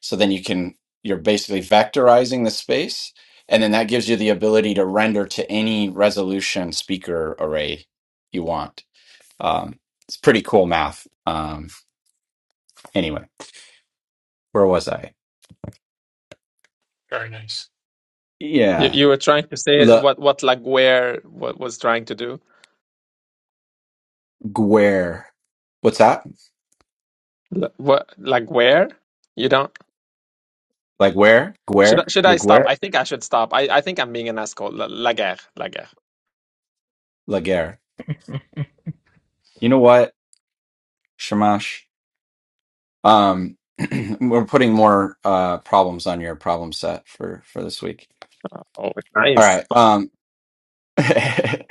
Speaker 1: So then you can, you're basically vectorizing the space. And then that gives you the ability to render to any resolution speaker array you want. Um, it's pretty cool math. Um, anyway, where was I?
Speaker 4: Very nice.
Speaker 3: you,
Speaker 1: Yeah.
Speaker 3: you were trying to say
Speaker 1: Le
Speaker 3: what what like where what was trying to do?
Speaker 1: Guerre. What's that?
Speaker 3: L- What like where? You don't.
Speaker 1: Like where?
Speaker 3: Should I,
Speaker 1: Guerre?
Speaker 3: should
Speaker 1: Le
Speaker 3: I stop?
Speaker 1: Guerre?
Speaker 3: I think I should stop. I, I think I'm being an asshole. La, Laguerre, Laguerre.
Speaker 1: La Guerre. You know what, Shamash? Um, we're putting more uh, problems on your problem set for for this week.
Speaker 3: Oh,
Speaker 1: All
Speaker 3: nice.
Speaker 1: right. Um,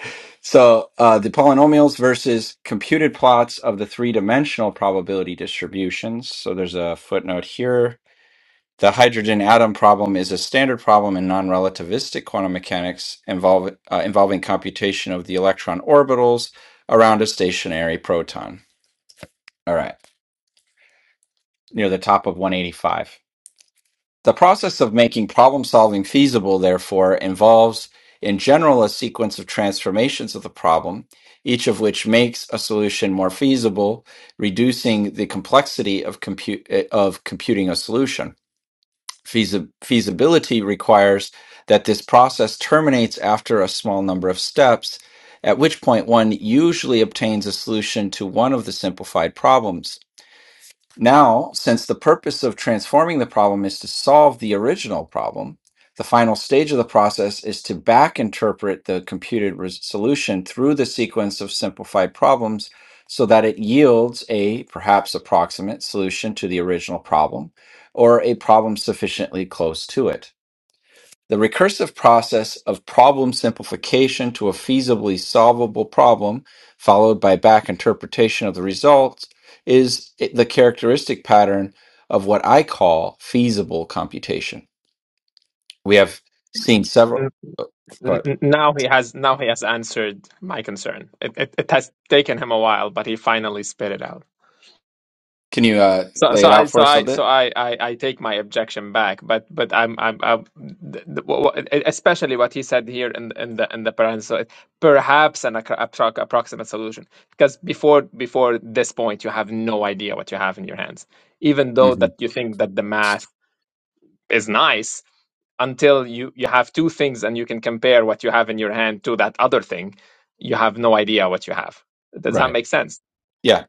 Speaker 1: so uh, the polynomials versus computed plots of the three dimensional probability distributions. So there's a footnote here. The hydrogen atom problem is a standard problem in non-relativistic quantum mechanics involve, uh, involving computation of the electron orbitals around a stationary proton. All right, near the top of 185. The process of making problem solving feasible, therefore, involves, in general, a sequence of transformations of the problem, each of which makes a solution more feasible, reducing the complexity of, compu- eh, of computing a solution. Feasi- feasibility requires that this process terminates after a small number of steps, at which point one usually obtains a solution to one of the simplified problems. Now, since the purpose of transforming the problem is to solve the original problem, the final stage of the process is to back interpret the computed res- solution through the sequence of simplified problems so that it yields a perhaps approximate solution to the original problem or a problem sufficiently close to it. The recursive process of problem simplification to a feasibly solvable problem, followed by back interpretation of the results, is the characteristic pattern of what I call feasible computation. We have seen several.
Speaker 3: N-
Speaker 1: oh, Go
Speaker 3: n-
Speaker 1: ahead.
Speaker 3: n- Now he has now he has answered my concern. It, it it has taken him a while, but he finally spit it out.
Speaker 1: Can you uh,
Speaker 3: So
Speaker 1: lay
Speaker 3: so
Speaker 1: it
Speaker 3: I
Speaker 1: out for
Speaker 3: so
Speaker 1: us a
Speaker 3: I so
Speaker 1: bit?
Speaker 3: I I, I take my objection back. But but I'm I'm, I'm th- th- wh- wh- especially what he said here in in the in the parenthesis, perhaps an appro- appro- approximate solution. Because before before this point, you have no idea what you have in your hands even though
Speaker 1: hmm
Speaker 3: that you think that the math is nice until you you have two things and you can compare what you have in your hand to that other thing you have no idea what you have does that
Speaker 1: Right.
Speaker 3: make sense
Speaker 1: Yeah.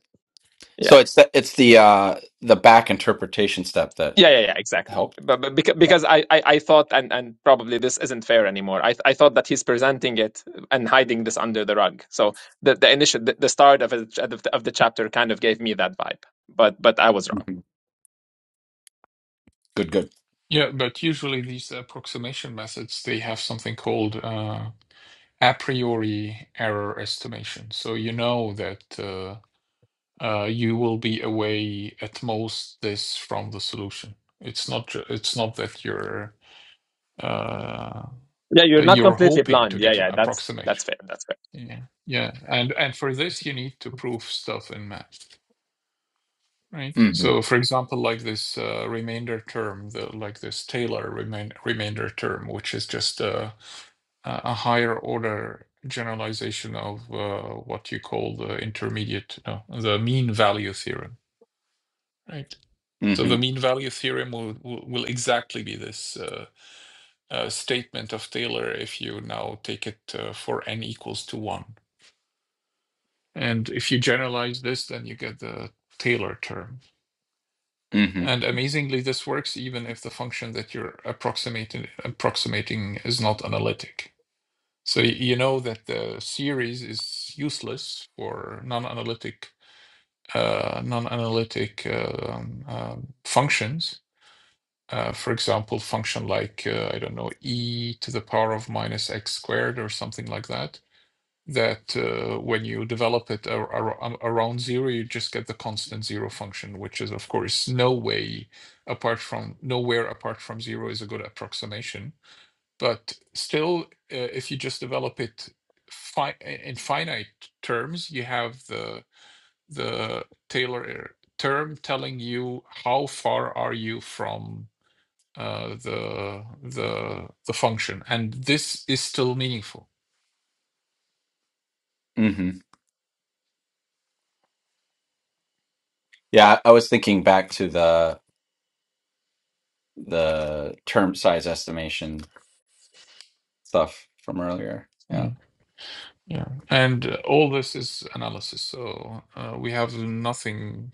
Speaker 1: So
Speaker 3: yeah
Speaker 1: it's the, it's the uh, the back interpretation step that
Speaker 3: yeah yeah, yeah exactly
Speaker 1: helped.
Speaker 3: but, but because, because I, I i thought and and probably this isn't fair anymore i i thought that he's presenting it and hiding this under the rug so the the initial the, the start of, it, of the of the chapter kind of gave me that vibe but but i was wrong
Speaker 1: hmm Good. Good.
Speaker 4: Yeah, but usually these approximation methods, they have something called uh, a priori error estimation. So you know that uh, uh, you will be away at most this from the solution. It's not ju- it's not that you're uh,
Speaker 3: yeah
Speaker 4: uh,
Speaker 3: you're not
Speaker 4: you're
Speaker 3: completely
Speaker 4: hoping to
Speaker 3: blind yeah
Speaker 4: get an
Speaker 3: yeah that's
Speaker 4: approximation.
Speaker 3: that's fair that's fair
Speaker 4: Yeah, yeah, and and for this you need to prove stuff in math, right?
Speaker 1: hmm
Speaker 4: So, for example, like this uh, remainder term, the like this Taylor remain, remainder term, which is just a a a higher order generalization of uh, what you call the intermediate, no, the mean value theorem Right. So
Speaker 1: hmm
Speaker 4: the mean value theorem will will, will exactly be this uh, uh, statement of Taylor if you now take it uh, for n equals to one, and if you generalize this, then you get the Taylor term.
Speaker 1: hmm
Speaker 4: And amazingly, this works even if the function that you're approximating approximating is not analytic. So you know that the series is useless for non-analytic uh, non-analytic um, um, uh, functions Uh, for example, function like, uh, I don't know, e to the power of minus x squared or something like that, that uh, when you develop it ar- ar- um, around zero, you just get the constant zero function, which is, of course, no way apart from, nowhere apart from zero is a good approximation. But still, uh, if you just develop it fi- in finite terms, you have the the Taylor uh, term telling you how far are you from uh, the the the function, and this is still meaningful.
Speaker 1: hmm Yeah, I I was thinking back to the the term size estimation stuff from earlier. Yeah.
Speaker 4: Yeah, yeah, and uh, all this is analysis. So uh, we have nothing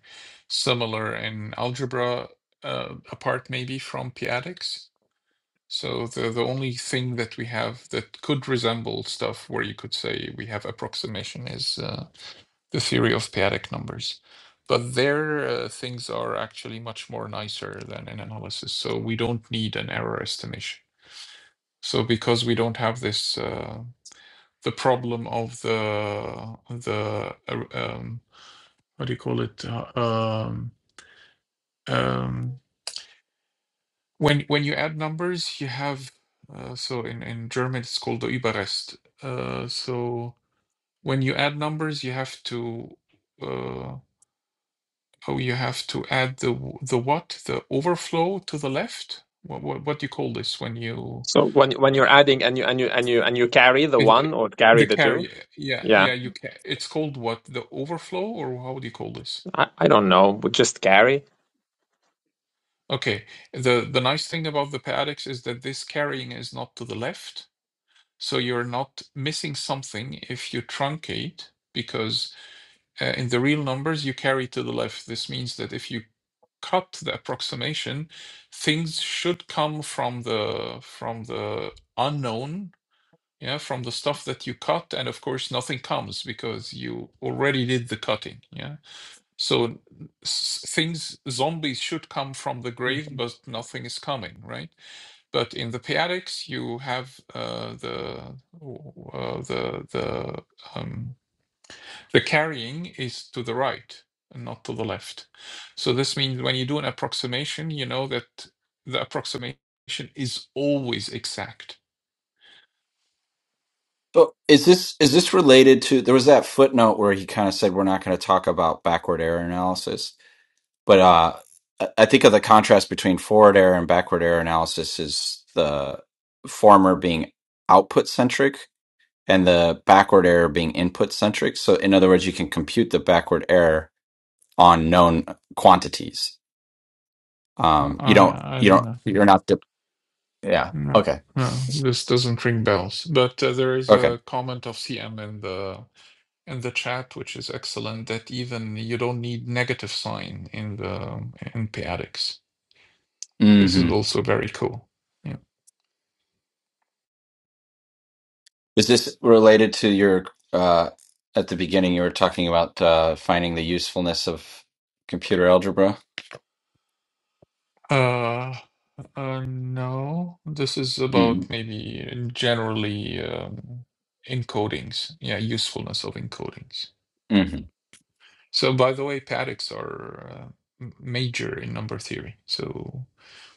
Speaker 4: similar in algebra, uh, apart maybe from p-adics. So the the only thing that we have that could resemble stuff where you could say we have approximation is uh, the theory of p-adic numbers. But there, uh, things are actually much more nicer than in analysis. So we don't need an error estimation So because we don't have this uh, the problem of the the uh, um, what do you call it Uh, um, um, when when you add numbers you have uh, so in in German it's called the Überrest. Uh, so when you add numbers you have to uh, oh you have to add the the what the overflow to the left. What what, what do you call this when you
Speaker 3: so when when you're adding and you and you and you and you carry the
Speaker 4: It,
Speaker 3: one
Speaker 4: it-
Speaker 3: or carry
Speaker 4: the
Speaker 3: the two
Speaker 4: carrier. Yeah,
Speaker 3: Yeah,
Speaker 4: yeah, you can. It's called what? The overflow, or how do you call this?
Speaker 3: I, I don't know, but just carry.
Speaker 4: Okay. The the nice thing about the paddocks is that this carrying is not to the left, so you're not missing something if you truncate, because uh, in the real numbers you carry to the left. This means that if you cut the approximation, things should come from the from the unknown yeah, from the stuff that you cut, and of course nothing comes because you already did the cutting, yeah. So things zombies should come from the grave, but nothing is coming, right? But in the Paedics, you have uh, the uh, the the um, the carrying is to the right and not to the left. So this means when you do an approximation, you know that the approximation is always exact.
Speaker 1: So is this is this related to there was that footnote where he kind of said we're not going to talk about backward error analysis, but uh I I think of the contrast between forward error and backward error analysis is the former being output centric and the backward error being input centric. So in other words, you can compute the backward error on known quantities. Um you don't
Speaker 4: I I
Speaker 1: you
Speaker 4: don't
Speaker 1: don't
Speaker 4: know.
Speaker 1: you're not de- yeah.
Speaker 4: No,
Speaker 1: Okay.
Speaker 4: no, this doesn't ring bells. But uh, there is
Speaker 1: Okay.
Speaker 4: a comment of CM in the in the chat, which is excellent. That even you don't need negative sign in the in Paedics. This is
Speaker 1: hmm
Speaker 4: also very cool. Yeah.
Speaker 1: Is this related to your uh at the beginning you were talking about uh finding the usefulness of computer algebra?
Speaker 4: Uh, uh, no, this is
Speaker 1: mm
Speaker 4: about maybe generally um, encodings. Yeah, usefulness of encodings.
Speaker 1: hmm
Speaker 4: So, by the way, Paedics are uh, m- major in number theory. So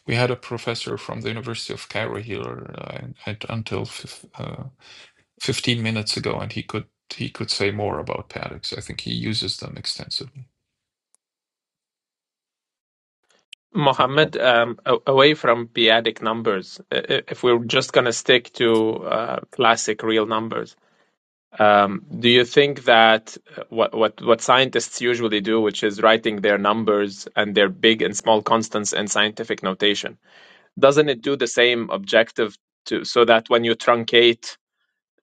Speaker 4: we had a professor from the University of Cairo here uh, and- until uh, 15 minutes ago, and he could he could say more about paddocks. I think he uses them extensively.
Speaker 3: Mohammed, um, a- away from periodic numbers, i- i- if we're just going to stick to uh, classic real numbers, um, do you think that uh, what, what, what scientists usually do, which is writing their numbers and their big and small constants in scientific notation, doesn't it do the same objective to, so that when you truncate,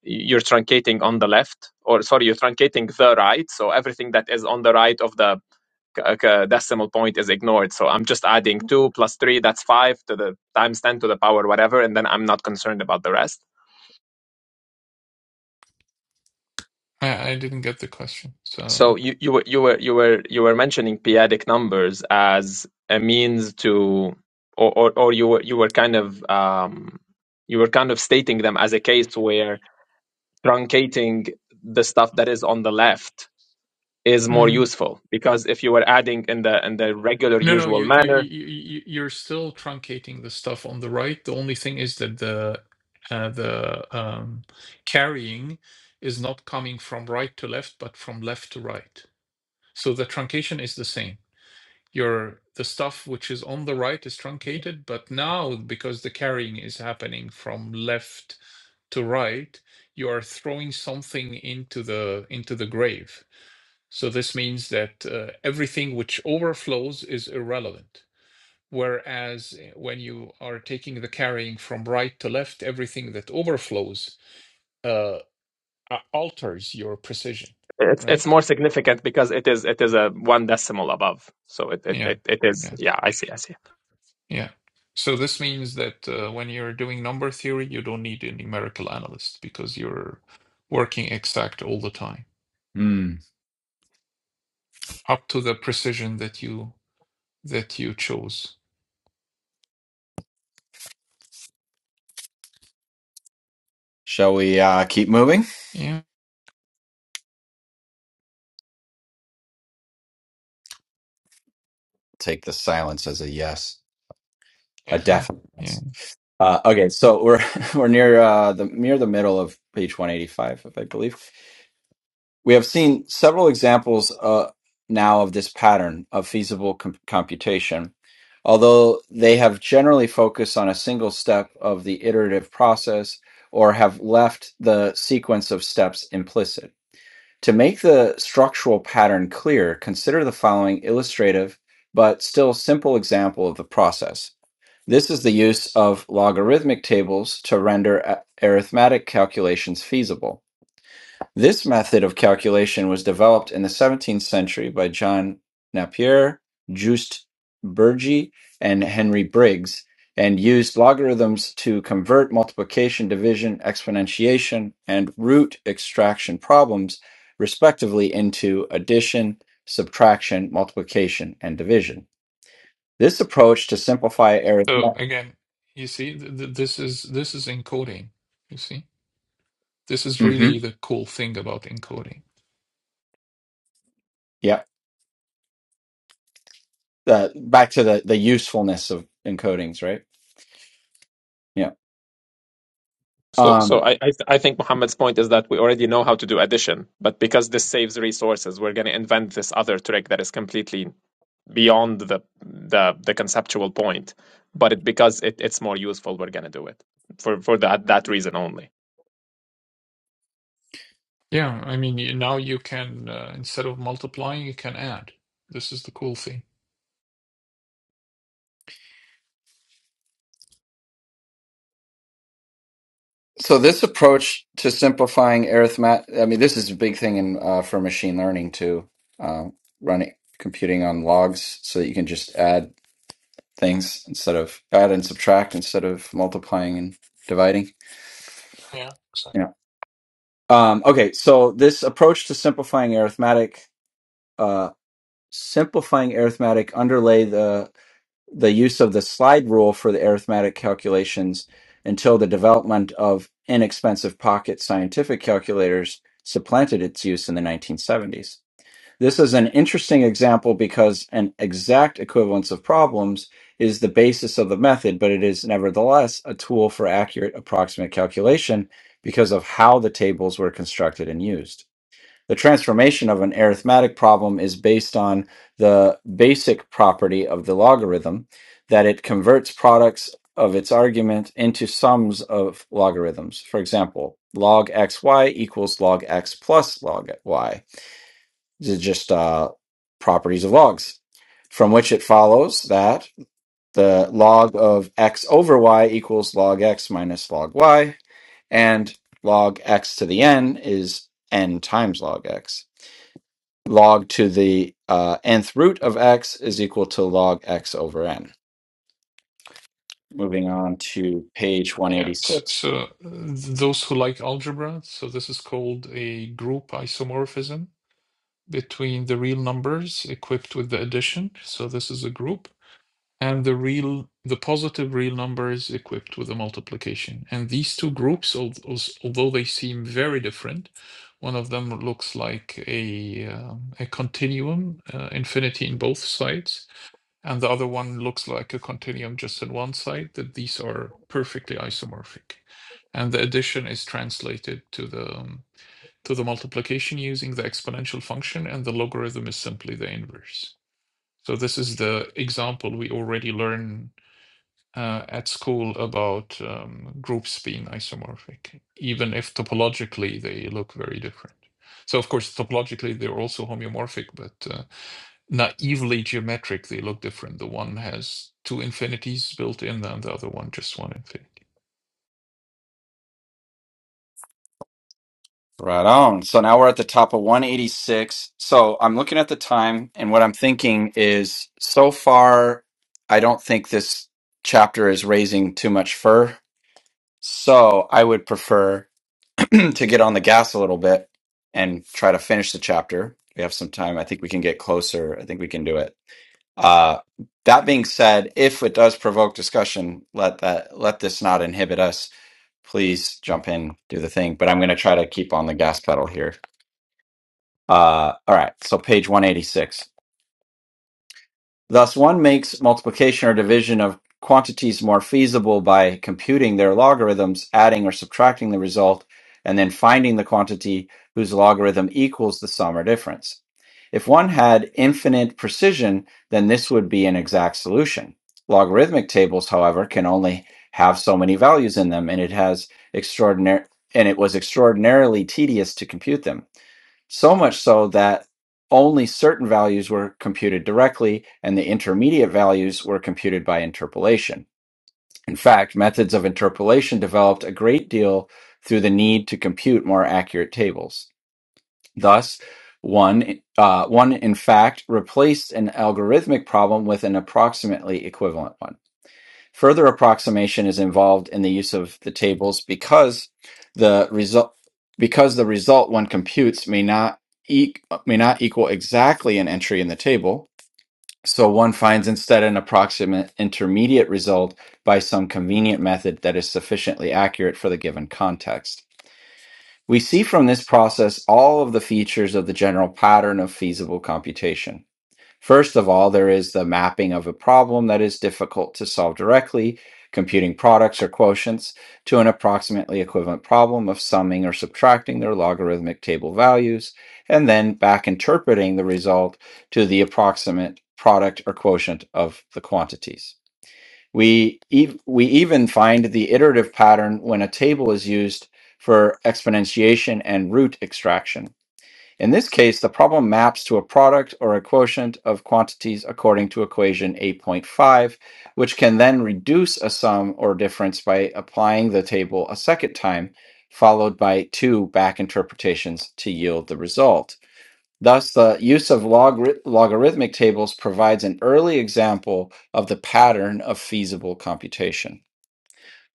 Speaker 3: you're truncating on the left, or sorry, you're truncating the right, so everything that is on the right of the c- uh, decimal point is ignored. So I'm just adding two plus three, that's five to the times ten to the power whatever, and then I'm not concerned about the rest.
Speaker 4: I, I didn't get the question, so.
Speaker 3: So you you were you were you were you were mentioning p-adic numbers as a means to, or or, or you were you were kind of um, you were kind of stating them as a case where truncating the stuff that is on the left is more
Speaker 4: Mm.
Speaker 3: useful because if you were adding in the in the regular
Speaker 4: No, no,
Speaker 3: usual
Speaker 4: you, you,
Speaker 3: manner
Speaker 4: you, you- you're still truncating the stuff on the right. The only thing is that the uh, the um, carrying is not coming from right to left, but from left to right. So the truncation is the same. your the stuff which is on the right is truncated but now because the carrying is happening from left to right you are throwing something into the into the grave so this means that uh, everything which overflows is irrelevant whereas uh, when you are taking the carrying from right to left everything that overflows uh, alters your precision
Speaker 3: It's it's
Speaker 4: right
Speaker 3: more significant because it is it is a one decimal above. So it it,
Speaker 4: yeah
Speaker 3: it, it
Speaker 4: yeah
Speaker 3: is yeah, I see, I see.
Speaker 4: Yeah. So this means that uh, when you're doing number theory, you don't need a numerical analyst because you're working exact all the time,
Speaker 1: Mm.
Speaker 4: up to the precision that you that you chose.
Speaker 1: Shall we uh keep moving?
Speaker 4: Yeah,
Speaker 1: Take the silence as a yes, a
Speaker 4: yeah, yeah,
Speaker 1: definite
Speaker 4: yeah.
Speaker 1: yes. Uh okay, so we're we're near uh the near the middle of page 185, if I believe. We have seen several examples uh, now of this pattern of feasible com- computation, although they have generally focused on a single step of the iterative process or have left the sequence of steps implicit. To make the structural pattern clear, consider the following illustrative but still simple example of the process. This is the use of logarithmic tables to render a- arithmetic calculations feasible. This method of calculation was developed in the 17th century by John Napier, Juste Burgee, and Henry Briggs, and used logarithms to convert multiplication, division, exponentiation, and root extraction problems, respectively, into addition, subtraction, multiplication, and division. This approach to simplify
Speaker 4: So
Speaker 1: arithmetic.
Speaker 4: again, you see, th th this is this is encoding. You see, this is
Speaker 1: hmm
Speaker 4: really the cool thing about encoding.
Speaker 1: Yeah. Uh, back to the, the usefulness of encodings, right? Yeah.
Speaker 3: So
Speaker 1: Um,
Speaker 3: so I, I I think Muhammad's point is that we already know how to do addition, but because this saves resources, we're gonna invent this other trick that is completely beyond the the, the conceptual point. But it, because it, it's more useful, we're gonna do it for for that that reason only.
Speaker 4: Yeah, I mean, you, now you can uh, instead of multiplying, you can add. This is the cool thing.
Speaker 1: So this approach to simplifying arithmetic, I mean, this is a big thing in uh, for machine learning too, uh, running computing on logs so that you can just add things instead of add and subtract instead of multiplying and dividing.
Speaker 4: Yeah. exactly.
Speaker 1: Yeah. Um, okay, so this approach to simplifying arithmetic, uh, simplifying arithmetic underlay the the use of the slide rule for the arithmetic calculations until the development of inexpensive pocket scientific calculators supplanted its use in the 1970s. This is an interesting example because an exact equivalence of problems is the basis of the method, but it is nevertheless a tool for accurate approximate calculation because of how the tables were constructed and used. The transformation of an arithmetic problem is based on the basic property of the logarithm that it converts products of its argument into sums of logarithms. For example, log xy equals log x plus log y. These are just uh, properties of logs, from which it follows that the log of x over y equals log x minus log y, and log x to the n is n times log x log to the uh, nth root of x is equal to log x over n. Moving on to page
Speaker 4: Yeah. So,
Speaker 1: 186.
Speaker 4: so uh, those who like algebra, so this is called a group isomorphism between the real numbers equipped with the addition. So this is a group, and the real, the positive real numbers equipped with the multiplication. And these two groups, al- als- although they seem very different, one of them looks like a um, a continuum, uh, infinity in both sides, and the other one looks like a continuum just on one side, that these are perfectly isomorphic. And the addition is translated to the um, to the multiplication using the exponential function, and the logarithm is simply the inverse. So this is the example we already learned uh, at school about um, groups being isomorphic, even if topologically they look very different. So, of course, topologically they're also homeomorphic, but uh, naively geometric, they look different. The one has two infinities built in, and the other one just one infinity.
Speaker 1: Right on. So now we're at the top of 186. So I'm looking at the time, and what I'm thinking is so far, I don't think this chapter is raising too much fur. So I would prefer to get on the gas a little bit and try to finish the chapter. We have some time. I think we can get closer. I think we can do it. Uh, that being said, if it does provoke discussion, let that let this not inhibit us. Please jump in, do the thing. But I'm going to try to keep on the gas pedal here. Uh, all right. So page 186. Thus, one makes multiplication or division of quantities more feasible by computing their logarithms, adding or subtracting the result, and then finding the quantity whose logarithm equals the sum or difference. If one had infinite precision, then this would be an exact solution. Logarithmic tables, however, can only have so many values in them, and it has extraordinary and it was extraordinarily tedious to compute them. So much so that only certain values were computed directly, and the intermediate values were computed by interpolation. In fact, methods of interpolation developed a great deal through the need to compute more accurate tables. Thus, one, uh, one in fact replaced an algorithmic problem with an approximately equivalent one. Further approximation is involved in the use of the tables because the result because the result one computes may not e- may not equal exactly an entry in the table. So one finds instead an approximate intermediate result by some convenient method that is sufficiently accurate for the given context. We see from this process all of the features of the general pattern of feasible computation. First of all, there is the mapping of a problem that is difficult to solve directly, computing products or quotients to an approximately equivalent problem of summing or subtracting their logarithmic table values, and then back interpreting the result to the approximate product or quotient of the quantities. We, ev- we even find the iterative pattern when a table is used for exponentiation and root extraction in this case, the problem maps to a product or a quotient of quantities according to equation 8.5, which can then reduce a sum or difference by applying the table a second time, followed by two back interpretations to yield the result. Thus, the use of logri- logarithmic tables provides an early example of the pattern of feasible computation.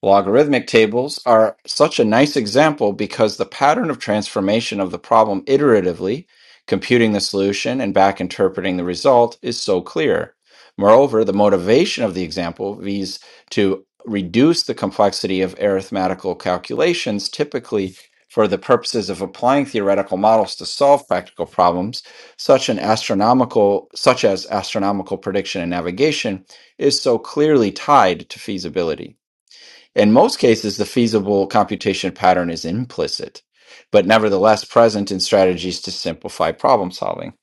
Speaker 1: Logarithmic tables are such a nice example because the pattern of transformation of the problem iteratively, computing the solution and back interpreting the result, is so clear. Moreover, the motivation of the example is to reduce the complexity of arithmetical calculations, typically for the purposes of applying theoretical models to solve practical problems, such an astronomical such as astronomical prediction and navigation, is so clearly tied to feasibility. In most cases, the feasible computation pattern is implicit, but nevertheless present in strategies to simplify problem solving.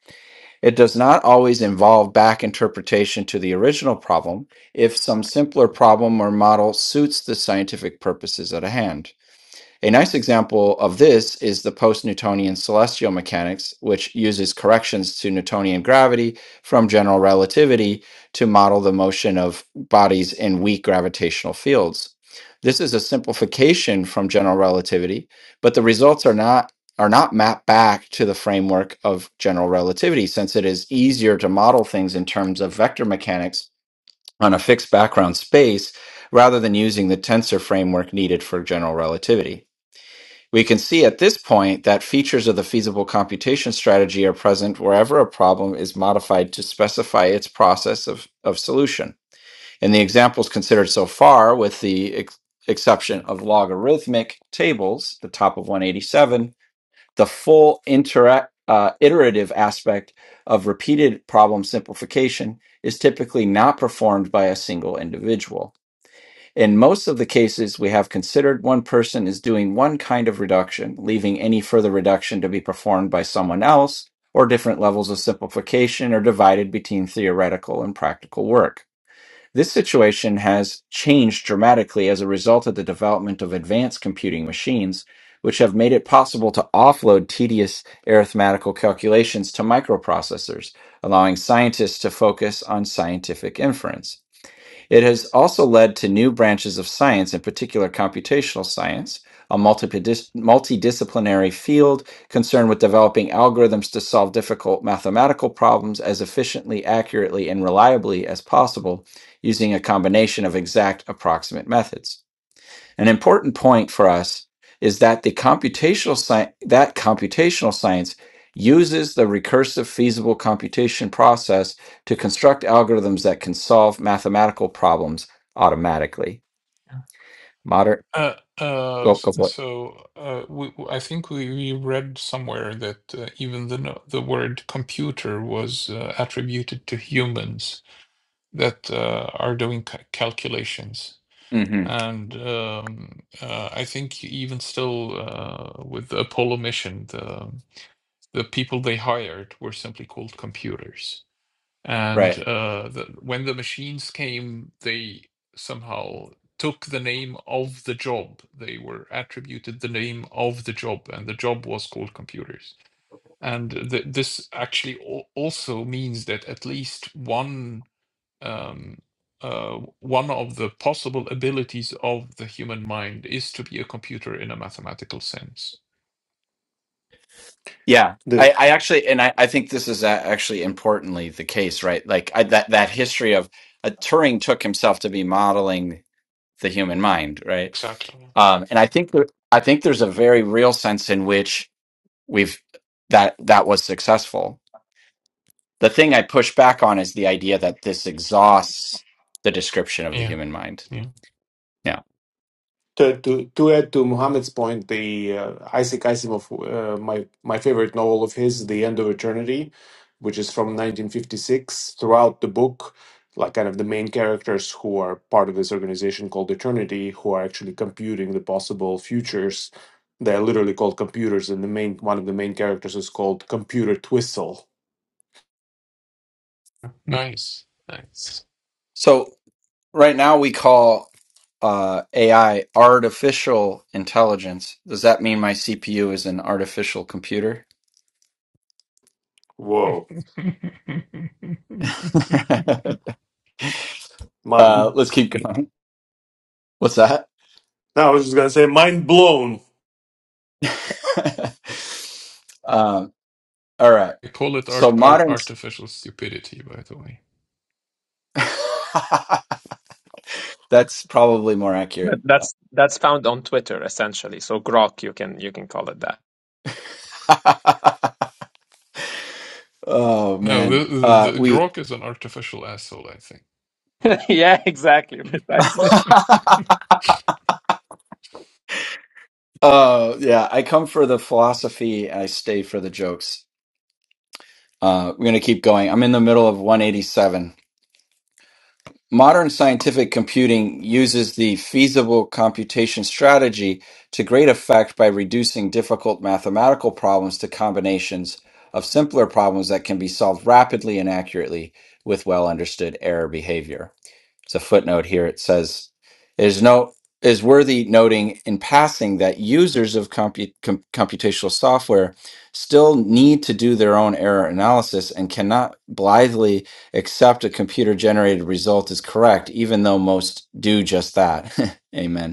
Speaker 1: It does not always involve back interpretation to the original problem if some simpler problem or model suits the scientific purposes at hand. A nice example of this is the post Newtonian celestial mechanics, which uses corrections to Newtonian gravity from general relativity to model the motion of bodies in weak gravitational fields. This is a simplification from general relativity, but the results are not are not mapped back to the framework of general relativity since it is easier to model things in terms of vector mechanics on a fixed background space rather than using the tensor framework needed for general relativity. We can see at this point that features of the feasible computation strategy are present wherever a problem is modified to specify its process of, of solution. In the examples considered so far, with the ex- exception of logarithmic tables, the top of 187, the full interact, uh, iterative aspect of repeated problem simplification is typically not performed by a single individual. In most of the cases we have considered, one person is doing one kind of reduction, leaving any further reduction to be performed by someone else, or different levels of simplification are divided between theoretical and practical work. This situation has changed dramatically as a result of the development of advanced computing machines, which have made it possible to offload tedious arithmetical calculations to microprocessors, allowing scientists to focus on scientific inference. It has also led to new branches of science, in particular computational science, a multipedis- multidisciplinary field concerned with developing algorithms to solve difficult mathematical problems as efficiently, accurately, and reliably as possible using a combination of exact approximate methods. An important point for us is that the computational science that computational science uses the recursive feasible computation process to construct algorithms that can solve mathematical problems automatically. Modern
Speaker 4: Uh, uh,
Speaker 1: go
Speaker 4: s-
Speaker 1: go for
Speaker 4: so uh, we, w- I think we, we read somewhere that uh, even the no- the word computer was uh, attributed to humans that uh, are doing ca calculations.
Speaker 1: it. hmm
Speaker 4: And um, uh, I think even still uh, with the Apollo mission, the the people they hired were simply called computers. And
Speaker 1: Right.
Speaker 4: uh, the, when the machines came, they somehow took the name of the job. They were attributed the name of the job, and the job was called computers. And th- this actually al- also means that at least one um, uh, one of the possible abilities of the human mind is to be a computer in a mathematical sense.
Speaker 1: Yeah. I, I actually and I, I think this is a- actually importantly the case, right? Like I, that that history of uh, Turing took himself to be modeling the human mind, right?
Speaker 4: Exactly.
Speaker 1: Um, and I think there, I think there's a very real sense in which we've that that was successful the thing i push back on is the idea that this exhausts the description of the
Speaker 4: Yeah.
Speaker 1: human mind
Speaker 4: Yeah.
Speaker 1: yeah
Speaker 5: To, to, to add to Muhammad's point, the uh, Isaac Asimov, uh, my my favorite novel of his, The End of Eternity, which is from 1956. Throughout the book, like kind of the main characters who are part of this organization called Eternity, who are actually computing the possible futures, they're literally called computers, and the main one of the main characters is called Computer Twistle.
Speaker 4: Nice. Nice.
Speaker 1: so right now we call uh, ai artificial intelligence does that mean my cpu is an artificial computer
Speaker 5: Whoa, my
Speaker 1: uh, let's keep going. What's that?
Speaker 5: No, I was just gonna say, mind blown.
Speaker 1: um, all right.
Speaker 4: They call it art,
Speaker 1: So
Speaker 4: art
Speaker 1: moderns.
Speaker 4: artificial stupidity, by the way.
Speaker 1: That's probably more
Speaker 3: That-
Speaker 1: accurate.
Speaker 3: That's that's found on Twitter essentially. So Grok, you can you can call it that.
Speaker 1: oh
Speaker 4: No, the,
Speaker 1: man.
Speaker 4: the,
Speaker 1: Uh,
Speaker 4: the
Speaker 1: we.
Speaker 4: Grok is an artificial asshole, I think.
Speaker 3: yeah, exactly, precisely.
Speaker 1: Oh yeah. I come for the philosophy. I stay for the jokes. Uh, we're gonna keep going. I'm in the middle of 187. Modern scientific computing uses the feasible computation strategy to great effect by reducing difficult mathematical problems to combinations of simpler problems that can be solved rapidly and accurately with well understood error behavior it's a footnote here. It says it is no is worthy noting in passing that users of compu- com- computational software still need to do their own error analysis and cannot blithely accept a computer generated result as correct, even though most do just that. Amen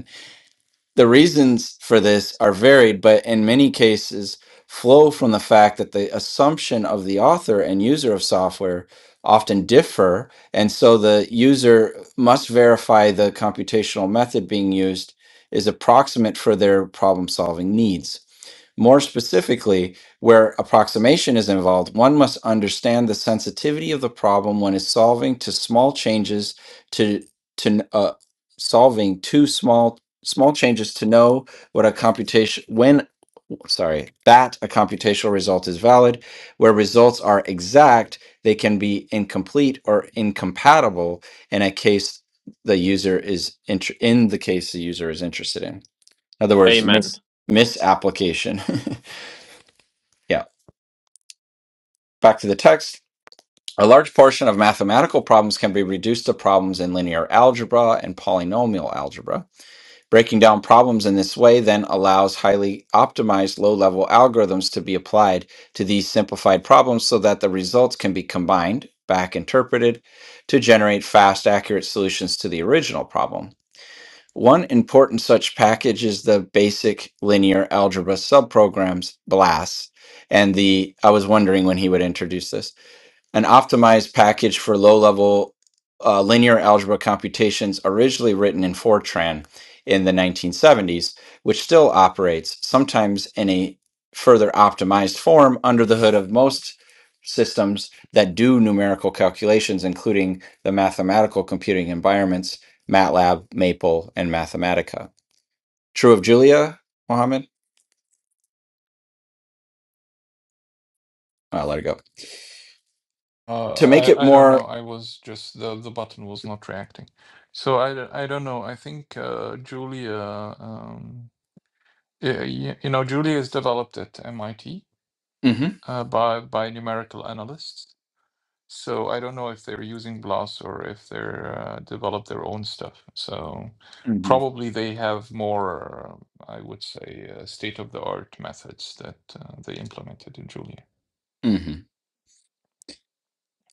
Speaker 1: the reasons for this are varied, but in many cases flow from the fact that the assumption of the author and user of software often differ, and so the user must verify the computational method being used is approximate for their problem solving needs. More specifically, where approximation is involved, one must understand the sensitivity of the problem one is solving to small changes to to uh, solving two small small changes to know what a computation when sorry that a computational result is valid where results are exact they can be incomplete or incompatible in a case the user is inter- in the case the user is interested in in other words
Speaker 3: Amen.
Speaker 1: mis- misapplication Yeah. Back to the text. A large portion of mathematical problems can be reduced to problems in linear algebra and polynomial algebra. Breaking down problems in this way then allows highly optimized low level algorithms to be applied to these simplified problems so that the results can be combined, back interpreted, to generate fast, accurate solutions to the original problem. One important such package is the basic linear algebra subprograms, BLAS. And the I was wondering when he would introduce this an optimized package for low-level uh, linear algebra computations originally written in Fortran in the 1970s, which still operates sometimes in a further optimized form under the hood of most systems that do numerical calculations, including the mathematical computing environments MATLAB, Maple, and Mathematica. True of Julia, Mohammed? I'll let it go. To make
Speaker 4: Uh,
Speaker 1: it
Speaker 4: I I don't
Speaker 1: more.
Speaker 4: know. I was just the the button was not reacting, so I d- I don't know. I think uh, Julia, um, yeah, you know, Julia is developed at MIT
Speaker 1: hmm
Speaker 4: uh, by by numerical analysts, So I don't know if they're using BLAS or if they're uh, develop their own stuff. So probably they have more, uh, I would say, uh, state of the art methods that uh, they implemented in Julia.
Speaker 1: hmm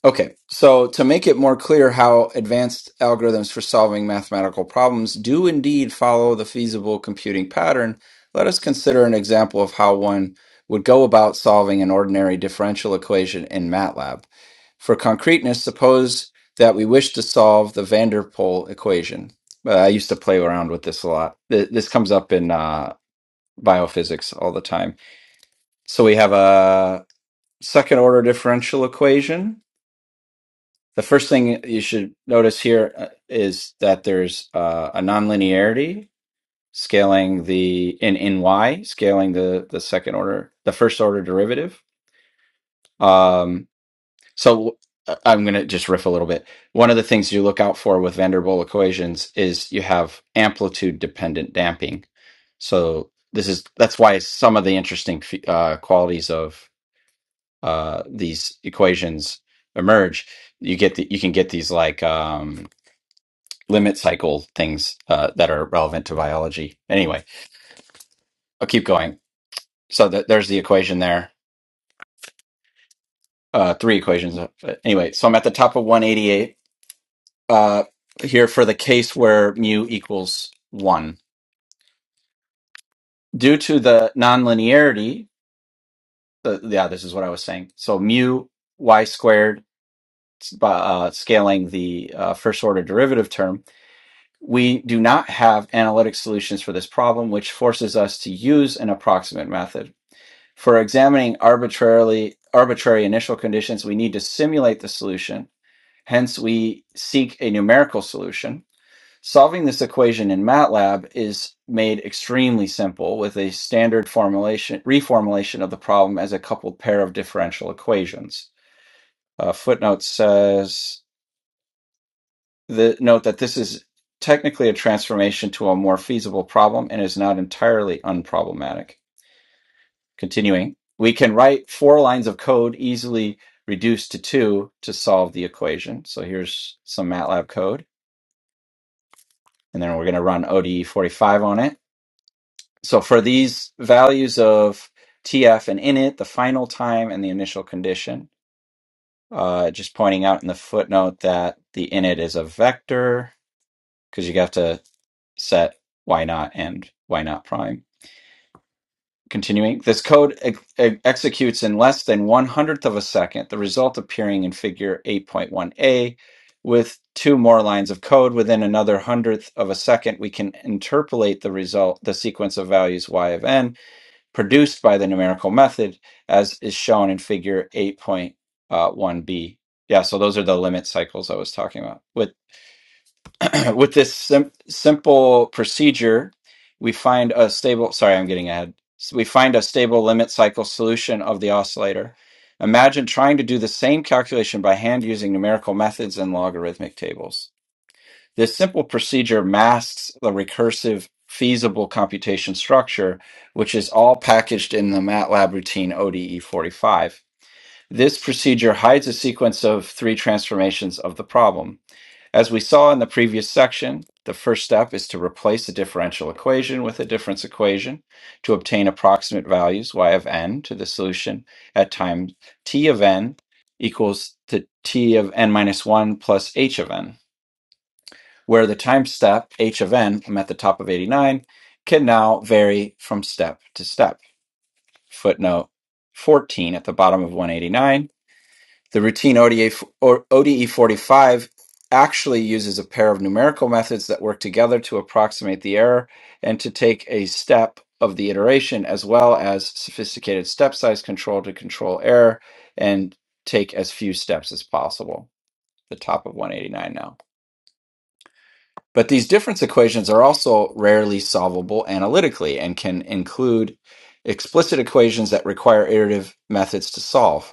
Speaker 1: Okay, so to make it more clear how advanced algorithms for solving mathematical problems do indeed follow the feasible computing pattern, let us consider an example of how one would go about solving an ordinary differential equation in MATLAB. For concreteness, suppose that we wish to solve the van der Pol equation. Uh, I used to play around with this a lot. Th- This comes up in uh, biophysics all the time. So we have a second order differential equation the first thing you should notice here uh, is that there's uh, a nonlinearity scaling the in in y scaling the the second order the first order derivative. Um, so uh, I'm going to just riff a little bit. One of the things you look out for with van der Waals equations is you have amplitude dependent damping. So this is that's why some of the interesting fe- uh, qualities of uh, these equations emerge. You get the, you can get these like Um, limit cycle things uh, that are relevant to biology. Anyway, I'll keep going. So th- there's the equation there, uh, three equations. Uh, Anyway, so I'm at the top of 188 uh, here for the case where mu equals one. Due to the nonlinearity, uh, yeah, this is what I was saying. So mu y squared, uh, scaling the uh, first order derivative term, we do not have analytic solutions for this problem, which forces us to use an approximate method. For examining arbitrarily arbitrary initial conditions, we need to simulate the solution. Hence, we seek a numerical solution. Solving this equation in MATLAB is made extremely simple with a standard formulation reformulation of the problem as a coupled pair of differential equations. Uh, footnote says the note that this is technically a transformation to a more feasible problem and is not entirely unproblematic. Continuing, we can write four lines of code easily reduced to two to solve the equation. So here's some MATLAB code, and then we're going to run ODE 45 on it. So for these values of TF and init, the final time and the initial condition, uh, just pointing out in the footnote that the init is a vector because you have to set why not and why not prime. Continuing, this code ex- ex- executes in less than one hundredth of a second, the result appearing in figure 8.1a. With two more lines of code within another hundredth of a second, we can interpolate the result, the sequence of values y of n produced by the numerical method, as is shown in figure 8.1b. Yeah, so those are the limit cycles I was talking about. With with this sim- simple procedure, we find a stable. Sorry, I'm getting ahead. So we find a stable limit cycle solution of the oscillator. Imagine trying to do the same calculation by hand using numerical methods and logarithmic tables. This simple procedure masks the recursive feasible computation structure, which is all packaged in the MATLAB routine ODE 45. This procedure hides a sequence of three transformations of the problem. As we saw in the previous section, the first step is to replace a differential equation with a difference equation to obtain approximate values y of n to the solution at time t of n equals to t of n minus 1 plus h of n, where the time step h of n, I'm at the top of 89, can now vary from step to step. Footnote 14 at the bottom of 189 the routine ODE 45 actually uses a pair of numerical methods that work together to approximate the error and to take a step of the iteration, as well as sophisticated step size control to control error and take as few steps as possible. The top of 189 now. But these difference equations are also rarely solvable analytically and can include explicit equations that require iterative methods to solve.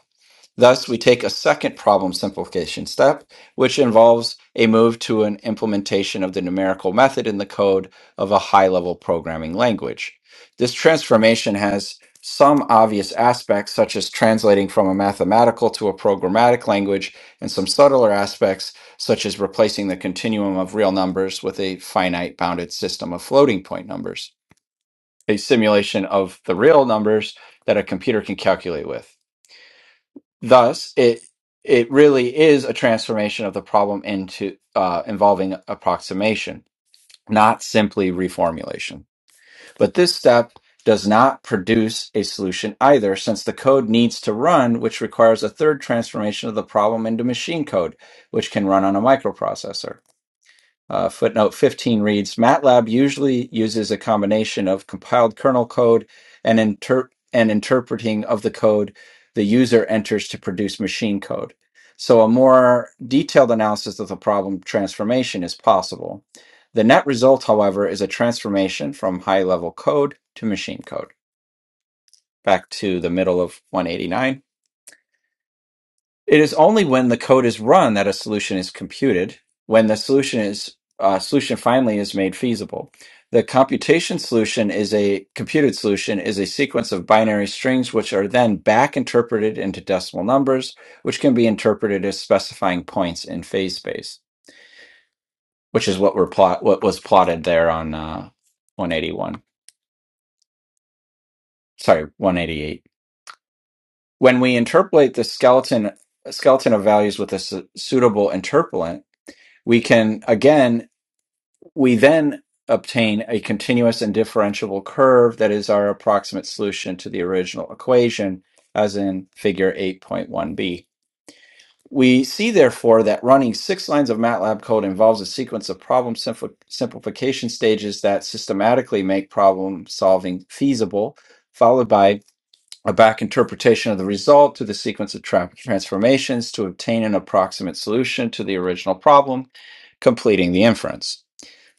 Speaker 1: Thus, we take a second problem simplification step, which involves a move to an implementation of the numerical method in the code of a high level programming language. This transformation has some obvious aspects, such as translating from a mathematical to a programmatic language, and some subtler aspects, such as replacing the continuum of real numbers with a finite bounded system of floating point numbers, a simulation of the real numbers that a computer can calculate with. Thus, it it really is a transformation of the problem into uh, involving approximation, not simply reformulation. But this step does not produce a solution either, since the code needs to run, which requires a third transformation of the problem into machine code, which can run on a microprocessor. Uh, footnote 15 reads MATLAB usually uses a combination of compiled kernel code and, inter- and interpreting of the code the user enters to produce machine code. So, a more detailed analysis of the problem transformation is possible. The net result, however, is a transformation from high level code to machine code. Back to the middle of 189. It is only when the code is run that a solution is computed. When the solution is uh, solution finally is made feasible, the computation solution is a computed solution is a sequence of binary strings which are then back interpreted into decimal numbers, which can be interpreted as specifying points in phase space, which is what we're plot what was plotted there on uh, 181. Sorry, 188. When we interpolate the skeleton skeleton of values with a su- suitable interpolant, we can again We then obtain a continuous and differentiable curve that is our approximate solution to the original equation, as in figure 8.1b. We see, therefore, that running six lines of MATLAB code involves a sequence of problem simpli- simplification stages that systematically make problem solving feasible, followed by a back interpretation of the result to the sequence of tra- transformations to obtain an approximate solution to the original problem, completing the inference.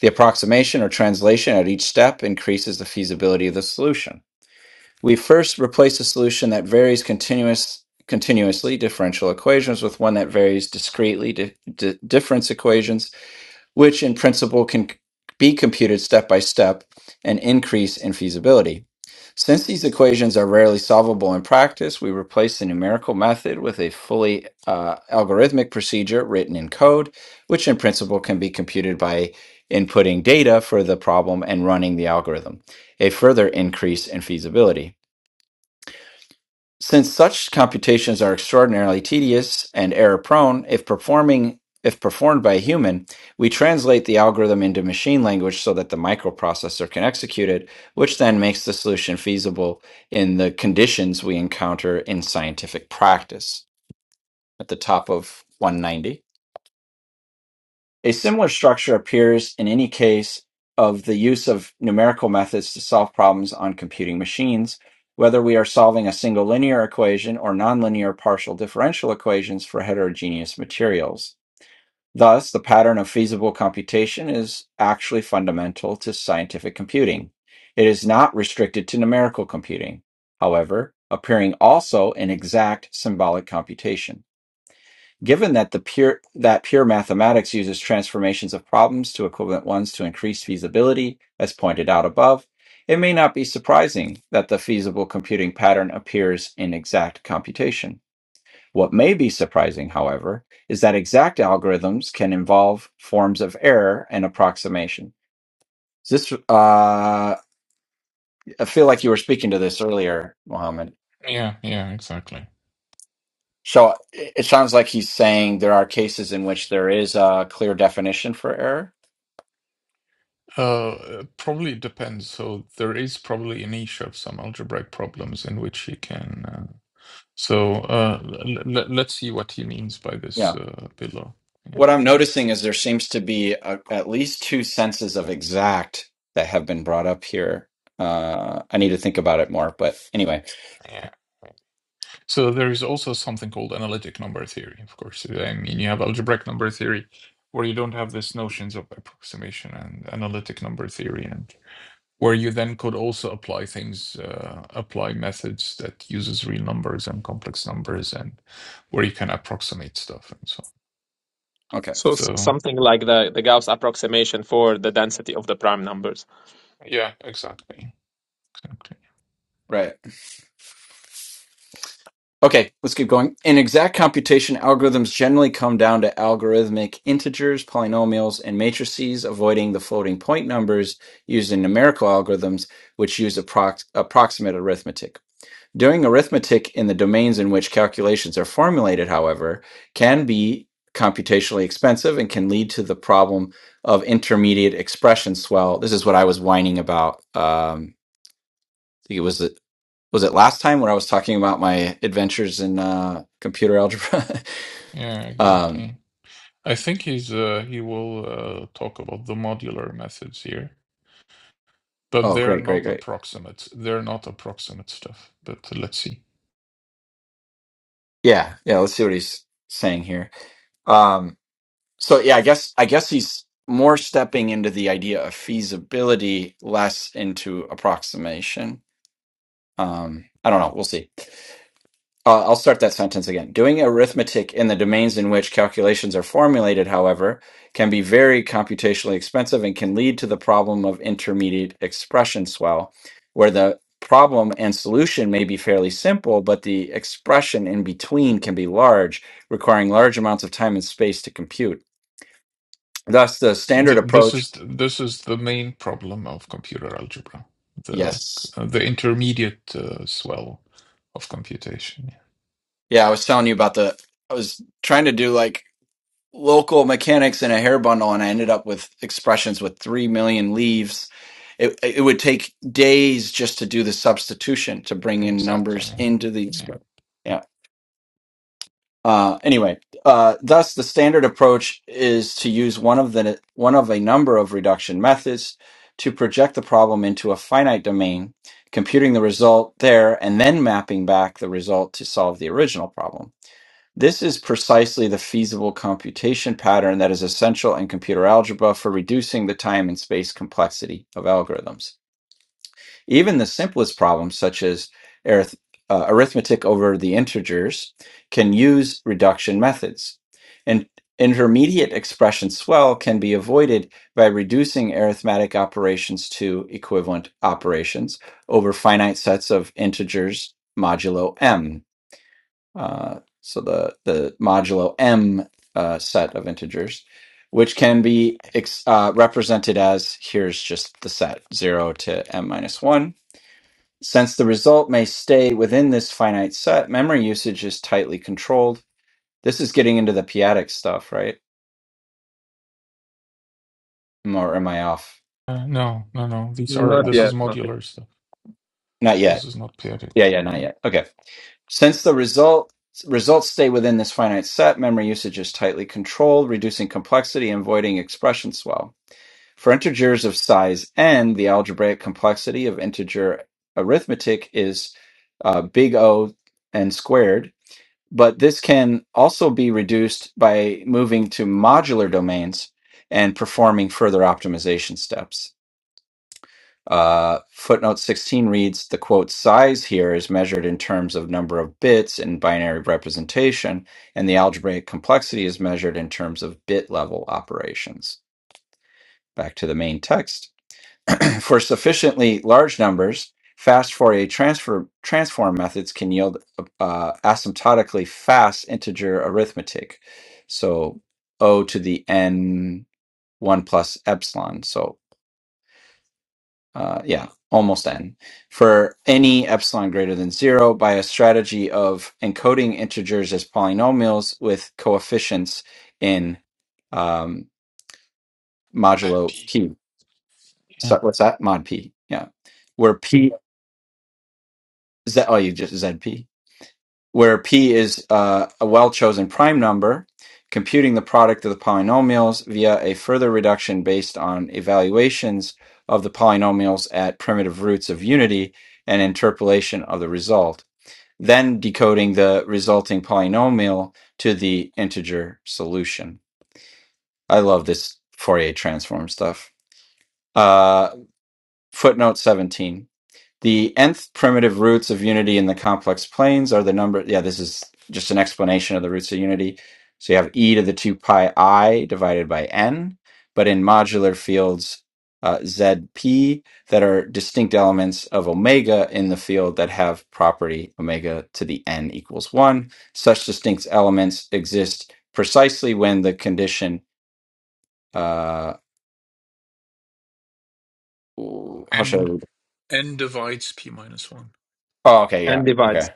Speaker 1: The approximation or translation at each step increases the feasibility of the solution. We first replace a solution that varies continuous, continuously differential equations with one that varies discretely di- di- difference equations which in principle can be computed step by step and increase in feasibility. Since these equations are rarely solvable in practice, we replace the numerical method with a fully uh, algorithmic procedure written in code, which in principle can be computed by inputting data for the problem and running the algorithm, a further increase in feasibility. Since such computations are extraordinarily tedious and error-prone, if performing if performed by a human, we translate the algorithm into machine language so that the microprocessor can execute it, which then makes the solution feasible in the conditions we encounter in scientific practice. At the top of 190. A similar structure appears in any case of the use of numerical methods to solve problems on computing machines, whether we are solving a single linear equation or nonlinear partial differential equations for heterogeneous materials. Thus, the pattern of feasible computation is actually fundamental to scientific computing. It is not restricted to numerical computing, however, appearing also in exact symbolic computation. Given that the pure that pure mathematics uses transformations of problems to equivalent ones to increase feasibility, as pointed out above, it may not be surprising that the feasible computing pattern appears in exact computation. What may be surprising, however, is that exact algorithms can involve forms of error and approximation. This, uh, I feel like you were speaking to this earlier, Mohammed.
Speaker 4: Yeah, yeah, exactly.
Speaker 1: So it it sounds like he's saying there are cases in which there is a clear definition for error.
Speaker 4: Uh, it probably depends. So there is probably a niche of some algebraic problems in which he can. Uh, so uh, l- l- let's see what he means by
Speaker 1: Yeah.
Speaker 4: this uh, below.
Speaker 1: what I'm noticing is there seems to be a, at least two senses of exact that have been brought up here. Uh, I need to think about it more, but anyway,
Speaker 4: Yeah. So there is also something called analytic number theory, of course. I mean, you have algebraic number theory, where you don't have these notions of approximation and analytic number theory, and where you then could also apply things, uh, apply methods that uses real numbers and complex numbers, and where you can approximate stuff and so on.
Speaker 1: okay,
Speaker 3: So s-
Speaker 4: So
Speaker 3: something like the, the Gauss approximation for the density of the prime numbers.
Speaker 4: yeah, exactly, exactly.
Speaker 1: right. Okay, let's keep going. In exact computation, algorithms generally come down to algorithmic integers, polynomials, and matrices, avoiding the floating point numbers used in numerical algorithms, which use approx- approximate arithmetic. Doing arithmetic in the domains in which calculations are formulated, however, can be computationally expensive and can lead to the problem of intermediate expression swell. This is what I was whining about. Um, I think it was it was it last time when I was talking about my adventures in uh, computer algebra.
Speaker 4: Yeah,
Speaker 1: um,
Speaker 4: exactly. I think he's uh, he will uh, talk about the modular methods here but
Speaker 1: oh,
Speaker 4: they're
Speaker 1: great,
Speaker 4: not
Speaker 1: great, great.
Speaker 4: approximate. They're not approximate stuff. But let's see.
Speaker 1: Yeah, yeah. Let's see what he's saying here. Um, so yeah, I guess I guess he's more stepping into the idea of feasibility, less into approximation. Um, I don't know. We'll see. Uh, I'll start that sentence again. Doing arithmetic in the domains in which calculations are formulated, however, can be very computationally expensive and can lead to the problem of intermediate expression swell, where the problem and solution may be fairly simple, but the expression in between can be large, requiring large amounts of time and space to compute. Thus, the standard
Speaker 4: Th this
Speaker 1: approach.
Speaker 4: is this is the main problem of computer algebra, the
Speaker 1: Yes.
Speaker 4: uh, the intermediate uh, swell of computation.
Speaker 1: Yeah, I was telling you about the. I was trying to do like local mechanics in a hair bundle and I ended up with expressions with 3 million leaves. It, it would take days just to do the substitution to bring
Speaker 4: Yeah.
Speaker 1: in
Speaker 4: Exactly.
Speaker 1: numbers
Speaker 4: Yeah.
Speaker 1: into the
Speaker 4: Yeah.
Speaker 1: script. Yeah. Uh, anyway, uh, thus the standard approach is to use one of the one of a number of reduction methods to project the problem into a finite domain, computing the result there, and then mapping back the result to solve the original problem. This is precisely the feasible computation pattern that is essential in computer algebra for reducing the time and space complexity of algorithms. Even the simplest problems, such as arith- uh, arithmetic over the integers, can use reduction methods. And intermediate expression swell can be avoided by reducing arithmetic operations to equivalent operations over finite sets of integers modulo m uh, so the the modulo m uh, set of integers, which can be ex- uh, represented as here's just the set zero to m minus one. Since the result may stay within this finite set, memory usage is tightly controlled. This is getting into the p-adic stuff, right? Am- Or am I off?
Speaker 4: Uh, no, no, no. These are
Speaker 3: Not
Speaker 4: this
Speaker 1: No,
Speaker 4: is
Speaker 3: yet, not yet.
Speaker 4: modular stuff.
Speaker 1: Not
Speaker 4: This
Speaker 1: yet.
Speaker 4: is not periodic.
Speaker 1: Yeah, yeah, not
Speaker 4: No.
Speaker 1: yet. Okay. Since the result results stay within this finite set, memory usage is tightly controlled, reducing complexity and avoiding expression swell. For integers of size n, the algebraic complexity of integer arithmetic is uh, big O n squared, but this can also be reduced by moving to modular domains and performing further optimization steps. Uh, footnote 16 reads the quote size here is measured in terms of number of bits in binary representation, and the algebraic complexity is measured in terms of bit level operations. Back to the main text. For sufficiently large numbers, fast Fourier transfer, transform methods can yield uh, asymptotically fast integer arithmetic. So O to the n 1 plus epsilon. So uh, yeah, almost n. For any epsilon greater than 0 by a strategy of encoding integers as polynomials with coefficients in um,
Speaker 4: At
Speaker 1: modulo
Speaker 4: p.
Speaker 1: p. So
Speaker 4: Yeah.
Speaker 1: what's that? Mod p. Yeah. Where p Z, oh, you just ZP, where P is uh, a well chosen prime number, computing the product of the polynomials via a further reduction based on evaluations of the polynomials at primitive roots of unity and interpolation of the result, then decoding the resulting polynomial to the integer solution. I love this Fourier transform stuff. Uh, footnote 17. The nth primitive roots of unity in the complex planes are the number. Yeah, this is just an explanation of the roots of unity. So you have e to the 2 pi i divided by n, but in modular fields uh, zp that are distinct elements of omega in the field that have property omega to the n equals 1. Such distinct elements exist precisely when the condition. Uh, ooh, how should I
Speaker 4: And
Speaker 1: read?
Speaker 4: n divides p minus one.
Speaker 1: Oh, okay, yeah,
Speaker 3: And divides.
Speaker 1: okay.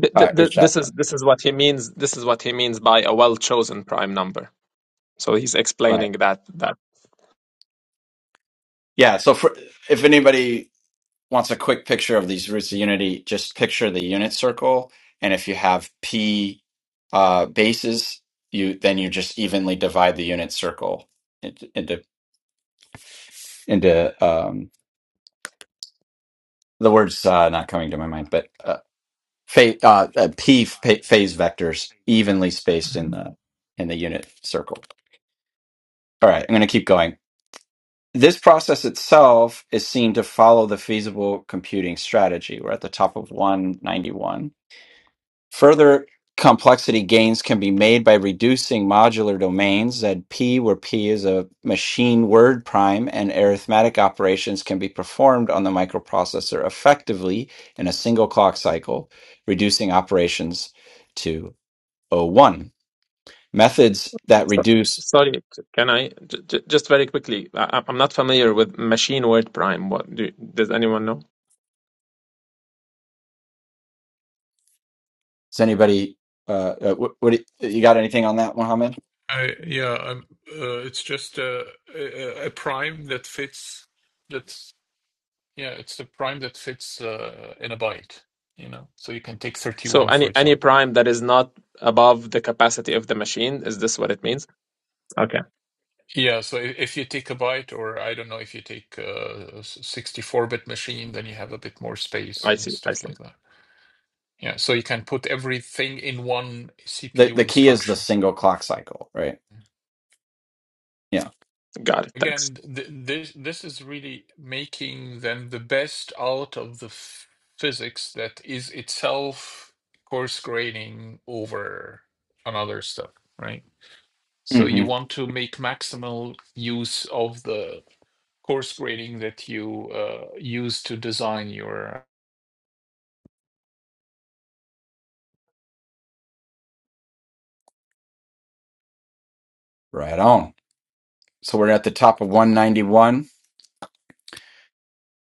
Speaker 3: Th- th-
Speaker 1: Uh,
Speaker 3: th-
Speaker 1: it's that.
Speaker 3: this is this is what he means. This is what he means by a well chosen prime number. So he's
Speaker 1: right.
Speaker 3: explaining that that.
Speaker 1: Yeah. So for, if anybody wants a quick picture of these roots of unity, just picture the unit circle. And if you have p uh, bases, you then you just evenly divide the unit circle into into, into um, the words uh, not coming to my mind, but uh, fa- uh, uh, p fa- phase vectors evenly spaced in the in the unit circle. All right, I'm going to keep going. This process itself is seen to follow the feasible computing strategy. We're at the top of 191 Further complexity gains can be made by reducing modular domains ZP, where P is a machine word prime, and arithmetic operations can be performed on the microprocessor effectively in a single clock cycle, reducing operations to o one Methods that
Speaker 3: So-
Speaker 1: reduce.
Speaker 3: Sorry, c- can I j- j- just very quickly? I- I- I'm not familiar with machine word prime. What do, does anyone know?
Speaker 1: Does anybody? Uh, uh, what, what do you you got? Anything on that, Mohammed?
Speaker 4: I yeah, I'm, uh, it's just a, a a prime that fits that's yeah, it's the prime that fits uh, in a byte, you know. So you can take
Speaker 3: So
Speaker 4: 31, for
Speaker 3: any any
Speaker 4: example.
Speaker 3: prime that is not above the capacity of the machine is this what it means? Okay,
Speaker 4: Yeah, so if, if you take a byte, or I don't know, if you take a 64-bit machine, then you have a bit more space
Speaker 3: I
Speaker 4: and
Speaker 3: see. I
Speaker 4: stuff
Speaker 3: see.
Speaker 4: like that. Yeah, so you can put everything in one
Speaker 1: The
Speaker 4: CPU
Speaker 1: the key is the
Speaker 4: instruction.
Speaker 1: single clock cycle, right? Yeah.
Speaker 3: Got it. Thanks.
Speaker 4: Again, th this this is really making then the best out of the f physics that is itself coarse graining over another stuff, right? So you
Speaker 1: hmm
Speaker 4: want to make maximal use of the coarse grading that you uh, use to design your
Speaker 1: Right on. So we're at the top of 191.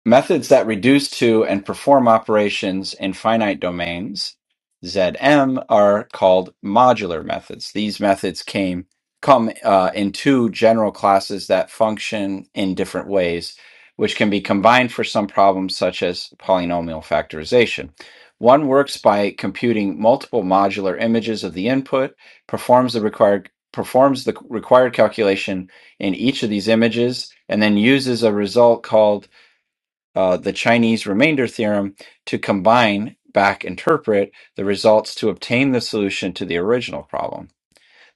Speaker 1: Methods that reduce to and perform operations in finite domains Zm are called modular methods. These methods came come uh, in two general classes that function in different ways, which can be combined for some problems such as polynomial factorization. One works by computing multiple modular images of the input, performs the required performs the required calculation in each of these images, and then uses a result called uh, the Chinese remainder theorem to combine back interpret the results to obtain the solution to the original problem.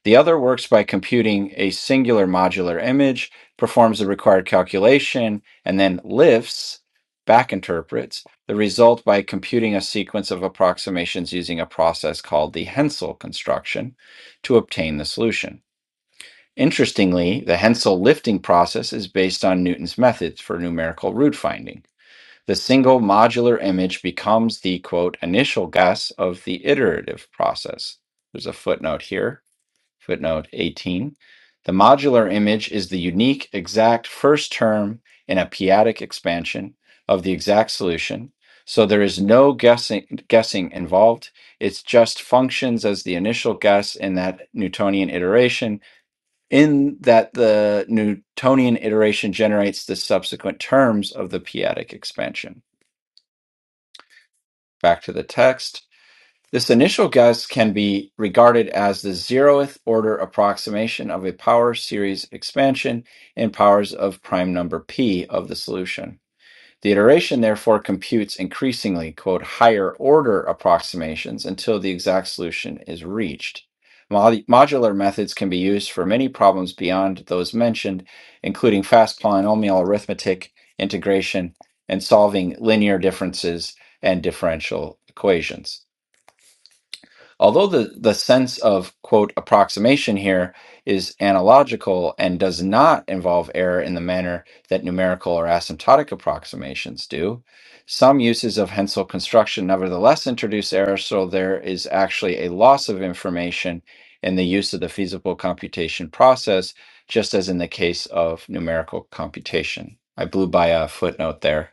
Speaker 1: The other works by computing a singular modular image, performs the required calculation, and then lifts back interprets the result by computing a sequence of approximations using a process called the Hensel construction to obtain the solution. Interestingly, the Hensel lifting process is based on Newton's methods for numerical root finding. The single modular image becomes the quote initial guess of the iterative process. There's a footnote here, footnote 18. The modular image is the unique exact first term in a p-adic expansion of the exact solution. So there is no guessing guessing involved. It's just functions as the initial guess in that Newtonian iteration, in that the Newtonian iteration generates the subsequent terms of the p-adic expansion. Back to the text. This initial guess can be regarded as the zeroth order approximation of a power series expansion in powers of prime number p of the solution. The iteration therefore computes increasingly, quote, higher order approximations until the exact solution is reached. modular methods can be used for many problems beyond those mentioned, including fast polynomial arithmetic, integration, and solving linear differences and differential equations. Although the, the sense of, quote, approximation here is analogical and does not involve error in the manner that numerical or asymptotic approximations do, some uses of Hensel construction nevertheless introduce error, so there is actually a loss of information in the use of the feasible computation process, just as in the case of numerical computation. I blew by a footnote there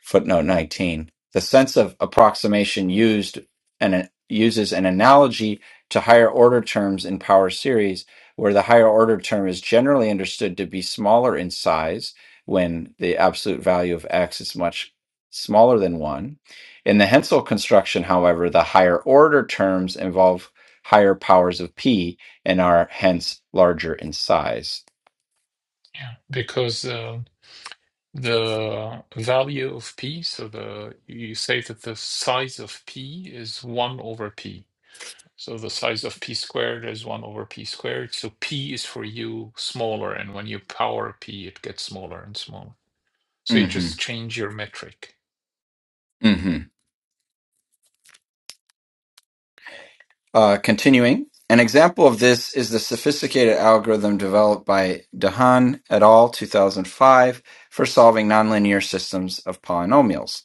Speaker 1: footnote 19 the sense of approximation used and uses an analogy to higher order terms in power series where the higher order term is generally understood to be smaller in size when the absolute value of x is much smaller than 1 in the hensel construction however the higher order terms involve higher powers of p and are hence larger in size
Speaker 4: yeah, because uh, the value of p, so the you say that the size of p is one over p. So the size of p squared is 1 over p squared. So p is for you smaller. And when you power p, it gets smaller and smaller. So you just
Speaker 1: mhm,
Speaker 4: change your metric.
Speaker 1: mhm. Uh, continuing, an example of this is the sophisticated algorithm developed by Dehaene et al. 2005 for solving nonlinear systems of polynomials.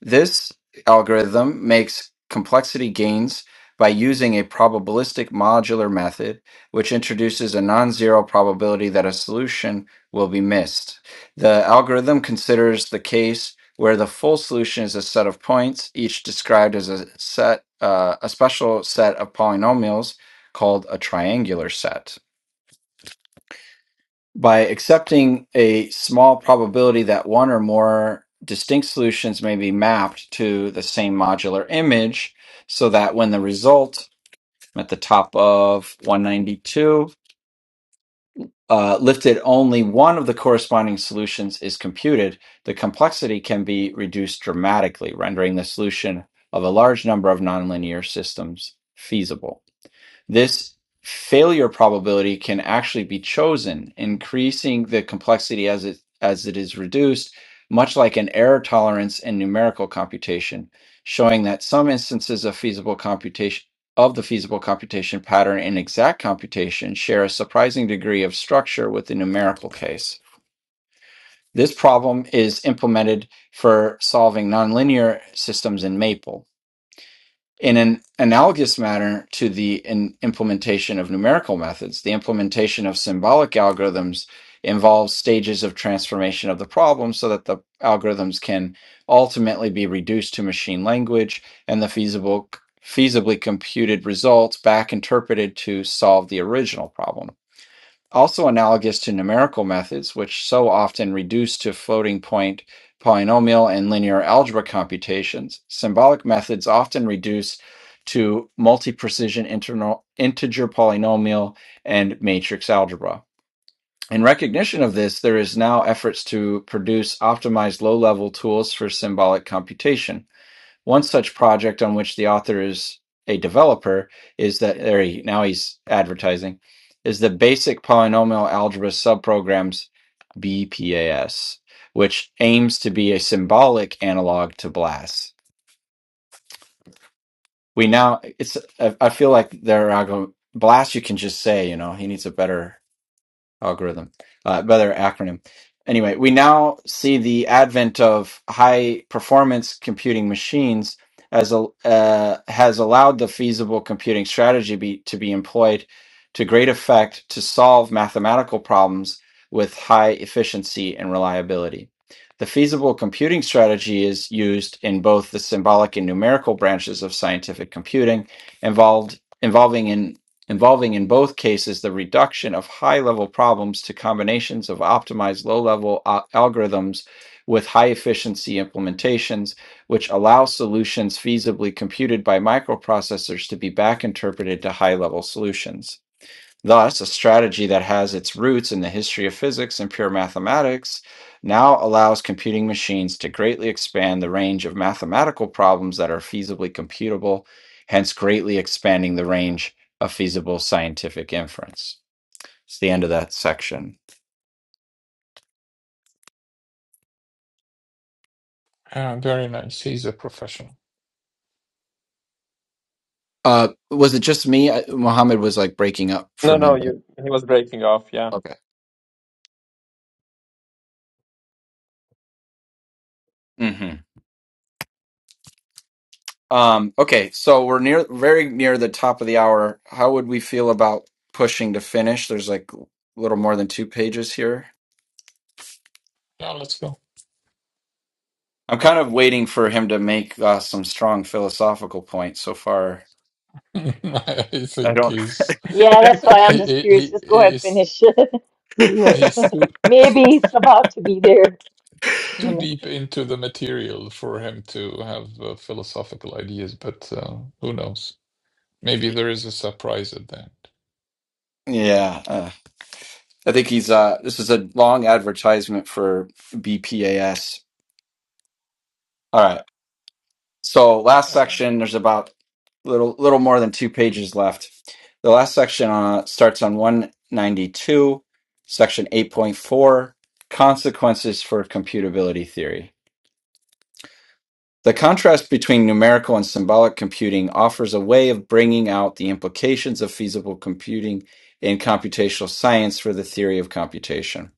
Speaker 1: This algorithm makes complexity gains by using a probabilistic modular method, which introduces a non zero probability that a solution will be missed. The algorithm considers the case where the full solution is a set of points, each described as a set, uh, a special set of polynomials called a triangular set. By accepting a small probability that one or more distinct solutions may be mapped to the same modular image, so that when the result at the top of 192 uh, lifted only one of the corresponding solutions is computed, the complexity can be reduced dramatically, rendering the solution of a large number of nonlinear systems feasible. This failure probability can actually be chosen, increasing the complexity as it as it is reduced, much like an error tolerance in numerical computation, showing that some instances of feasible computation of the feasible computation pattern in exact computation share a surprising degree of structure with the numerical case. This problem is implemented for solving nonlinear systems in Maple. In an analogous manner to the in implementation of numerical methods, the implementation of symbolic algorithms involves stages of transformation of the problem so that the algorithms can ultimately be reduced to machine language and the feasible feasibly computed results back interpreted to solve the original problem also analogous to numerical methods, which so often reduce to floating point polynomial and linear algebra computations, symbolic methods often reduce to multi precision internal, integer polynomial and matrix algebra. In recognition of this, there is now efforts to produce optimized low level tools for symbolic computation. One such project on which the author is a developer is that there he now he's advertising is the basic polynomial algebra subprograms BPAS, which aims to be a symbolic analog to BLAS. We now it's I I feel like they're algo BLAS you can just say, you know, he needs a better algorithm, uh, rather acronym. Anyway, we now see the advent of high performance computing machines as a, uh, has allowed the feasible computing strategy be, to be employed to great effect to solve mathematical problems with high efficiency and reliability. The feasible computing strategy is used in both the symbolic and numerical branches of scientific computing involved involving in involving in both cases the reduction of high level problems to combinations of optimized low level algorithms with high efficiency implementations, which allow solutions feasibly computed by microprocessors to be back interpreted to high level solutions. Thus, a strategy that has its roots in the history of physics and pure mathematics now allows computing machines to greatly expand the range of mathematical problems that are feasibly computable, hence, greatly expanding the range of feasible scientific inference. It's the end of that section.
Speaker 4: Ah, very nice. He's a professional.
Speaker 1: Uh, was it just me? I, Mohammed was like breaking up
Speaker 3: No,
Speaker 1: for
Speaker 3: no,
Speaker 1: me.
Speaker 3: you. He was breaking off. Yeah.
Speaker 1: right? Okay. Um, okay, so we're near very near the top of the hour. How would we feel about pushing to finish? There's like a little more than two pages here.
Speaker 4: Now let's go.
Speaker 1: I'm kind of waiting for him to make uh, some strong philosophical points. So far,
Speaker 4: I
Speaker 1: I
Speaker 4: think
Speaker 1: don't.
Speaker 4: he's
Speaker 2: Yeah, that's why I'm
Speaker 4: he,
Speaker 2: just
Speaker 4: he, he
Speaker 2: curious. Just go ahead,
Speaker 4: is
Speaker 2: finish. See
Speaker 1: yeah,
Speaker 2: what
Speaker 4: he's too
Speaker 2: maybe it's about to be there in the
Speaker 4: too
Speaker 2: next
Speaker 4: deep
Speaker 2: section.
Speaker 4: into the material for him to have uh, philosophical ideas, but uh, who knows? Maybe there is a surprise at the end.
Speaker 1: uh, I think he's. Uh, this is a long advertisement for BPAS. All right. So last
Speaker 4: Well,
Speaker 1: section, there's about little little more than two pages left. The last section uh, starts on 192, section 8.4, consequences for computability theory. The contrast between numerical and symbolic computing offers a way of bringing out the implications of feasible computing in computational science for the theory of computation.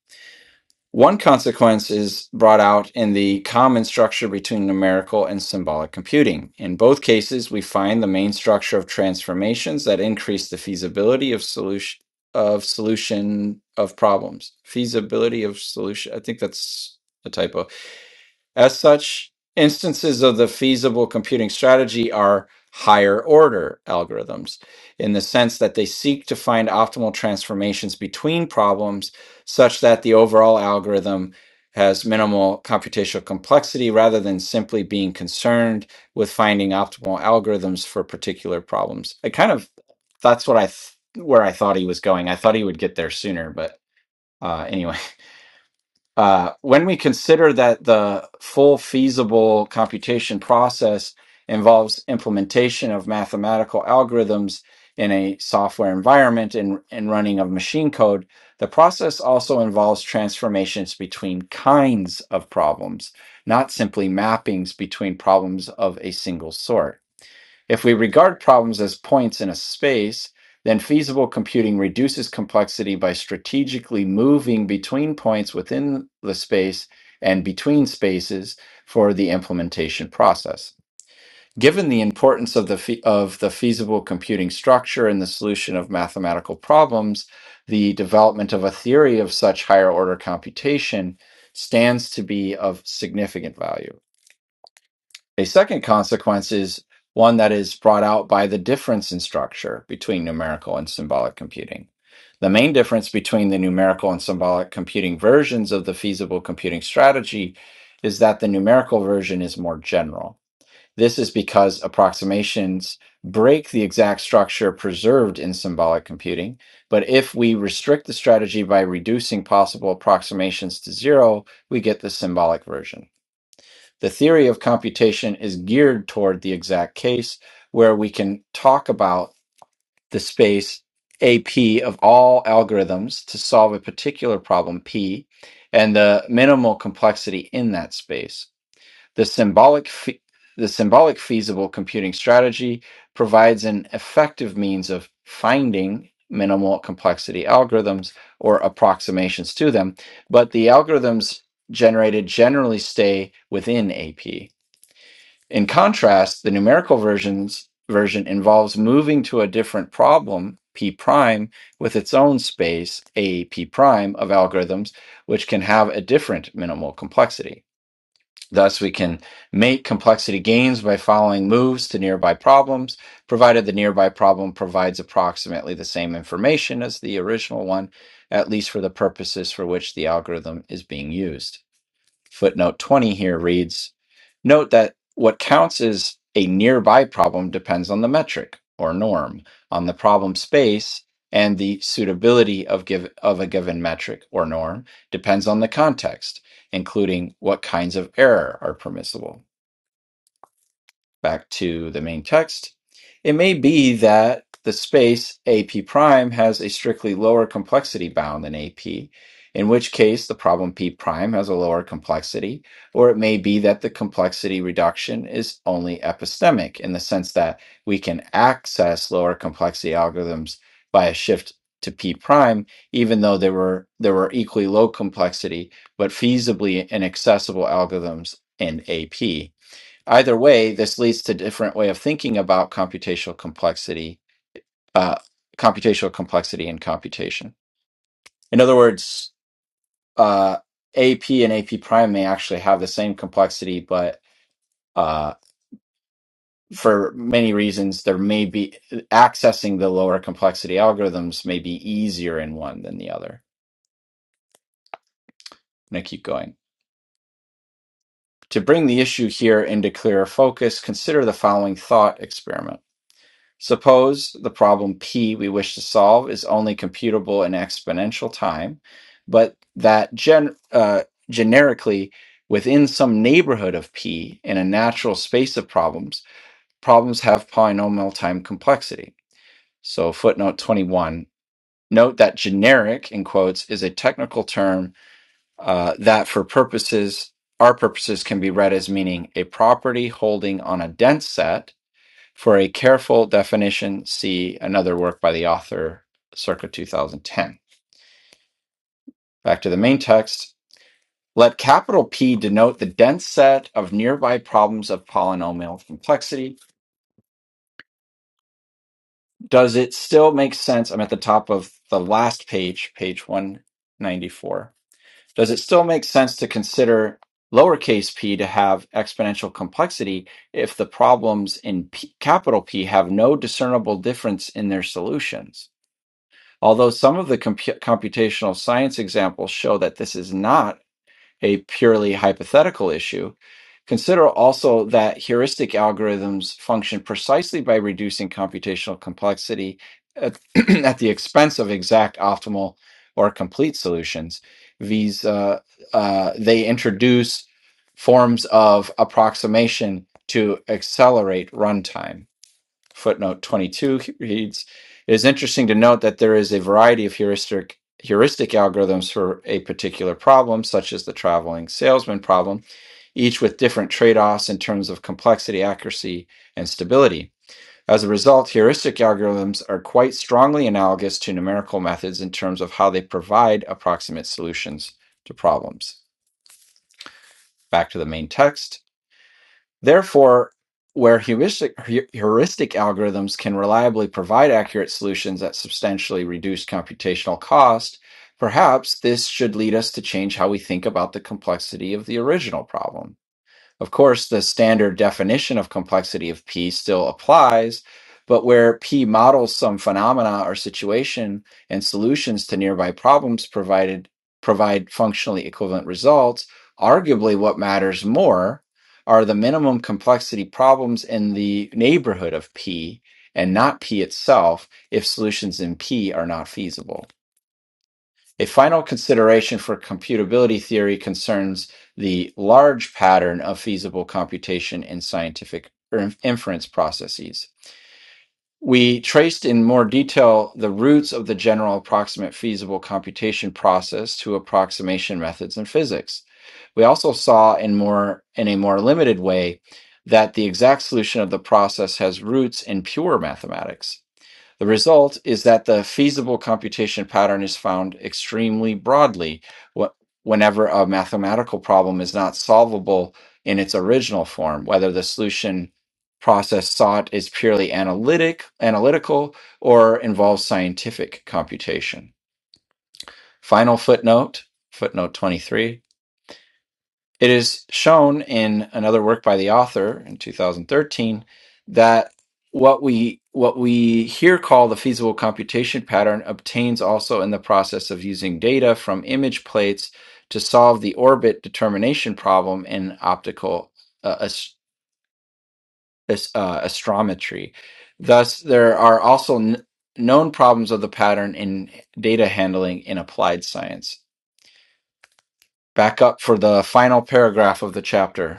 Speaker 1: One consequence is brought out in the common structure between numerical and symbolic computing. In both cases, we find the main structure of transformations that increase the feasibility of solution of solution of problems. Feasibility of solution. I think that's a typo. As such, instances of the feasible computing strategy are higher order algorithms in the sense that they seek to find optimal transformations between problems such that the overall algorithm has minimal computational complexity rather than simply being concerned with finding optimal algorithms for particular problems. I kind of that's what I th- where I thought he was going. I thought he would get there sooner, but uh anyway. Uh, when we consider that the full feasible computation process involves implementation of mathematical algorithms in a software environment and, and running of machine code, the process also involves transformations between kinds of problems, not simply mappings between problems of a single sort. If we regard problems as points in a space, then feasible computing reduces complexity by strategically moving between points within the space and between spaces for the implementation process. Given the importance of the, fe- of the feasible computing structure in the solution of mathematical problems, the development of a theory of such higher order computation stands to be of significant value. A second consequence is one that is brought out by the difference in structure between numerical and symbolic computing. The main difference between the numerical and symbolic computing versions of the feasible computing strategy is that the numerical version is more general. This is because approximations break the exact structure preserved in symbolic computing. But if we restrict the strategy by reducing possible approximations to zero, we get the symbolic version. The theory of computation is geared toward the exact case where we can talk about the space AP of all algorithms to solve a particular problem P and the minimal complexity in that space. The symbolic fe- the symbolic feasible computing strategy provides an effective means of finding minimal complexity algorithms or approximations to them, but the algorithms generated generally stay within AP. In contrast, the numerical versions version involves moving to a different problem, p prime, with its own space, a p prime of algorithms, which can have a different minimal complexity. Thus, we can make complexity gains by following moves to nearby problems, provided the nearby problem provides approximately the same information as the original one, at least for the purposes for which the algorithm is being used. Footnote 20 here reads Note that what counts as a nearby problem depends on the metric or norm, on the problem space, and the suitability of, give, of a given metric or norm depends on the context, including what kinds of error are permissible back to the main text, it may be that the space AP prime has a strictly lower complexity bound than AP, in which case the problem P prime has a lower complexity, or it may be that the complexity reduction is only epistemic in the sense that we can access lower complexity algorithms by a shift to P prime, even though there were there were equally low complexity but feasibly inaccessible algorithms in AP either way, this leads to different way of thinking about computational complexity, uh, computational complexity and computation. In other words, uh, AP and AP prime may actually have the same complexity, but uh, for many reasons, there may be accessing the lower complexity algorithms may be easier in one than the other. And I keep going. To bring the issue here into clearer focus, consider the following thought experiment. Suppose the problem p we wish to solve is only computable in exponential time, but that gen- uh, generically within some neighborhood of p in a natural space of problems, problems have polynomial time complexity. So, footnote 21. Note that generic, in quotes, is a technical term uh, that for purposes, our purposes can be read as meaning a property holding on a dense set for a careful definition, see another work by the author circa 2010. Back to the main text. Let capital P denote the dense set of nearby problems of polynomial complexity. Does it still make sense? I'm at the top of the last page, page 194. Does it still make sense to consider lowercase p to have exponential complexity if the problems in P, capital P have no discernible difference in their solutions? Although some of the compu- computational science examples show that this is not a purely hypothetical issue, consider also that heuristic algorithms function precisely by reducing computational complexity at, at the expense of exact, optimal, or complete solutions. These uh, uh, they introduce forms of approximation to accelerate runtime. Footnote 22 reads It is interesting to note that there is a variety of heuristic, heuristic algorithms for a particular problem, such as the traveling salesman problem, each with different trade offs in terms of complexity, accuracy, and stability. As a result, heuristic algorithms are quite strongly analogous to numerical methods in terms of how they provide approximate solutions to problems. Back to the main text. Therefore, where heuristic, heuristic algorithms can reliably provide accurate solutions at substantially reduced computational cost, perhaps this should lead us to change how we think about the complexity of the original problem. Of course, the standard definition of complexity of P still applies, but where P models some phenomena or situation and solutions to nearby problems provided provide functionally equivalent results, arguably what matters more are the minimum complexity problems in the neighborhood of P and not P itself if solutions in P are not feasible. A final consideration for computability theory concerns the large pattern of feasible computation in scientific er- inference processes. We traced in more detail the roots of the general approximate feasible computation process to approximation methods in physics. We also saw in more in a more limited way that the exact solution of the process has roots in pure mathematics. The result is that the feasible computation pattern is found extremely broadly wh- whenever a mathematical problem is not solvable in its original form, whether the solution process sought is purely analytic, analytical, or involves scientific computation. Final footnote, footnote 23. It is shown in another work by the author in 2013 that what we what we here call the feasible computation pattern obtains also in the process of using data from image plates to solve the orbit determination problem in optical uh, as, as- uh, astrometry. Thus, there are also kn- known problems of the pattern in data handling in applied science. Back up for the final paragraph of the chapter.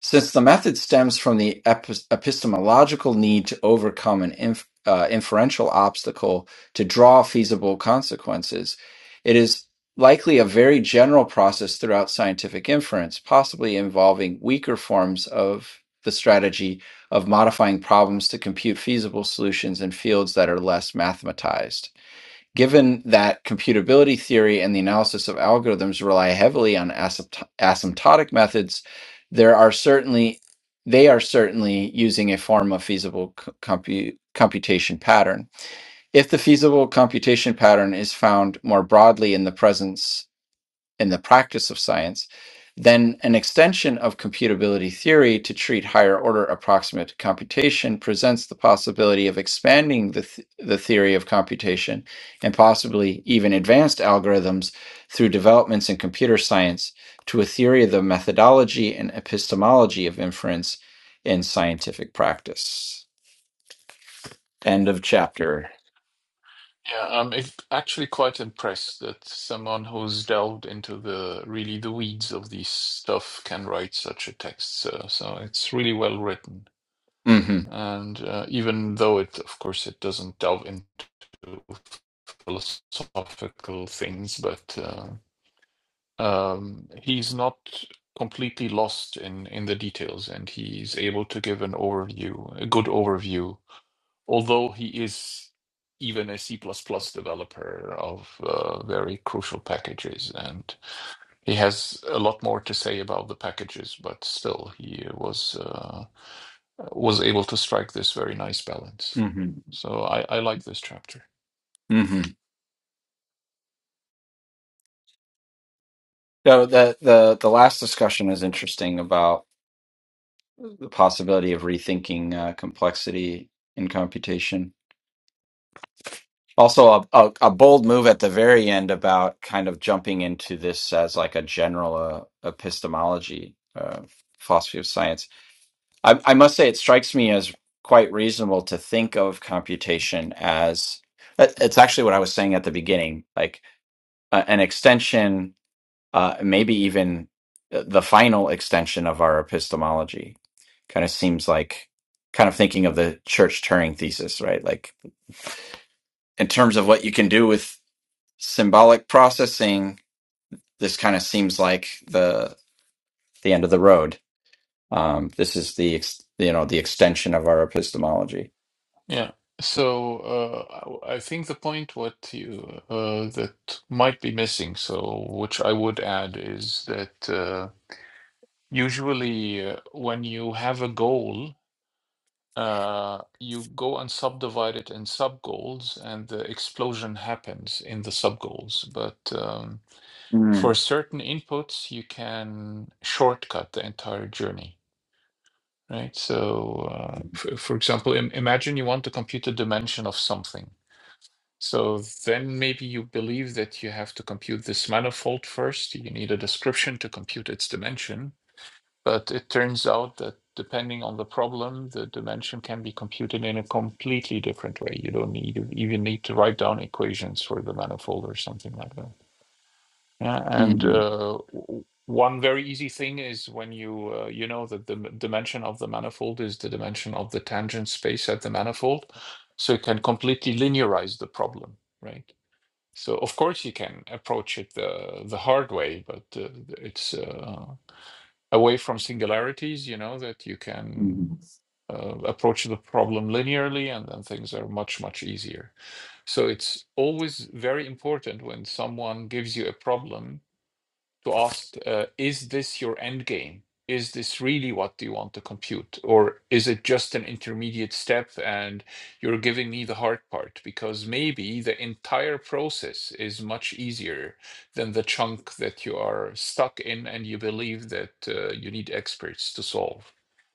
Speaker 1: Since the method stems from the epistemological need to overcome an inf- uh, inferential obstacle to draw feasible consequences, it is likely a very general process throughout scientific inference, possibly involving weaker forms of the strategy of modifying problems to compute feasible solutions in fields that are less mathematized. Given that computability theory and the analysis of algorithms rely heavily on asympto- asymptotic methods, there are certainly they are certainly using a form of feasible c- compu- computation pattern. If the feasible computation pattern is found more broadly in the presence in the practice of science, then an extension of computability theory to treat higher order approximate computation presents the possibility of expanding the, th- the theory of computation and possibly even advanced algorithms through developments in computer science to a theory of the methodology and epistemology of inference in scientific practice. End of chapter.
Speaker 4: yeah, I'm ac- actually quite impressed that someone who's delved into the really the weeds of this stuff can write such a text. So, so it's really well written.
Speaker 1: hmm
Speaker 4: And uh, even though it, of course, it doesn't delve into philosophical things, but uh, um, he's not completely lost in in the details, and he's able to give an overview, a good overview. Although he is even a C++ developer of uh, very crucial packages, and he has a lot more to say about the packages, but still he was uh, was able to strike this very nice balance.
Speaker 1: hmm
Speaker 4: So I, I like this chapter.
Speaker 1: hmm So the, the the last discussion is interesting about the possibility of rethinking uh, complexity in computation. Also, a, a, a bold move at the very end about kind of jumping into this as like a general uh, epistemology, uh, philosophy of science. I, I must say, it strikes me as quite reasonable to think of computation as it- it's actually what I was saying at the beginning, like uh, an extension uh, maybe even uh, the final extension of our epistemology. Kind of seems like kind of thinking of the church Turing thesis, right? Like in terms of what you can do with symbolic processing, this kind of seems like the the end of the road. Um, this is the ex- you know the extension of our epistemology.
Speaker 4: Yeah. So uh, I I think the point what you uh, that might be missing, so which I would add is that uh, usually uh, when you have a goal, uh, you go and subdivide it in sub goals, and the explosion happens in the sub goals. But um, for
Speaker 1: Mm,
Speaker 4: certain inputs, you can shortcut the entire journey. Right. So, uh, f for example, im imagine you want to compute a dimension of something. So then maybe you believe that you have to compute this manifold first. You need a description to compute its dimension. But it turns out that depending on the problem, the dimension can be computed in a completely different way. You don't need even need to write down equations for the manifold or something like that. Yeah, and
Speaker 1: mhm,
Speaker 4: uh, one very easy thing is when you uh, you know that the dimension of the manifold is the dimension of the tangent space at the manifold, so you can completely linearize the problem, right? So of course you can approach it the the hard way, but uh, it's uh, away from singularities, you know, that you can
Speaker 1: mhm.
Speaker 4: uh, approach the problem linearly, and then things are much much easier. So it's always very important when someone gives you a problem to ask, uh, is this your end game? Is this really what you want to compute? Or is it just an intermediate step and you're giving me the hard part? Because maybe the entire process is much easier than the chunk that you are stuck in and you believe that uh, you need experts to solve.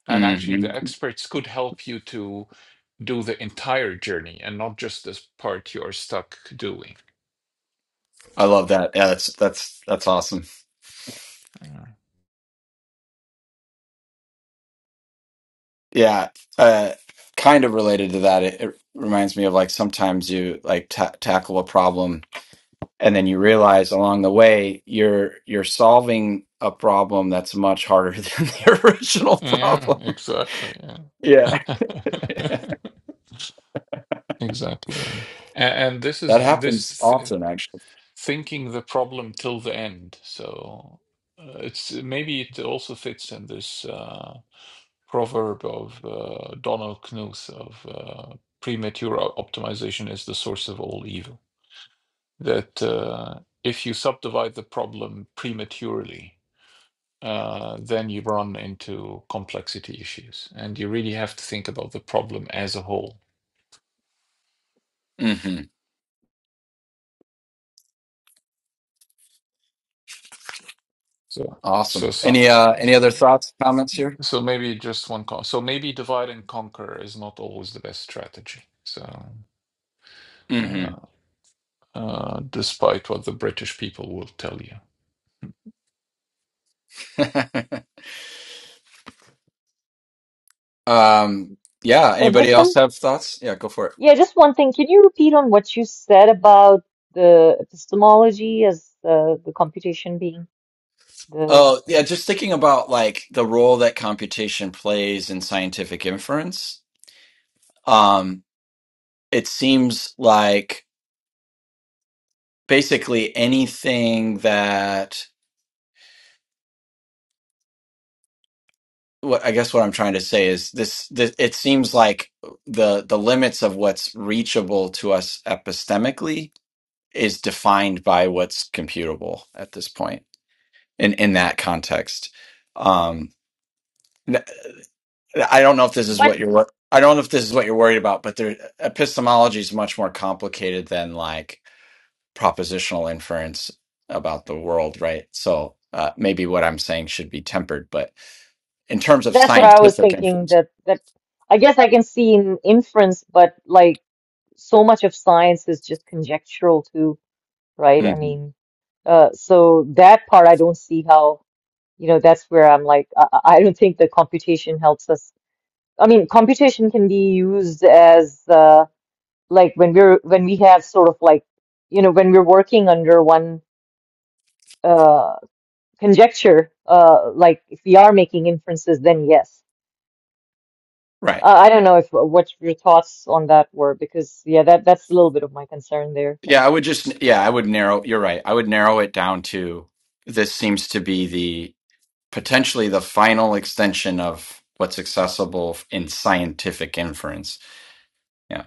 Speaker 4: And actually, the
Speaker 1: Mhm.
Speaker 4: experts could help you to do the entire journey and not just this part you are stuck doing.
Speaker 1: I love that. Yeah, that's that's that's awesome.
Speaker 4: Yeah,
Speaker 1: Yeah, uh, kind of related to that. It, it reminds me of like sometimes you like ta tackle a problem and then you realize along the way you're you're solving a problem that's much harder than the original
Speaker 4: yeah,
Speaker 1: problem.
Speaker 4: exactly. Yeah.
Speaker 1: Yeah,
Speaker 4: Exactly. yeah. A- And this
Speaker 1: that
Speaker 4: is
Speaker 1: happens
Speaker 4: this th
Speaker 1: often actually.
Speaker 4: thinking the problem till the end. So uh, it's maybe it also fits in this uh, proverb of uh, Donald Knuth of uh, premature o- optimization is the source of all evil. That uh, if you subdivide the problem prematurely, uh, then you run into complexity issues, and you really have to think about the problem as a whole.
Speaker 1: hmm
Speaker 4: So, so,
Speaker 1: Awesome. Any uh any
Speaker 4: so
Speaker 1: other thoughts, comments here?
Speaker 4: So maybe just one con. So maybe divide and conquer is not always the best strategy. So,
Speaker 1: hmm
Speaker 4: uh, uh, despite what the British people will tell you.
Speaker 1: um yeah,
Speaker 2: But with
Speaker 1: anybody
Speaker 2: some,
Speaker 1: else have thoughts? Yeah, go for it.
Speaker 2: yeah, just one thing. Can you repeat on what you said about the epistemology as the the computation being the
Speaker 1: Oh, yeah, just thinking about like the role that computation plays in scientific inference. Um, it seems like basically anything that what I guess what I'm trying to say is this, this it seems like the the limits of what's reachable to us epistemically is defined by what's computable at this point in in that context. Um I don't know if this is
Speaker 2: but
Speaker 1: what you're. wor- I don't know if this is what you're worried about, but there, epistemology is much more complicated than like propositional inference about the world, right? So uh, maybe what I'm saying should be tempered, but in terms of
Speaker 2: That's what I was
Speaker 1: scientific
Speaker 2: thinking
Speaker 1: inference,
Speaker 2: that that I guess I can see in inference, but like so much of science is just conjectural too, right? I
Speaker 1: Mhm.
Speaker 2: mean, uh, so that part I don't see how, you know, that's where I'm like, I, I I don't think the computation helps us. I mean, computation can be used as uh, like when we're when we have sort of like, you know, when we're working under one uh, conjecture, uh, like if we are making inferences, then yes.
Speaker 1: right?
Speaker 2: Uh, I don't know if uh, what your thoughts on that were, because yeah, that that's a little bit of my concern there. That
Speaker 1: Yeah, I would just. Yeah, I would narrow. You're right. I would narrow it down to this seems to be the potentially the final extension of what's accessible in scientific inference. Yeah,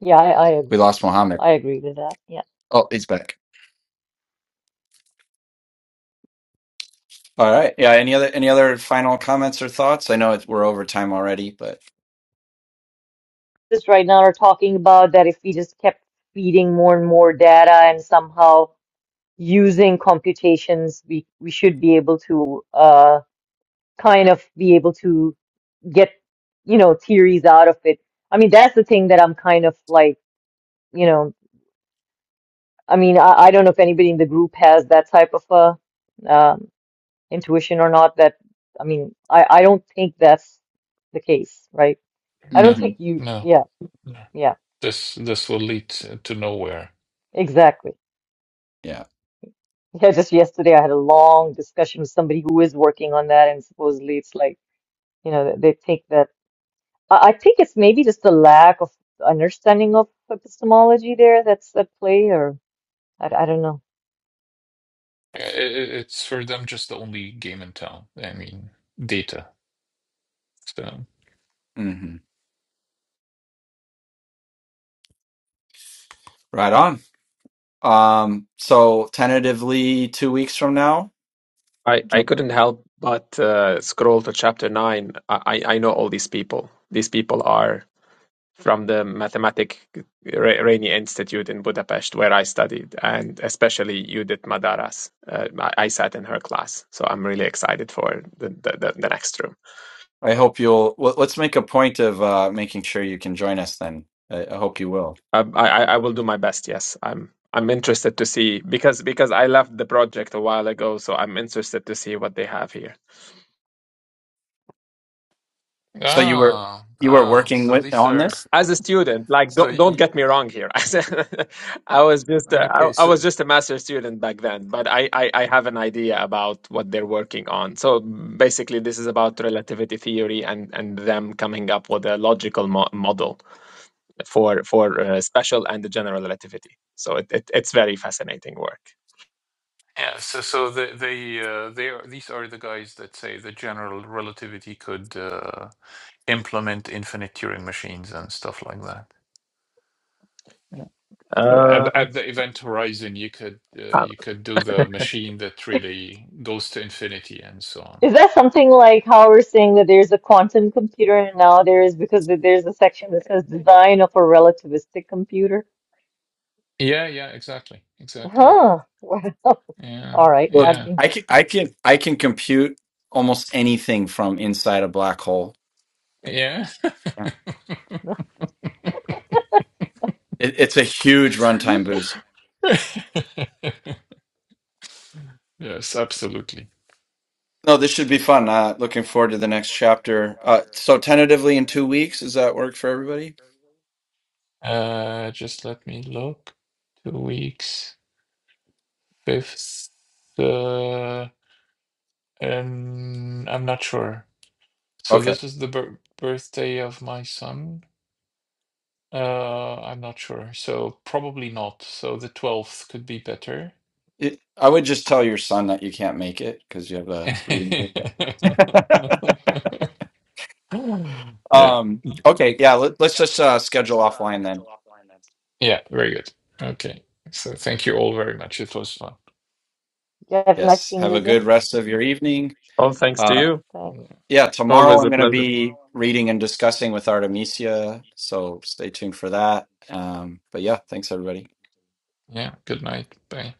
Speaker 2: yeah, I I, ag-
Speaker 1: we lost Mohammed.
Speaker 2: I agree with that. Yeah,
Speaker 1: Oh, he's back. All right. Yeah. Any other any other final comments or thoughts? I know it's, we're over time already, but
Speaker 2: just right now are talking about that if we just kept feeding more and more data and somehow using computations, we we should be able to uh kind of be able to get you know theories out of it. I mean, that's the thing that I'm kind of like you know. I mean, I, I don't know if anybody in the group has that type of a um, intuition or not that I mean I I don't think that's the case, right? I don't
Speaker 4: No,
Speaker 1: hmm
Speaker 2: think you
Speaker 4: no,
Speaker 2: yeah,
Speaker 4: no.
Speaker 2: yeah,
Speaker 4: This this will lead to to nowhere.
Speaker 2: exactly.
Speaker 1: yeah.
Speaker 2: Yeah, just yesterday I had a long discussion with somebody who is working on that and supposedly it's like, you know, they think that I, I think it's maybe just a lack of understanding of epistemology there that's at play or I, I don't know.
Speaker 4: I- I- It's for them just the only game in town. I mean, data. So
Speaker 1: hmm Right on. Um. So tentatively, two weeks from now.
Speaker 3: I, I
Speaker 1: Yep.
Speaker 3: couldn't help but uh, scroll to chapter 9. I, I I know all these people. These people are from the Mathematic Ra- Rainy Institute in Budapest, where I studied, and especially Judith Madaras. Uh, I, I sat in her class, so I'm really excited for the, the, the, the next room.
Speaker 1: I hope you'll. Well, let's make a point of uh, making sure you can join us. Then I, I hope you will.
Speaker 3: Um, I, I, I will do my best, yes. I'm I'm interested to see because because I left the project a while ago, so I'm interested to see what they have here.
Speaker 1: So you were
Speaker 4: ah
Speaker 1: you were
Speaker 4: ah.
Speaker 1: working
Speaker 4: So
Speaker 1: with
Speaker 4: these
Speaker 1: on
Speaker 4: are
Speaker 1: this.
Speaker 3: as a student like
Speaker 4: so
Speaker 3: don't don't
Speaker 4: y-
Speaker 3: get me wrong here As a- i was just a, I,
Speaker 4: okay.
Speaker 3: I was
Speaker 4: So
Speaker 3: just a master student back then but I, I i have an idea about what they're working on so basically this is about relativity theory and and them coming up with a logical mo- model for for uh, special and the general relativity so it, it, it's very fascinating work
Speaker 4: yeah. So so the, they uh, they are these are the guys that say that general relativity could uh, implement infinite Turing machines and stuff like that. At,
Speaker 3: um,
Speaker 4: at the event horizon, you could uh,
Speaker 3: uh,
Speaker 4: you could do the machine that really goes to infinity and so on.
Speaker 2: Is that something like how we're saying that there's a quantum computer and now there is because there's a section that says design of a relativistic computer?
Speaker 4: Yeah. Yeah. Exactly. Exactly.
Speaker 2: Huh.
Speaker 4: Yeah.
Speaker 2: All right,
Speaker 1: Look,
Speaker 2: I'd
Speaker 4: Yeah.
Speaker 2: be
Speaker 1: I can
Speaker 2: interested.
Speaker 1: I can I can compute almost anything from inside a black hole.
Speaker 4: Yeah.
Speaker 1: Yeah. It, it's a huge runtime boost.
Speaker 4: Yes, absolutely.
Speaker 1: No, this should be fun. Uh, looking forward to the next chapter. Uh, so tentatively in two weeks, does that work for everybody?
Speaker 4: Uh, just let me look. Two weeks, fifth. Uh, um, I'm not sure. So
Speaker 1: Okay.
Speaker 4: this is the bir- birthday of my son. Uh, I'm not sure. So probably not. So the 12th could be better.
Speaker 1: It, I would just tell your son that you can't make it because you have a reading. group.
Speaker 4: Yeah,
Speaker 1: um, okay, yeah, let, let's just uh, schedule offline then.
Speaker 4: yeah, very good. Okay. So thank you all very much. It was fun.
Speaker 2: Yeah, have a nice
Speaker 1: Yes.
Speaker 2: seeing
Speaker 1: Have
Speaker 2: you
Speaker 1: a
Speaker 2: again.
Speaker 1: good rest of your evening.
Speaker 3: all thanks to
Speaker 1: Uh,
Speaker 3: you
Speaker 2: Thanks.
Speaker 4: Yeah,
Speaker 1: yeah, tomorrow
Speaker 3: always
Speaker 1: I'm
Speaker 3: a
Speaker 1: going to
Speaker 3: pleasure
Speaker 1: be reading and discussing with Artemisia, so stay tuned for that. Um, but yeah, thanks everybody.
Speaker 4: yeah, good night. Bye.